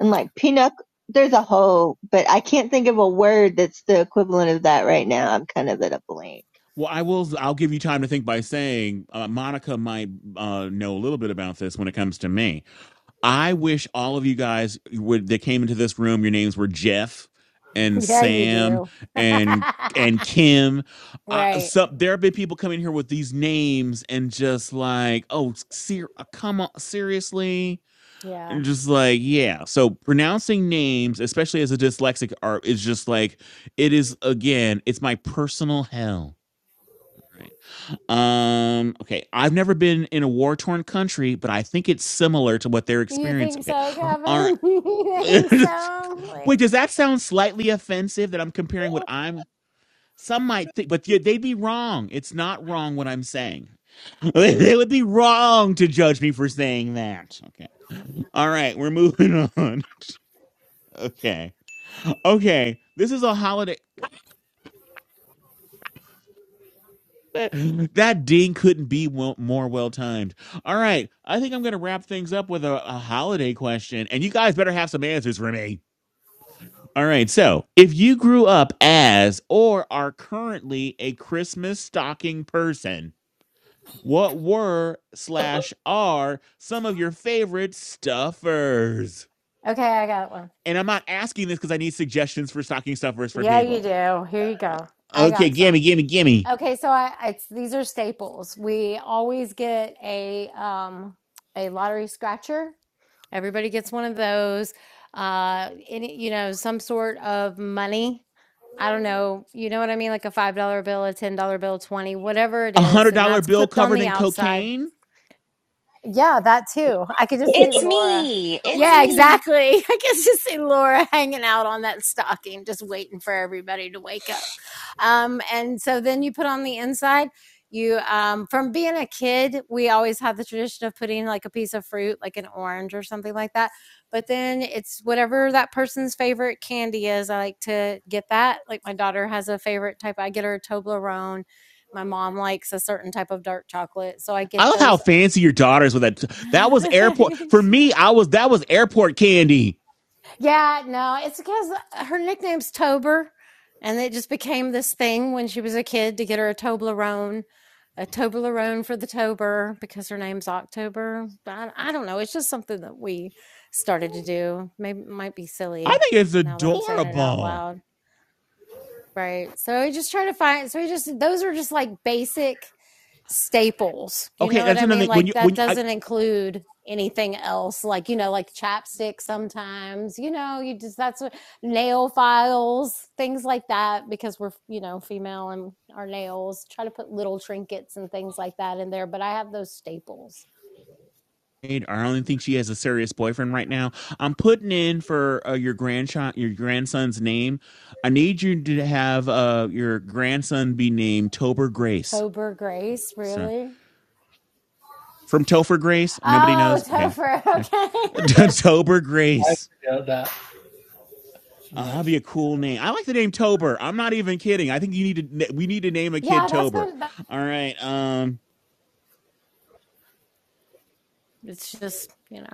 S11: and like pinup there's a whole but i can't think of a word that's the equivalent of that right now i'm kind of at a blank
S3: Well, I will. I'll give you time to think by saying uh, Monica might uh, know a little bit about this when it comes to me. I wish all of you guys would that came into this room. Your names were Jeff and
S1: Yeah, you
S3: Sam
S1: do.
S3: and and Kim. Uh,
S1: right.
S3: so there have been people coming here with these names and just like, oh, ser- uh, come on, seriously,
S1: Yeah.
S3: and just like, yeah. So pronouncing names, especially as a dyslexic, are is just like it is again. It's my personal hell. Right. Um, okay. I've never been in a war torn country, but I think it's similar to what they're
S1: You
S3: experiencing.
S1: think
S3: Okay.
S1: so,
S3: All
S1: Kevin? you think
S3: right.
S1: so?
S3: Wait,
S1: Like,
S3: does that sound slightly offensive that I'm comparing what
S14: No,
S3: I'm some might think, but yeah, they'd be wrong. It's not wrong what I'm saying. They they would be wrong to judge me for saying that. Okay. All right, we're moving on. Okay. Okay. This is a holiday. that that ding couldn't be well, more well timed. All right, I think I'm going to wrap things up with a, a holiday question, and you guys better have some answers for me. All right, so if you grew up as or are currently a Christmas stocking person, what were slash are some of your favorite stuffers?
S1: okay, I got one.
S3: And I'm not asking this because I need suggestions for stocking stuffers for
S1: Yeah, you
S3: people.
S1: do. Here you go. I
S3: Okay,
S1: got
S3: gimme,
S1: some.
S3: gimme, gimme.
S1: Okay, so I it's these are staples. We always get a um a lottery scratcher. Everybody gets one of those. Uh any you know, some sort of money. I don't know, you know what I mean? Like a five dollar bill, a ten dollar bill, twenty, whatever it
S3: A
S1: is,
S3: hundred
S1: and
S3: dollar
S1: that's
S3: bill
S1: clipped on
S3: covered
S1: the
S3: in
S1: outside.
S3: cocaine.
S1: Yeah, that too. I could just see
S2: it's
S1: Laura.
S2: me.
S14: no,
S2: It's
S14: and
S1: Yeah,
S2: me.
S1: exactly. I could just see Laura hanging out on that stocking, just waiting for everybody to wake up. Um, and so then you put on the inside. You, um, from being a kid, we always had the tradition of putting like a piece of fruit, like an orange or something like that. But then it's whatever that person's favorite candy is. I like to get that. Like my daughter has a favorite type. I get her a Toblerone. My mom likes a certain type of dark chocolate, so I get
S3: I love how
S1: those
S3: fancy your daughters with that. That was airport for me. I was that was airport candy.
S1: yeah, no, it's because uh, her nickname's Tober, and it just became this thing when she was a kid to get her a Toblerone, a Toblerone for the Tober because her name's October. I, I don't know. It's just something that we started to do. Maybe it might be
S3: I
S1: silly
S3: think it's
S1: now that I'm saying it out
S3: adorable.
S1: loud. Right. So we just try to find, so we just, those are just like basic staples. You
S3: Okay,
S1: know what
S3: that's
S1: I
S3: another
S1: mean?
S3: thing. When you
S1: Like that
S3: when I,
S1: doesn't include anything else. Like, you know, like chapstick sometimes, you know, you just, that's what, nail files, things like that, because we're, you know, female and our nails, try to put little trinkets and things like that in there. But I have those staples.
S3: I only think she has a serious boyfriend right now. I'm putting in for uh, your grandchild, your grandson's name. I need you to have uh, your grandson be named Tober Grace.
S1: Tober Grace,
S3: So
S1: really?
S3: from Topher Grace, nobody
S1: Oh,
S3: knows. Okay,
S1: Topher. Okay.
S3: Tober
S15: I
S3: Grace.
S15: figured that.
S3: Uh,
S15: No,
S3: that'd be a cool name. I like the name Tober. I'm not even kidding. I think you need to. We need to name a
S1: yeah,
S3: kid
S1: that's
S3: Tober.
S1: been, that-
S3: All right. Um,
S1: it's just, you know.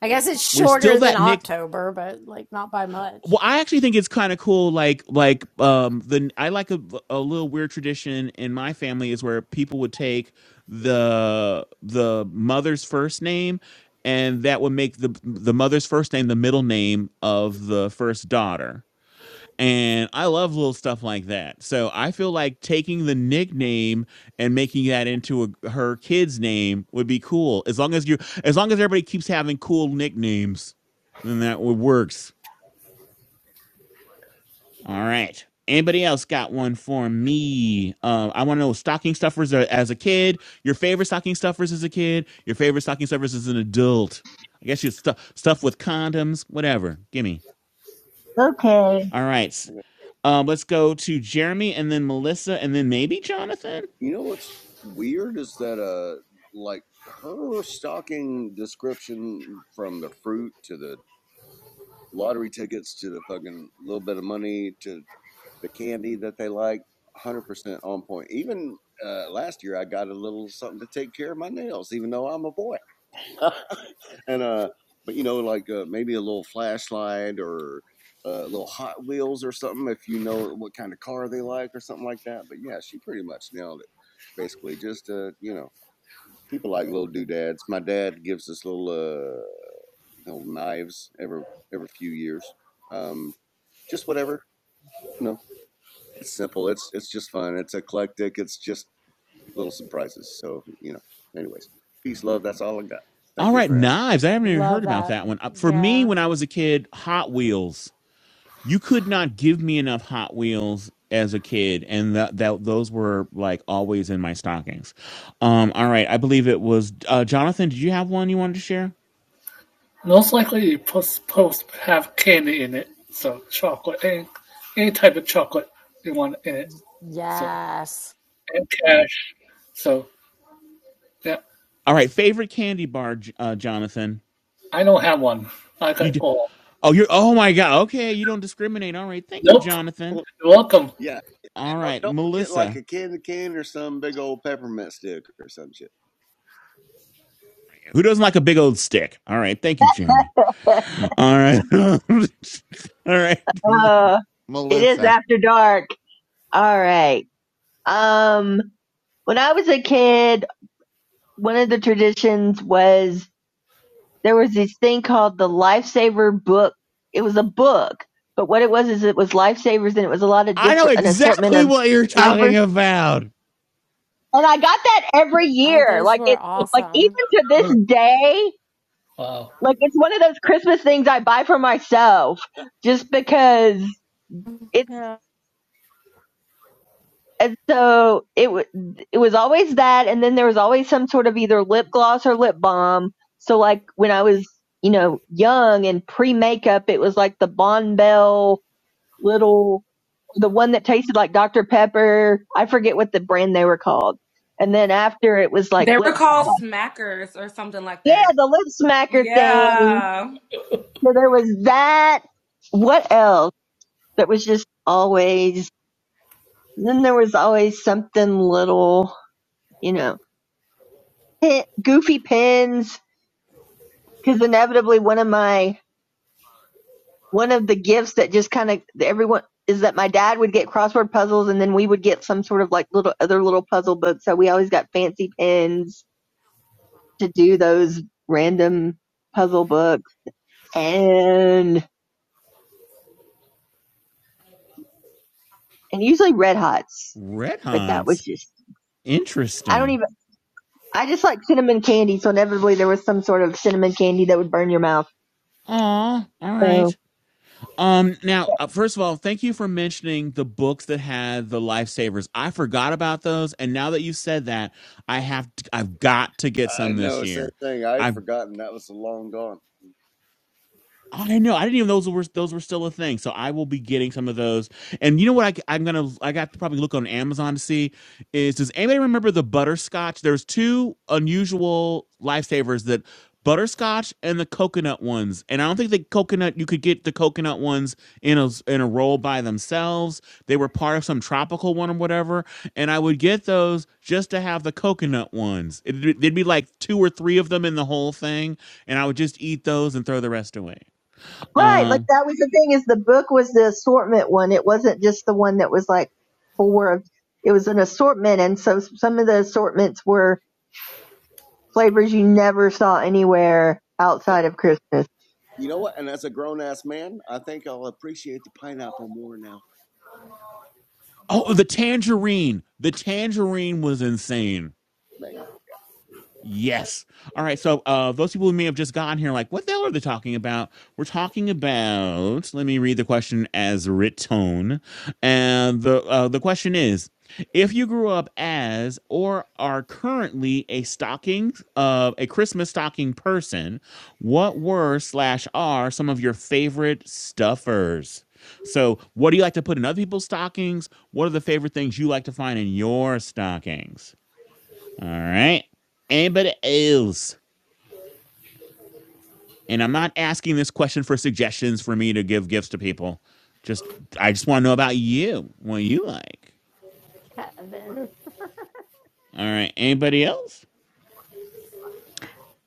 S1: I guess it's
S3: we're still
S1: shorter than
S3: that Nick.
S1: October, but like not by much.
S3: well i actually think it's kind of cool like like um the i like a, a little weird tradition in my family is where people would take the the mother's first name and that would make the the mother's first name the middle name of the first daughter and i love little stuff like that so i feel like taking the nickname and making that into a, her kid's name would be cool as long as you as long as everybody keeps having cool nicknames then that would works all right. Anybody else got one for me? Uh, I want to know stocking stuffers are- as a kid. Your favorite stocking stuffers as a kid. Your favorite stocking stuffers as an adult. I guess you stuff stuff with condoms, whatever. Give me.
S11: okay
S3: All right. s-
S14: are
S3: Um, let's go to Jeremy and then Melissa and then maybe Jonathan.
S14: You know what's weird is that uh, like her stocking description from the fruit to the lottery tickets to the fucking little bit of money to the candy that they like. 100% on point. Even uh, last year, I got a little something to take care of my nails, even though I'm a boy. and, uh, but you know, like uh, maybe a little flashlight or uh, little Hot Wheels or something, if you know what kind of car they like or something like that. But yeah, she pretty much nailed it. Basically, just, uh, you know, people like little doodads. My dad gives us little uh the old knives every every few years. Um, just whatever. You know, it's simple. It's it's just fun. It's eclectic. It's just little surprises. So you know. Anyways, peace, love. That's all I got.
S3: All
S14: Thank you
S3: right,
S14: for having.
S3: knives. I haven't even
S1: Love
S3: heard about
S1: that.
S3: that one. Uh, For me,
S1: Yeah.
S3: when I was a kid, Hot Wheels. you could not give me enough Hot Wheels as a kid, and that that those were like always in my stockings. Um, all right, I believe it was uh, Jonathan. Did you have one you wanted to share?
S15: Most likely you post, post have candy in it. So chocolate, any, any type of chocolate you want in it. So,
S1: Yes.
S15: and cash. So, yeah,
S3: All right, favorite candy bar, J- uh, Jonathan.
S15: I don't have one. I
S3: You
S15: got
S3: d-
S15: all.
S3: oh you're oh my god okay you don't discriminate all right thank you
S15: Nope.
S3: Jonathan
S14: me.
S15: You're welcome.
S14: Yeah,
S3: all
S14: and
S3: right
S14: don't, do forget like
S3: Melissa
S14: a candy cane or some big old peppermint stick or some shit.
S3: who doesn't like a big old stick all right thank you Jeremy all right all right
S11: uh, it is
S3: Melissa
S11: after dark all right Um, when I was a kid, one of the traditions was there was this thing called the Lifesaver book. It was a book, but what it was is it was lifesavers and it was a lot of
S3: I know
S11: different, an assortment
S3: exactly
S11: of
S3: what you're
S11: flavors.
S3: talking about
S11: And I got that every
S1: Oh,
S11: year.
S1: those
S11: Like
S1: were
S11: it, like even
S1: awesome.
S11: to this day,
S15: Wow.
S11: like it's one of those Christmas things I buy for myself just because. it's.
S1: Yeah.
S11: and so it was it was always that and then there was always some sort of either lip gloss or lip balm so like when i was you know young and pre makeup it was like the Bon Bell little the one that tasted like dr pepper i forget what the brand they were called and then after it was like
S5: They were
S11: lip
S5: called
S11: gloss
S5: smackers or something like
S11: yeah
S5: that.
S11: the lip smacker thing
S5: Yeah.
S11: so there was that what else that was just always and then there was always something little you know pin, goofy pins because inevitably one of my one of the gifts that just kind of everyone is that my dad would get crossword puzzles and then we would get some sort of like little other little puzzle books so we always got fancy pins to do those random puzzle books and and usually red hots
S3: Red
S11: but that was
S3: Hots.
S11: just i don't
S3: Interesting.
S11: even i just like cinnamon candy so inevitably there was some sort of cinnamon candy that would burn your mouth
S3: Aw, all
S11: So
S3: right. Um, now, uh, first of all, thank you for mentioning the books that had the lifesavers. I forgot about those, and now that you said that, I have t- I've got to get
S14: I
S3: some this
S14: know, same
S3: year.
S14: thing. I had
S3: I've.
S14: forgotten that was so long gone.
S3: I know. I didn't even know those were those were still a thing. So I will be getting some of those. And you know what? I, am gonna. I got to probably look on Amazon to see. Is does anybody remember the butterscotch? There's two unusual lifesavers that butterscotch and the coconut ones. And I don't think the coconut you could get the coconut ones in a in a roll by themselves. They were part of some tropical one or whatever. And I would get those just to have the coconut ones. It, there'd be like two or three of them in the whole thing, and I would just eat those and throw the rest away.
S11: Right. Like
S3: Um.
S11: that was the thing is the book was the assortment one. It wasn't just the one that was like four of it was an assortment and so some of the assortments were flavors you never saw anywhere
S14: Yeah,
S11: outside of Christmas.
S14: you know what? And as a grown ass man, I think I'll appreciate the pineapple more now.
S3: Oh, the tangerine. The tangerine was insane.
S14: Magnet,
S3: Yes. All right. So uh, those people who may have just gotten here, like, what the hell are they talking about? We're talking about. Let me read the question as written. And the uh, the question is: If you grew up as or are currently a stocking, uh, a Christmas stocking person, what were slash are some of your favorite stuffers? So, what do you like to put in other people's stockings? What are the favorite things you like to find in your stockings? All right. Anybody else? And I'm not asking this question for suggestions for me to give gifts to people. Just I just want to know about you, what you like.
S1: Kevin.
S3: All right. Anybody else?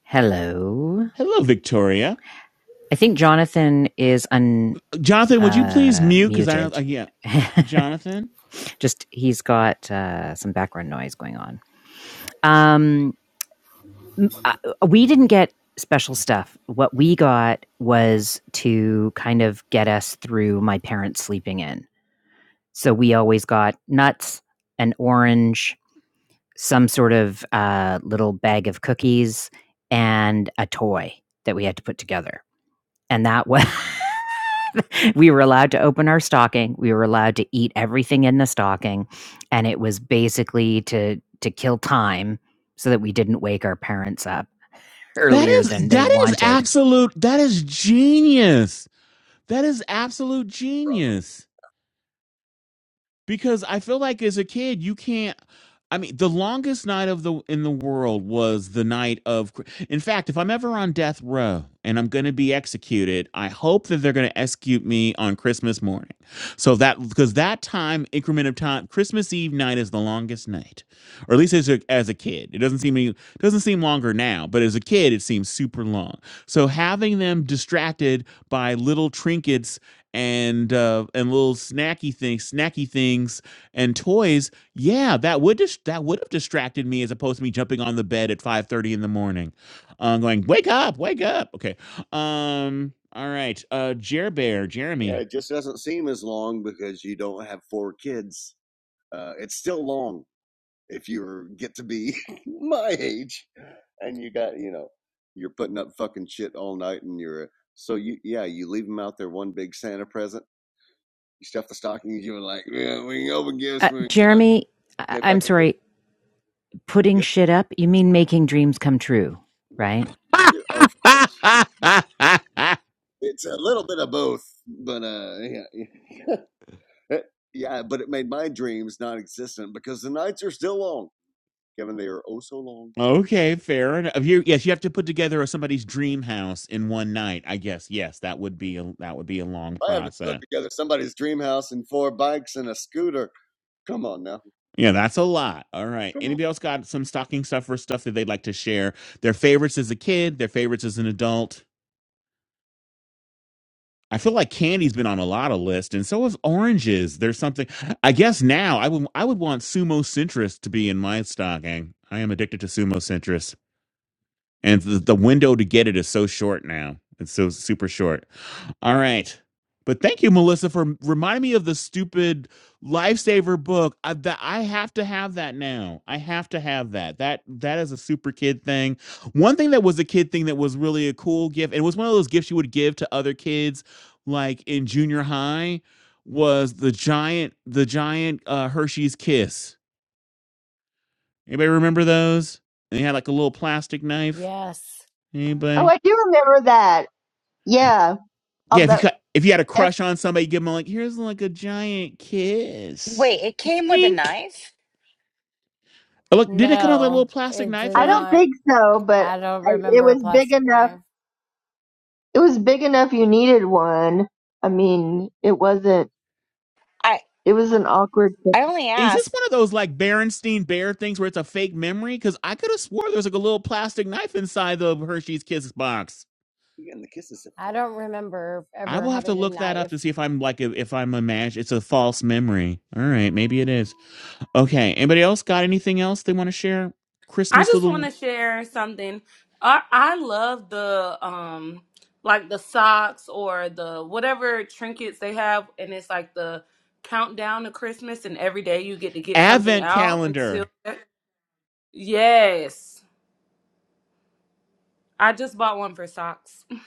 S16: Hello.
S3: Hello, Victoria.
S16: I think Jonathan is un
S3: Jonathan, would you please
S16: uh,
S3: mute? Because I don't. Uh,
S16: muted.
S3: yeah, Jonathan.
S16: Just he's got uh, some background noise going on. Um, uh, we didn't get special stuff. What we got was to kind of get us through my parents sleeping in. So we always got nuts, an orange, some sort of uh, little bag of cookies, and a toy that we had to put together. And that was we were allowed to open our stocking. We were allowed to eat everything in the stocking, and it was basically to to kill time so that we didn't wake our parents up
S3: That
S16: earlier
S3: is
S16: than they
S3: that is
S16: wanted.
S3: absolute. That is genius. That is absolute
S14: brother.
S3: genius. Because I feel like as a kid, you can't. I mean, the longest night of the in the world was the night of. In fact, if I'm ever on death row and I'm going to be executed, I hope that they're going to execute me on Christmas morning. So that because that time increment of time, Christmas Eve night is the longest night, or at least as a, as a kid, it doesn't seem any- doesn't seem longer now, but as a kid, it seems super long. So having them distracted by little trinkets and uh, and little snacky things, snacky things, and toys yeah, that would dis- that would have distracted me as opposed to me jumping on the bed at 5:30 in the morning. Uh, going, "Wake up, wake up." Okay. Um all right. Uh Jer Bear,
S14: Yeah,
S3: Jeremy.
S14: it just doesn't seem as long because you don't have four kids. Uh, it's still long if you get to be my age, and you got you know you're putting up fucking shit all night, and you're so you yeah you leave them out there one big Santa present. You stuff the stockings. You're like, yeah, we can open gifts
S16: Uh,
S14: when we can get up,
S16: Jeremy,
S14: and
S16: I-
S14: they
S16: I'm
S14: fuck with it.
S16: sorry, putting
S14: Yes,
S16: shit up. You mean making dreams come true, right?
S14: yeah, of course. It's a little bit of both, but uh, yeah, yeah, but it made my dreams non-existent because the nights are still long. Kevin, they are oh so long.
S3: okay, fair enough. You yes, you have to put together somebody's dream house in one night. I guess yes, that would be a, that would be a long
S14: I have to put
S3: process.
S14: together somebody's dream house and four bikes and a scooter. Come on now.
S3: Yeah, that's a lot. All right.
S14: Come on.
S3: Anybody else got some stocking stuffer stuff that they'd like to share? Their favorites as a kid, their favorites as an adult. I feel like candy's been on a lot of lists, and so have oranges. There's something. I guess now I would I would want sumo centrist to be in my stocking. I am addicted to sumo centrist, and the, the window to get it is so short now. It's so super short. All right. But thank you, Melissa, for reminding me of the stupid lifesaver book. I, that I have to have that now. I have to have that. That that is a super kid thing. One thing that was a kid thing that was really a cool gift, and it was one of those gifts you would give to other kids, like in junior high, was the giant the giant uh, Hershey's Kiss. Anybody remember those? They had like a little plastic knife.
S1: Yes.
S11: Oh,
S3: Anybody?
S11: I do remember that. Yeah.
S3: Yeah, if you
S11: Although
S3: cut, if you had a
S11: ev-
S3: crush on somebody, give them like here's like a giant kiss,
S2: Wait, it came with a
S3: wink.
S2: knife.
S3: Oh, look, did it come out with a little
S1: No,
S3: plastic
S1: it
S3: knife
S1: did
S11: I
S3: in it?
S11: don't
S1: not.
S11: think so, but
S1: I don't
S11: I, it
S1: remember a
S11: was big
S1: plastic
S11: enough.
S1: knife.
S11: It was big enough you needed one. I mean, it wasn't
S2: I.
S11: it was an awkward thing.
S2: I only
S3: Is this
S2: asked.
S3: one of those like Berenstein Bear things where it's a fake memory? Because I could have swore there's like a little plastic knife inside the Hershey's Kiss box.
S14: You're getting the kisses of
S1: I
S14: fate.
S1: don't remember
S3: I
S1: ever
S3: will have to
S1: having a
S3: look that up
S1: knife.
S3: to see if I'm like if, if I'm imagining it's a false memory. All right, maybe it is. Okay, anybody else got anything else they want to share?
S5: I
S3: Christmas
S5: just want
S3: little
S5: to share something. I, I love the um like the socks or the whatever trinkets they have, and it's like the countdown to Christmas, and every day you get to get something
S3: advent
S5: out until.
S3: calendar.
S5: Yes, I just bought one for socks.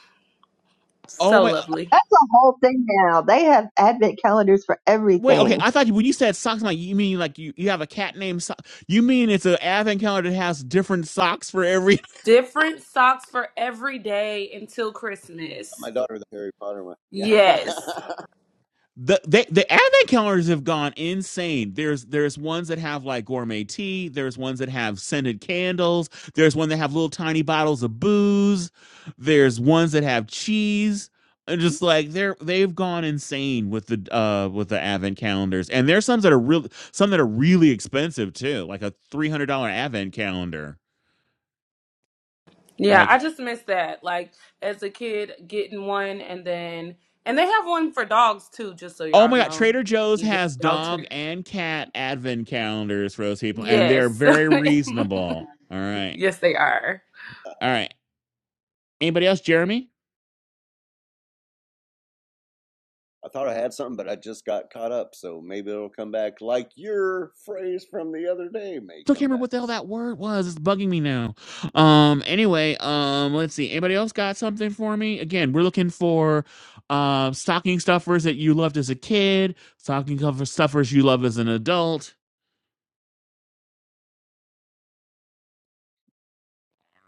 S3: Oh
S5: So
S3: my!
S5: lovely.
S11: That's a whole thing now. They have advent calendars for
S3: Wait, okay.
S11: everything.
S3: I thought when you said socks, like you mean like you, you have a cat named so- You mean it's an advent calendar that has different socks for every
S5: Different socks for every day until Christmas.
S14: My daughter, the Harry Potter one. Yeah.
S5: Yes.
S3: the they, the advent calendars have gone insane. There's there's ones that have like gourmet tea. There's ones that have scented candles. There's one that have little tiny bottles of booze. There's ones that have cheese. And just like they're they've gone insane with the uh with the advent calendars. And there's some that are real some that are really expensive too, like a three hundred dollar advent calendar.
S5: Yeah,
S3: like,
S5: I just missed that. Like as a kid, getting one, and then and they have one for dogs too. Just so
S3: Oh
S5: y'all
S3: my god,
S5: know,
S3: Trader Joe's
S5: you get
S3: has
S5: a dog
S3: dog
S5: treat.
S3: and cat advent calendars for those people, and they're
S5: Yes,
S3: very reasonable. All right.
S5: yes, they are.
S3: All right. Anybody else, Jeremy?
S14: I thought I had something, but I just got caught up. So maybe it'll come back like your phrase from the other day may
S3: Still can't
S14: come
S3: remember
S14: back.
S3: what the hell
S14: So,
S3: that word was. It's bugging me now. Um, anyway, um, let's see. Anybody else got something for me? Again, we're looking for uh stocking stuffers that you loved as a kid, stocking cover stuffers you love as an adult.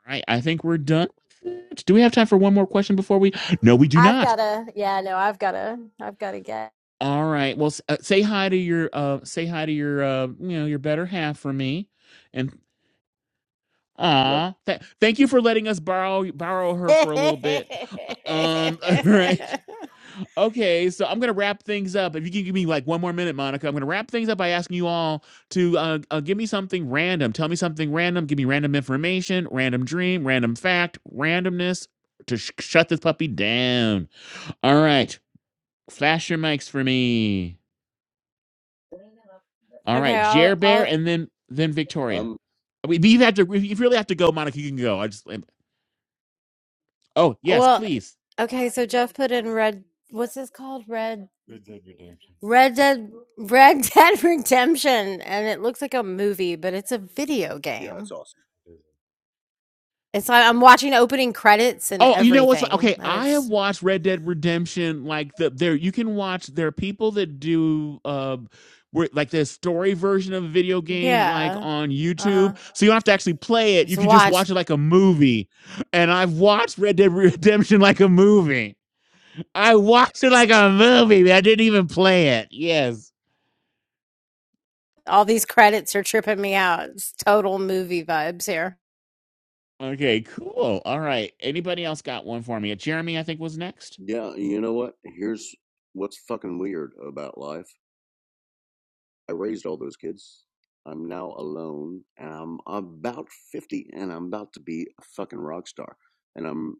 S3: All right, I think we're done. with it. Do we have time for one more question before we No, we do
S1: I've
S3: not.
S1: gotta yeah, no, I've gotta I've gotta get
S3: All right. Well, uh, say hi to your uh say hi to your uh you know your better half for me, and
S14: look,
S3: ah, th- thank you for letting us borrow borrow her for a little bit. Uh, Um. All right. Okay. So I'm gonna wrap things up. If you can give me like one more minute, Monica, I'm gonna wrap things up by asking you all to uh, uh give me something random. Tell me something random. Give me random information, random dream, random fact, randomness to sh- shut this puppy down. All right. Flash your mics for me. All
S1: Okay,
S3: right, Jer
S1: I'll
S3: Bear,
S1: I'll
S3: and then then Victoria.
S14: um,
S3: I mean, you have to. If you really have to go, Monica, you can go. I just. um, Oh yes,
S1: Well,
S3: please.
S1: okay, so Jeff put in Red. What's this called? Red. Red Dead Redemption. Red Dead Red Dead Redemption, and it looks like a movie, but it's a video
S14: yeah, it's
S1: game.
S14: awesome.
S1: It's like I'm watching opening credits and
S3: Oh, you know what's
S1: everything.
S3: okay?
S1: That
S3: I have
S1: is,
S3: watched Red Dead Redemption. Like the there, you can watch. There are people that do. Uh, where, like the story version of a video game, like
S1: yeah,
S3: on
S1: uh huh.
S3: YouTube, so you don't have to actually play it.
S1: Just
S3: You can just
S1: watch
S3: watch it like a movie. And I've watched Red Dead Redemption like a movie. I watched it like a movie. I didn't even play it. Yes.
S1: all these credits are tripping me out. It's total movie vibes here.
S3: Okay, cool. All right. Anybody else got one for me? Jeremy, I think was next.
S14: Yeah, you know what? Here's what's fucking weird about life I raised all those kids. I'm now alone, and I'm about 50, and I'm about to be a fucking rock star. And I'm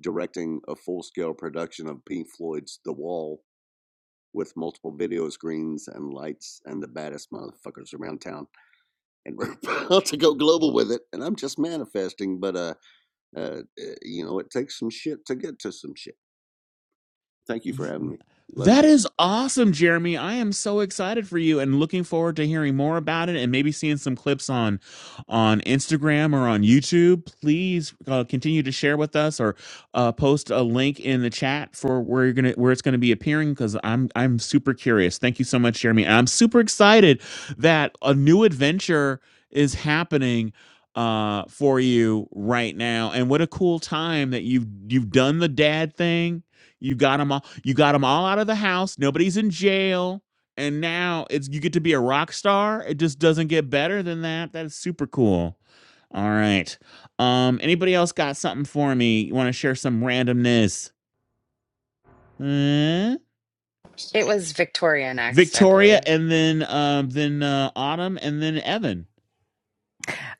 S14: directing a full scale production of Pink Floyd's The Wall with multiple video screens and lights and the baddest motherfuckers around town. And we're about to go global with it. And I'm just manifesting, but uh, uh, uh, you know, it takes some shit to get to some shit. Thank you for having me. Love you
S3: That
S14: guys.
S3: is awesome, Jeremy. I am so excited for you and looking forward to hearing more about it and maybe seeing some clips on on Instagram or on YouTube. Please uh, continue to share with us or uh, post a link in the chat for where you're gonna where it's gonna be appearing because I'm I'm super curious. Thank you so much, Jeremy. I'm super excited that a new adventure is happening uh for you right now and what a cool time that you've you've done the dad thing you got them all. You got them all out of the house. Nobody's in jail, and now it's you get to be a rock star. It just doesn't get better than that. That is super cool. All right. Um. Anybody else got something for me? You want to share some randomness? Huh?
S2: It was Victoria next, I
S3: Victoria,
S2: believe.
S3: and then um, then uh, Autumn, and then Evan.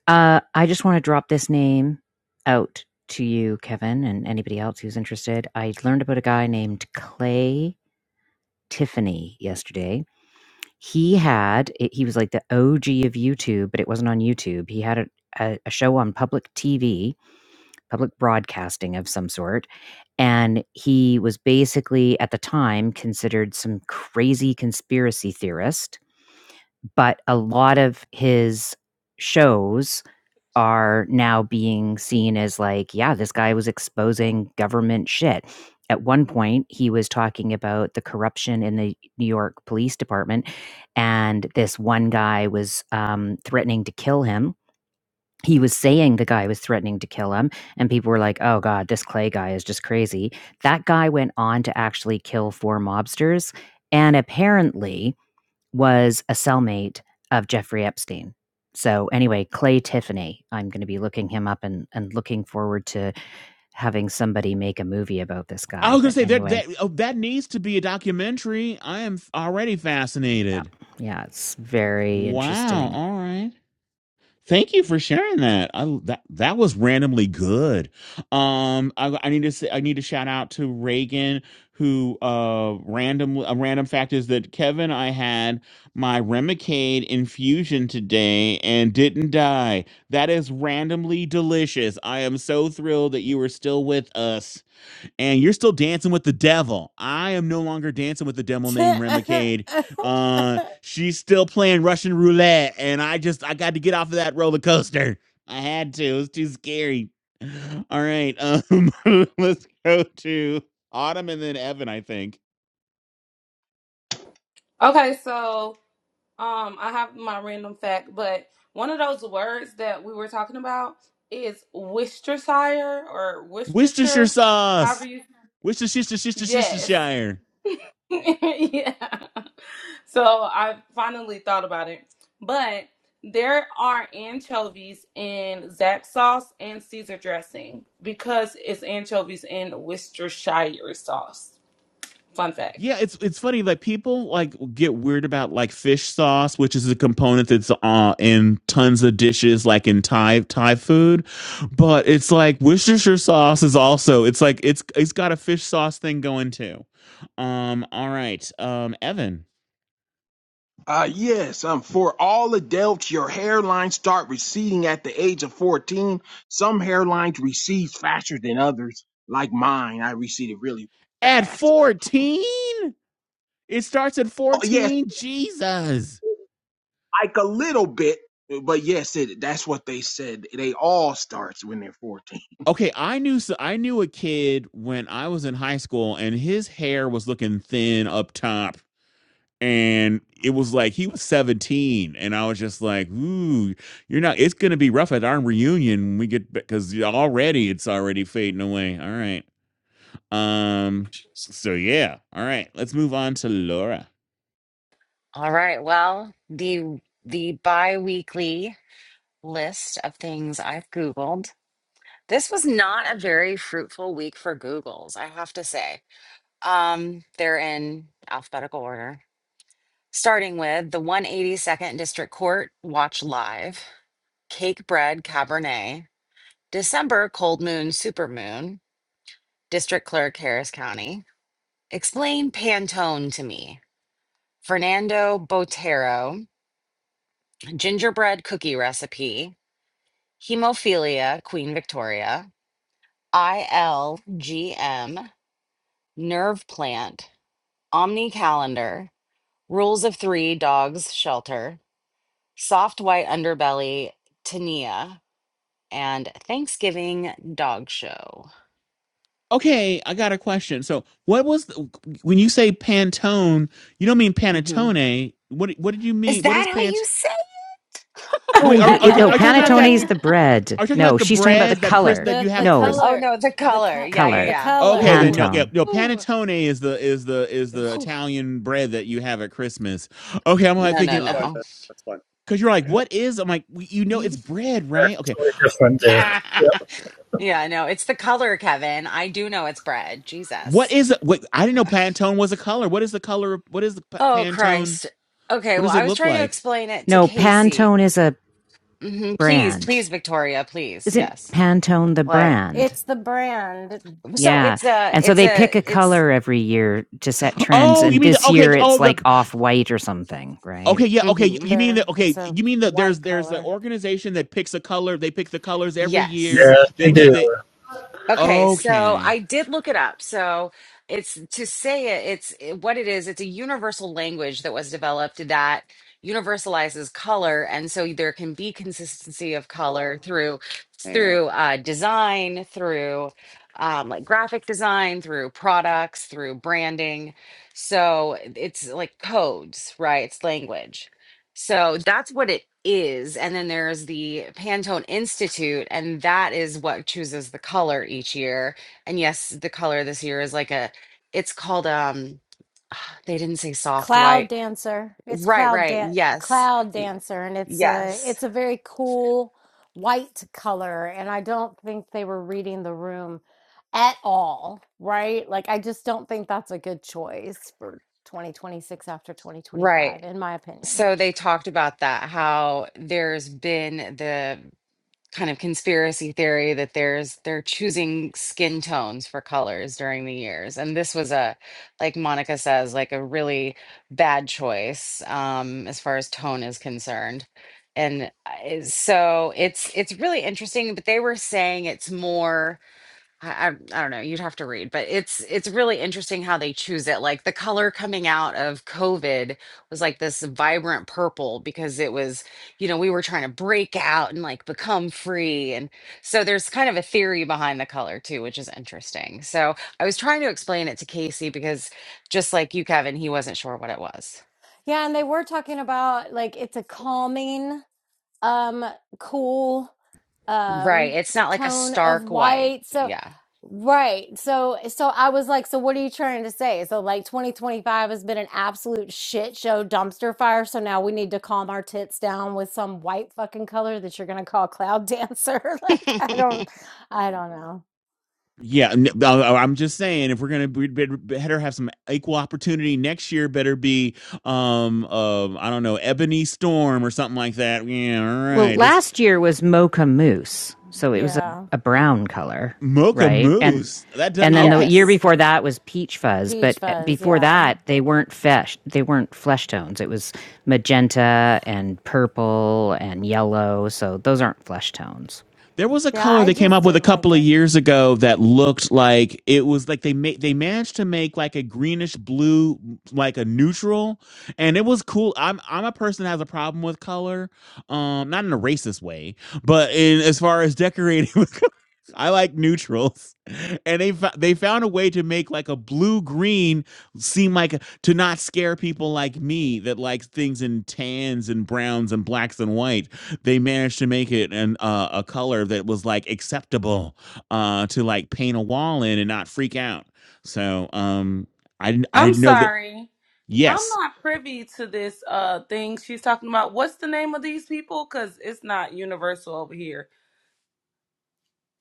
S16: Uh, I just want to drop this name out to you, Kevin, and anybody else who's interested. I learned about a guy named Clay Tiffany yesterday. He had, he was like the OG of YouTube, but it wasn't on YouTube. He had a, a, a show on public TV, public broadcasting of some sort. And he was basically, at the time, considered some crazy conspiracy theorist. But a lot of his shows are now being seen as like, yeah, this guy was exposing government shit. At one point, he was talking about the corruption in the New York Police Department, and this one guy was um, threatening to kill him. He was saying the guy was threatening to kill him, and people were like, oh God, this Clay guy is just crazy. That guy went on to actually kill four mobsters. And apparently, was a cellmate of Jeffrey Epstein. So anyway, Clay Tiffany, I'm going to be looking him up and, and looking forward to having somebody make a movie about this
S3: I
S16: guy.
S3: was gonna
S16: But
S3: say that
S16: anyway,
S3: that oh, that needs to be a documentary. I am f- already
S16: yeah,
S3: fascinated.
S16: yeah, it's very
S3: Wow.
S16: interesting.
S3: All right. Thank you for sharing that. I, that that was randomly good. Um, I, I need to say, I need to shout out to Reagan who uh random a random fact is that Kevin I had my Remicade infusion today and didn't die. That is randomly delicious. I am so thrilled that you are still with us and you're still dancing with the devil. I am no longer dancing with the devil named
S1: the
S3: Remicade. Uh, she's still playing Russian roulette, and I just I got to get off of that roller coaster. I had to. It was too scary. All right, um, let's go to Autumn and then Evan. I think
S5: Okay, so um, I have my random fact, but one of those words that we were talking about is Worcestershire or
S3: Worcestershire
S5: Worcestershire, however
S3: sauce.
S5: you.
S3: Worcestershire, Worcestershire,
S5: Yes.
S3: Worcestershire.
S5: yeah. So I finally thought about it. But there are anchovies in zap sauce and Caesar dressing because it's anchovies in Worcestershire sauce. Fun fact.
S3: Yeah, it's it's funny like people like get weird about like fish sauce, which is a component that's uh, in tons of dishes, like in Thai Thai food. But it's like Worcestershire sauce is also it's like it's it's got a fish sauce thing going too. Um, all right, um, Evan
S17: Uh, yes, um, for all adults, your hairlines start receding at the age of 14. Some hairlines recede faster than others, like mine. I receded really
S3: at
S17: fast.
S3: fourteen, it starts at
S17: Oh, yes,
S3: fourteen. Jesus.
S17: like a little bit, but yes, it, that's what they said. They all starts when they're 14.
S3: Okay, I knew so I knew a kid when I was in high school, and his hair was looking thin up top and it was like he was 17 and i was just like ooh you're not it's going to be rough at our reunion when we get because already it's already fading away all right um so yeah all right let's move on to laura
S2: All right. Well, the the bi-weekly list of things I've Googled. This was not a very fruitful week for Googles, I have to say. Um, they're in alphabetical order. Starting with the 182nd District Court Watch Live, Cake Bread Cabernet, December Cold Moon Supermoon, District Clerk Harris County. Explain Pantone to me. Fernando Botero, gingerbread cookie recipe, hemophilia, Queen Victoria, ILGM, nerve plant, omni calendar, rules of three, dogs shelter, soft white underbelly, tinea, and Thanksgiving dog show.
S3: okay i got a question so what was the, when you say pantone you don't mean
S2: hmm
S3: panettone what what did you
S2: Is
S3: mean what
S2: that
S3: is
S2: how you
S3: pant
S2: say?
S3: wait
S16: Oh,
S3: are,
S16: he
S1: the
S3: are, you
S16: it, no
S1: color
S3: are you talking about
S16: panettone
S3: that are
S16: is
S1: company,
S16: the bread.
S3: you talking about
S16: No,
S3: the
S16: she's talking about the
S3: bread that chris
S16: color.
S3: that
S1: the
S3: you have
S1: the
S3: at Christmas?
S16: No
S2: Oh
S1: color,
S2: no, the
S1: the
S2: color.
S1: co-
S2: Yeah, yeah,
S16: color,
S1: the
S2: yeah.
S3: Okay,
S1: color.
S3: then
S2: Whoo,
S3: no, yeah,
S16: Pantone.
S3: no.
S2: whoo.
S3: Panettone is the is the is the
S2: whoo.
S3: Italian bread that you have at Christmas. Okay, I'm like
S2: No,
S3: thinking, okay,
S14: Fine,
S2: no,
S14: man. That's fine.
S3: because you're like, what is? I'm like, we- you know,
S2: no.
S3: it's bread,
S15: That's
S3: right? Okay,
S15: totally different there. Yep.
S2: Yeah, I know. It's the color, Kevin. I do know it's bread.
S3: what
S2: Jesus.
S3: is? What I didn't know Pantone was a color. What is the color? of- What is the pa-
S2: Oh,
S3: Pantone?
S2: Christ. Okay,
S3: What
S2: well,
S3: does it
S2: I was
S3: look
S2: trying to
S3: like?
S2: explain it to
S16: No,
S2: Casey.
S16: Pantone is a
S2: hmm Please, please,
S16: brand.
S2: Victoria, please.
S16: Isn't
S2: Yes.
S16: Pantone the
S2: Like,
S16: brand?
S1: It's the brand.
S2: so
S16: Yeah,
S2: it's a,
S16: and so
S2: it's
S16: they
S2: a,
S16: pick a
S2: it's,
S16: color every year to set trends,
S3: Oh, you
S16: and
S3: mean
S2: hmm
S3: the
S16: this
S3: okay?
S16: year it's
S3: Oh, the
S16: like off-white or something, right?
S3: okay, yeah, okay.
S2: hmm
S3: You mean
S1: There,
S3: the
S1: it's
S3: okay?
S1: a
S3: You mean that there's
S1: white
S3: there's the
S1: color.
S3: organization that picks a color. They pick the colors every
S2: Yes.
S3: year.
S15: Yeah, they
S3: They ch- they
S15: do.
S2: Okay, so
S3: okay.
S2: I did look it up. So it's to say it, it's it- what it is, it's a universal language that was developed that universalizes color, and so there can be consistency of color through
S14: And
S2: through uh, design, through um, like graphic design, through products, through branding. So it's like codes, right? It's language. So that's what it is. And then there's the Pantone Institute, and that is what chooses the color each year. And yes, the color this year is like a, it's called, um, they didn't say soft
S1: Cloud
S2: white.
S1: Dancer. It's
S2: Right,
S1: Cloud
S2: right.
S1: da-
S2: Yes.
S1: Cloud
S2: Y-
S1: Dancer, and it's a
S2: Yes.
S1: it's a very cool white color. And I don't think they were reading the room at all, right? Like I just don't think that's a good choice for 2026 after 2025,
S2: Right.
S1: in my opinion.
S2: So they talked about that, how there's been the kind of conspiracy theory that there's they're choosing skin tones for colors during the years and this was a like monica says like a really bad choice um as far as tone is concerned and I- so it's it's really interesting but they were saying it's more I, I I don't know. You'd have to read, but it's it's really interesting how they choose it. Like the color coming out of COVID was like this vibrant purple because it was, you know, we were trying to break out and like become free. And so there's kind of a theory behind the color too, which is interesting. So I was trying to explain it to Casey because just like you, Kevin, he wasn't sure what it was.
S1: Yeah, and they were talking about like it's a calming, um, cool.
S2: Right.
S1: um
S2: It's not like a
S1: tone of
S2: stark white.
S1: white so
S2: Yeah.
S1: right so so i was like so what are you trying to say so like 2025 has been an absolute shit show dumpster fire so now we need to calm our tits down with some white fucking color that you're gonna call cloud dancer like i don't i don't know
S3: Yeah, uh, uh, I'm just saying if we're gonna be- better have some equal opportunity next year, better be um uh, I don't know Ebony Storm or something like that. Yeah, all
S16: Well,
S3: right. This
S16: last year was mocha mousse, so it was a,
S1: yeah
S16: a brown color,
S3: Mocha
S16: right? And
S3: Moose. That d-
S16: and then the
S3: okay.
S16: year
S2: yes.
S16: before that was peach fuzz,
S1: peach
S16: but eh,
S1: fuzz
S16: before
S1: yeah
S16: that they weren't fesh they weren't flesh tones. It was magenta and purple and yellow, so those aren't flesh tones.
S3: There was a
S1: yeah
S3: color
S1: i
S3: they came
S1: just
S3: up with a
S1: didn't like
S3: couple of
S1: it
S3: years ago that looked like it was like they made they managed to make like a greenish blue like a neutral, and it was cool. I'm I'm a person that has a problem with color, um, not in a racist way, but in as far as decorating I like neutrals, and they fo- they found a way to make like a blue green seem like a, to not scare people like me that likes things in tans and browns and blacks and white. They managed to make it an uh, a color that was like acceptable uh, to like paint a wall in and not freak out. So um, I didn't I
S5: I'm
S3: didn't know that.
S5: sorry. I'm
S3: Yes,
S5: not privy to this uh thing she's talking about. What's the name of these people? Because it's not universal over here.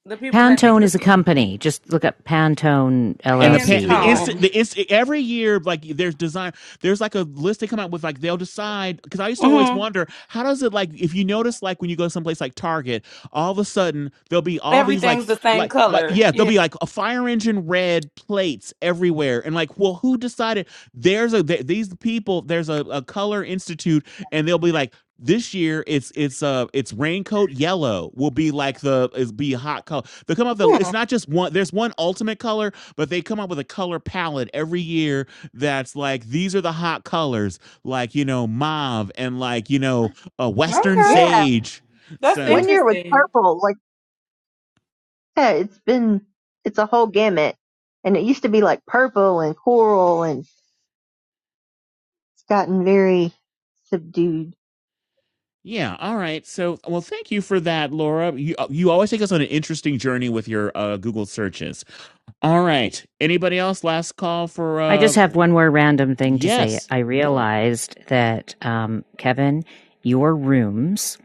S5: The people that make
S16: Pantone
S5: the
S16: is a company. Just look up Pantone
S3: And the pan, the
S16: LLC or
S3: instant,
S5: Pantone.
S3: the instant, every year, like there's design, there's like a list they come out with, like they'll decide. Because I used to always
S5: hmm
S3: wonder, how does it like if you notice, like when you go someplace like Target, all of a sudden there'll be all these like,
S5: Everything's the same
S3: like, like
S5: color.
S3: yeah, there'll
S5: Yeah.
S3: be like a fire engine red plates everywhere, and like, well, who decided? There's a th- these people, there's a, a color institute, and they'll be like. This year, it's it's uh it's raincoat yellow will be like the is be a hot color. They come up the
S5: Hmm,
S3: it's not just one. There's one ultimate color but they come up with a color palette every year that's like these are the hot colors, like you know mauve and like you know a western
S5: Okay.
S11: Yeah.
S3: sage.
S5: That's
S3: So
S11: One year was
S5: interesting.
S11: purple. Like, yeah, it's been, it's a whole gamut. And it used to be like purple and coral and it's gotten very subdued.
S3: yeah, all right. So well, thank you for that, Laura. You uh, you always take us on an interesting journey with your uh, Google searches. All right. Anybody else? Last call for
S16: I
S3: uh
S16: just have one more random thing to say.
S3: yes.
S16: I realized that, um, Kevin, your rooms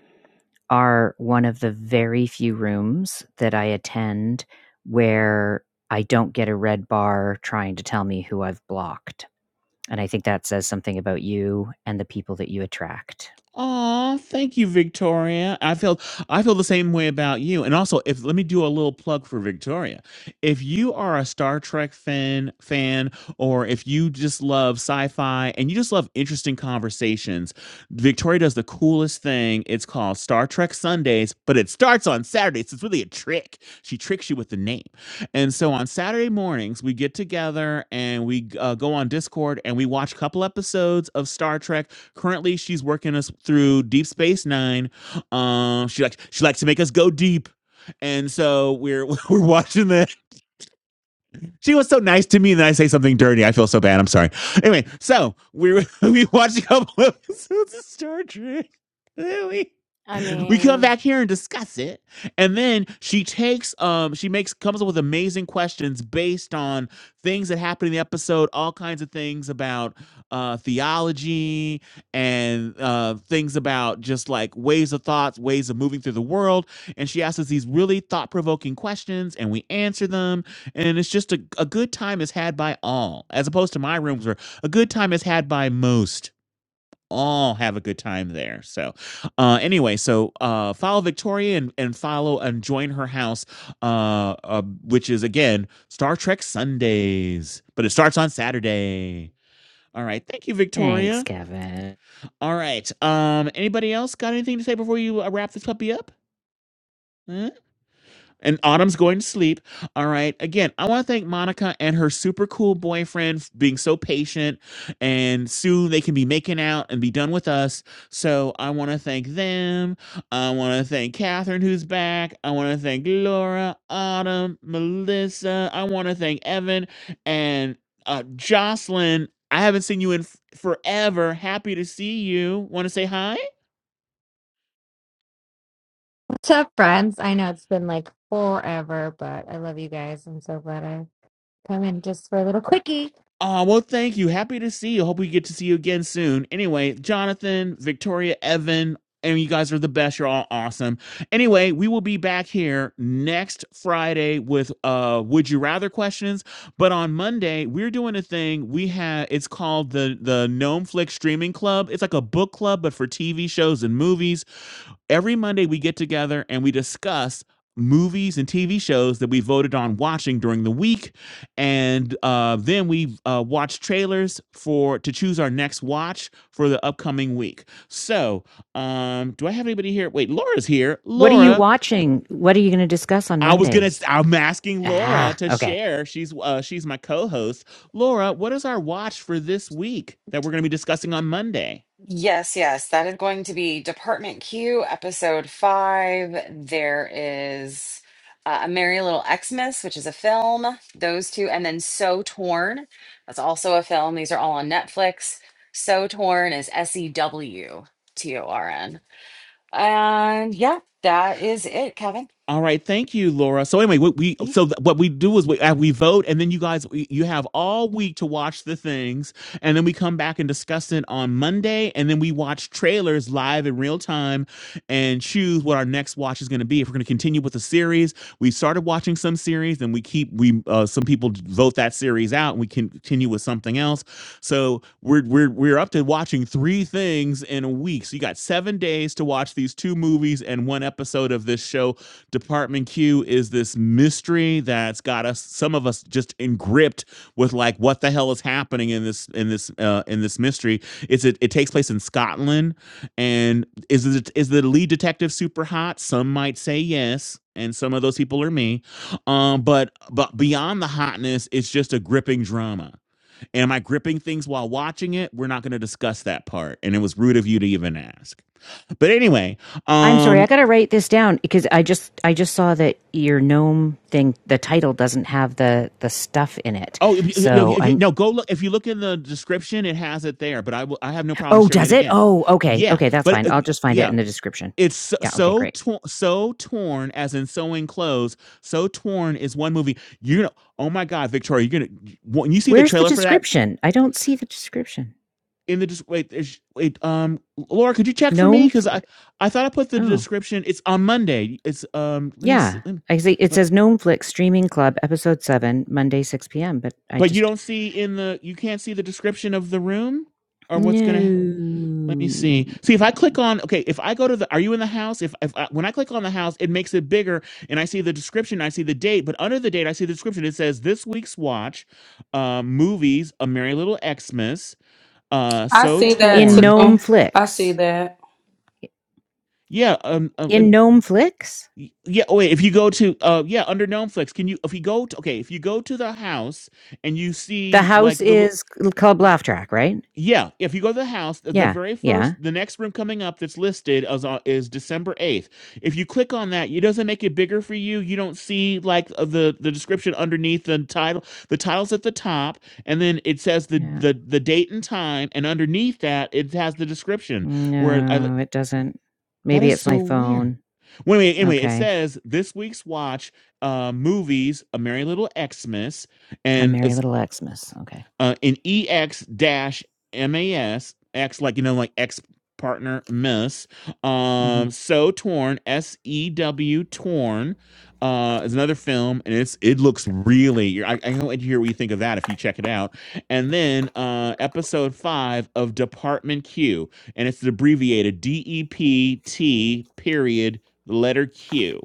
S16: are one of the very few rooms that I attend where I don't get a red bar trying to tell me who I've blocked. And I think that says something about you and the people that you attract.
S3: Aw, thank you, Victoria. I feel I feel the same way about you. And also, if let me do a little plug for Victoria. If you are a Star Trek fan fan, or if you just love sci-fi and you just love interesting conversations, Victoria does the coolest thing. It's called Star Trek Sundays, but it starts on Saturdays. It's really a trick. She tricks you with the name. And so on Saturday mornings, we get together and we uh, go on Discord and we watch a couple episodes of Star Trek Currently, she's working us through Deep Space Nine. Um, she likes she likes to make us go deep, and so we're we're watching that. She was so nice to me, and then I say something dirty. I feel so bad. I'm sorry. Anyway, so we we watched a couple of episodes of Star Trek. Then we
S1: i
S3: we come
S1: mean
S3: back here and discuss it. And then she takes um she makes comes up with amazing questions based on things that happen in the episode, all kinds of things about uh theology and uh things about just like ways of thoughts, ways of moving through the world. And she asks us these really thought-provoking questions and we answer them. And it's just a, a good time is had by all, as opposed to my rooms where a good time is had by most all have a good time there. So, uh, anyway, so uh, follow Victoria and, and follow and join her house, uh, uh, which is again Star Trek Sundays, but it starts on Saturday. All right, thank you,
S16: Thanks,
S3: Victoria.
S16: Kevin.
S3: All right, um, anybody else got anything to say before you uh, wrap this puppy up? Uh, and Autumn's going to sleep. All right. Again, I want to thank Monica and her super cool boyfriend f- being so patient. And soon they can be making out and be done with us. So I want to thank them. I want to thank Catherine, who's back. I want to thank Laura, Autumn, Melissa. I want to thank Evan and uh, Jocelyn. I haven't seen you in f- forever. Happy to see you. Want to say hi?
S18: What's up, friends? I know it's been like forever, but I love you guys. I'm so glad I come in just for a little quickie.
S3: Ah, well, thank you. Happy to see you. Hope we get to see you again soon. Anyway, Jonathan, Victoria, Evan, and you guys are the best. You're all awesome. Anyway, we will be back here next Friday with uh would you rather questions. But on Monday, we're doing a thing. We have it's called the the Gnome Flick Streaming Club. It's like a book club, but for TV shows and movies Every Monday, we get together and we discuss movies and TV shows that we voted on watching during the week, and uh, then we uh, watch trailers for to choose our next watch for the upcoming week. So, um, do I have anybody here? Wait, Laura's here.
S16: What are you
S3: Laura,
S16: watching? What are you going to discuss on
S3: I was gonna.
S16: Monday?
S3: i I'm asking Laura
S16: Ah,
S3: to
S16: okay.
S3: share. She's uh, she's my co-host. Laura, what is our watch for this week that we're gonna be discussing on Monday?
S2: Yes, yes, that is going to be Department Q, episode five. There is uh, A Merry Little Xmas, which is a film, those two, and then So Torn. That's also a film. These are all on Netflix. So Torn is S E W T O R N. And yeah, that is it, Kevin.
S3: All right, thank you, Laura. So anyway, what we
S2: Mm.
S3: so th- what we do is we uh, we vote, and then you guys we- you have all week to watch the things, and then we come back and discuss it on Monday, and then we watch trailers live in real time, and choose what our next watch is going to be. If we're going to continue with the series, we started watching some series and we keep we uh, some people vote that series out and we continue with something else so we're we're we're up to watching three things in a week so you got seven days to watch these two movies and one episode of this show department q is this mystery that's got us some of us just engripped with like what the hell is happening in this in this uh, in this mystery it's it, it takes place in scotland and is the is the lead detective super hot? Some might say yes, and some of those people are me. Um, but but beyond the hotness, it's just a gripping drama. Am I gripping things while watching it? We're not going to discuss that part, and it was rude of you to even ask. But anyway,
S16: I'm sorry, I
S3: um.
S16: got to write this down because I just I just saw that your gnome thing, the title doesn't have the the stuff in it.
S3: Oh if you- you know,
S16: So
S3: if you-
S16: I'm
S3: no! Go look. If you look in the description, it has it there. But I will. I have no problem
S16: Oh,
S3: sharing it
S16: does it?
S3: again.
S16: Oh, okay.
S3: Yeah,
S16: Okay, that's
S3: but
S16: fine.
S3: uh,
S16: I'll just find
S3: yeah.
S16: it in the description.
S3: It's so
S16: Yeah, okay,
S3: so
S16: great.
S3: tor so torn, as in sewing clothes. So torn is one movie. You know, oh my God, Victoria, you're gonna when you see the
S16: Where's the
S3: trailer for that
S16: description? I don't see the description.
S3: in the des- wait, there's- wait, um, Laura, could you check for me?
S16: Gnome
S3: Because I
S16: Flick.
S3: I thought I put the
S16: Oh,
S3: description. It's on Monday. It's um, let me see.
S16: yeah.
S3: Let me,
S16: I see it
S3: let-
S16: says Gnome Flick Streaming Club episode 7, Monday 6 p.m., but I
S3: but you
S16: just
S3: don't see in the you can't see the description of the room or what's gonna Let me
S16: no.
S3: see. See if I click on okay, if I go to the are you in the house? If if I, when I click on the house, it makes it bigger and I see the description, I see the date, but under the date I see the description. It says this week's watch, uh movies, A Merry Little Xmas, uh
S5: I
S3: So
S5: see that
S16: in
S3: Torn.
S5: too.
S16: Gnome
S5: I see
S16: Flix,
S5: that.
S3: Yeah, um uh, let
S16: In
S3: me-
S16: Gnome Flix,
S3: yeah, oh wait, if you go to uh yeah, under Gnome Flicks, can you if you go to okay, if you go to the house and you
S16: the
S3: see
S16: house
S3: like the
S16: is c- called Laugh Track, right?
S3: Yeah, if you go to the house, the
S16: Yeah,
S3: very
S16: yeah,
S3: first, the next room coming up that's listed is, on, is December eighth. If you click on that, it doesn't make it bigger for you. You don't see like uh, the the description underneath the title. The title's at the top, and then it says the
S16: yeah.
S3: the the date and time, and underneath that it has the description. Where I li-
S16: No, it doesn't.
S3: that
S16: Maybe
S3: is
S16: it's my
S3: so weird.
S16: phone.
S3: Well, anyway, anyway, it
S16: Okay,
S3: says this week's watch uh, movies: A Merry Little Xmas,
S16: I'm
S3: and
S16: Merry Little Xmas. Okay.
S3: uh, and ex dash mas x like you know like ex partner miss.
S16: hmm
S3: Um, so torn s e w torn. Uh, is another film, and it's it looks really. I, I can't wait to hear what you think of that if you check it out. And then uh, episode five of Department Q, and it's abbreviated D E P T period letter Q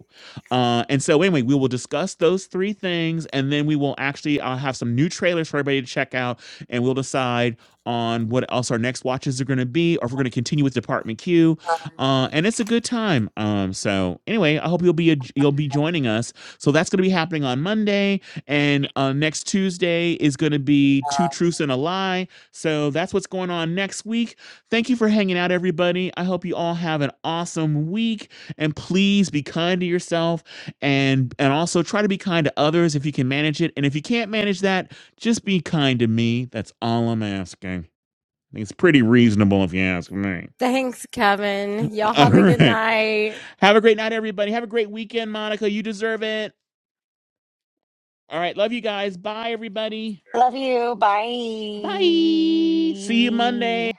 S3: uh, and so, anyway, we will discuss those three things, and then we will actually I'll have some new trailers for everybody to check out, and we'll decide on what else our next watches are going to be, or if we're going to continue with Department Q. Uh, and it's a good time. Um, so anyway, I hope you'll be a, you'll be joining us. So that's going to be happening on Monday, and uh, next Tuesday is going to be Two Truths and a Lie. So that's what's going on next week. Thank you for hanging out, everybody. I hope you all have an awesome week, and please be kind to yourself and and also try to be kind to others if you can manage it. And if you can't manage that, just be kind to me. That's all I'm asking. I think it's pretty reasonable if you ask me.
S1: thanks kevin y'all
S3: All
S1: have a good
S3: right.
S1: night
S3: Have a great night, everybody. Have a great weekend, Monica. You deserve it. All right. Love you guys. Bye, everybody.
S2: Love you.
S3: Bye. See you
S2: Bye.
S3: Monday.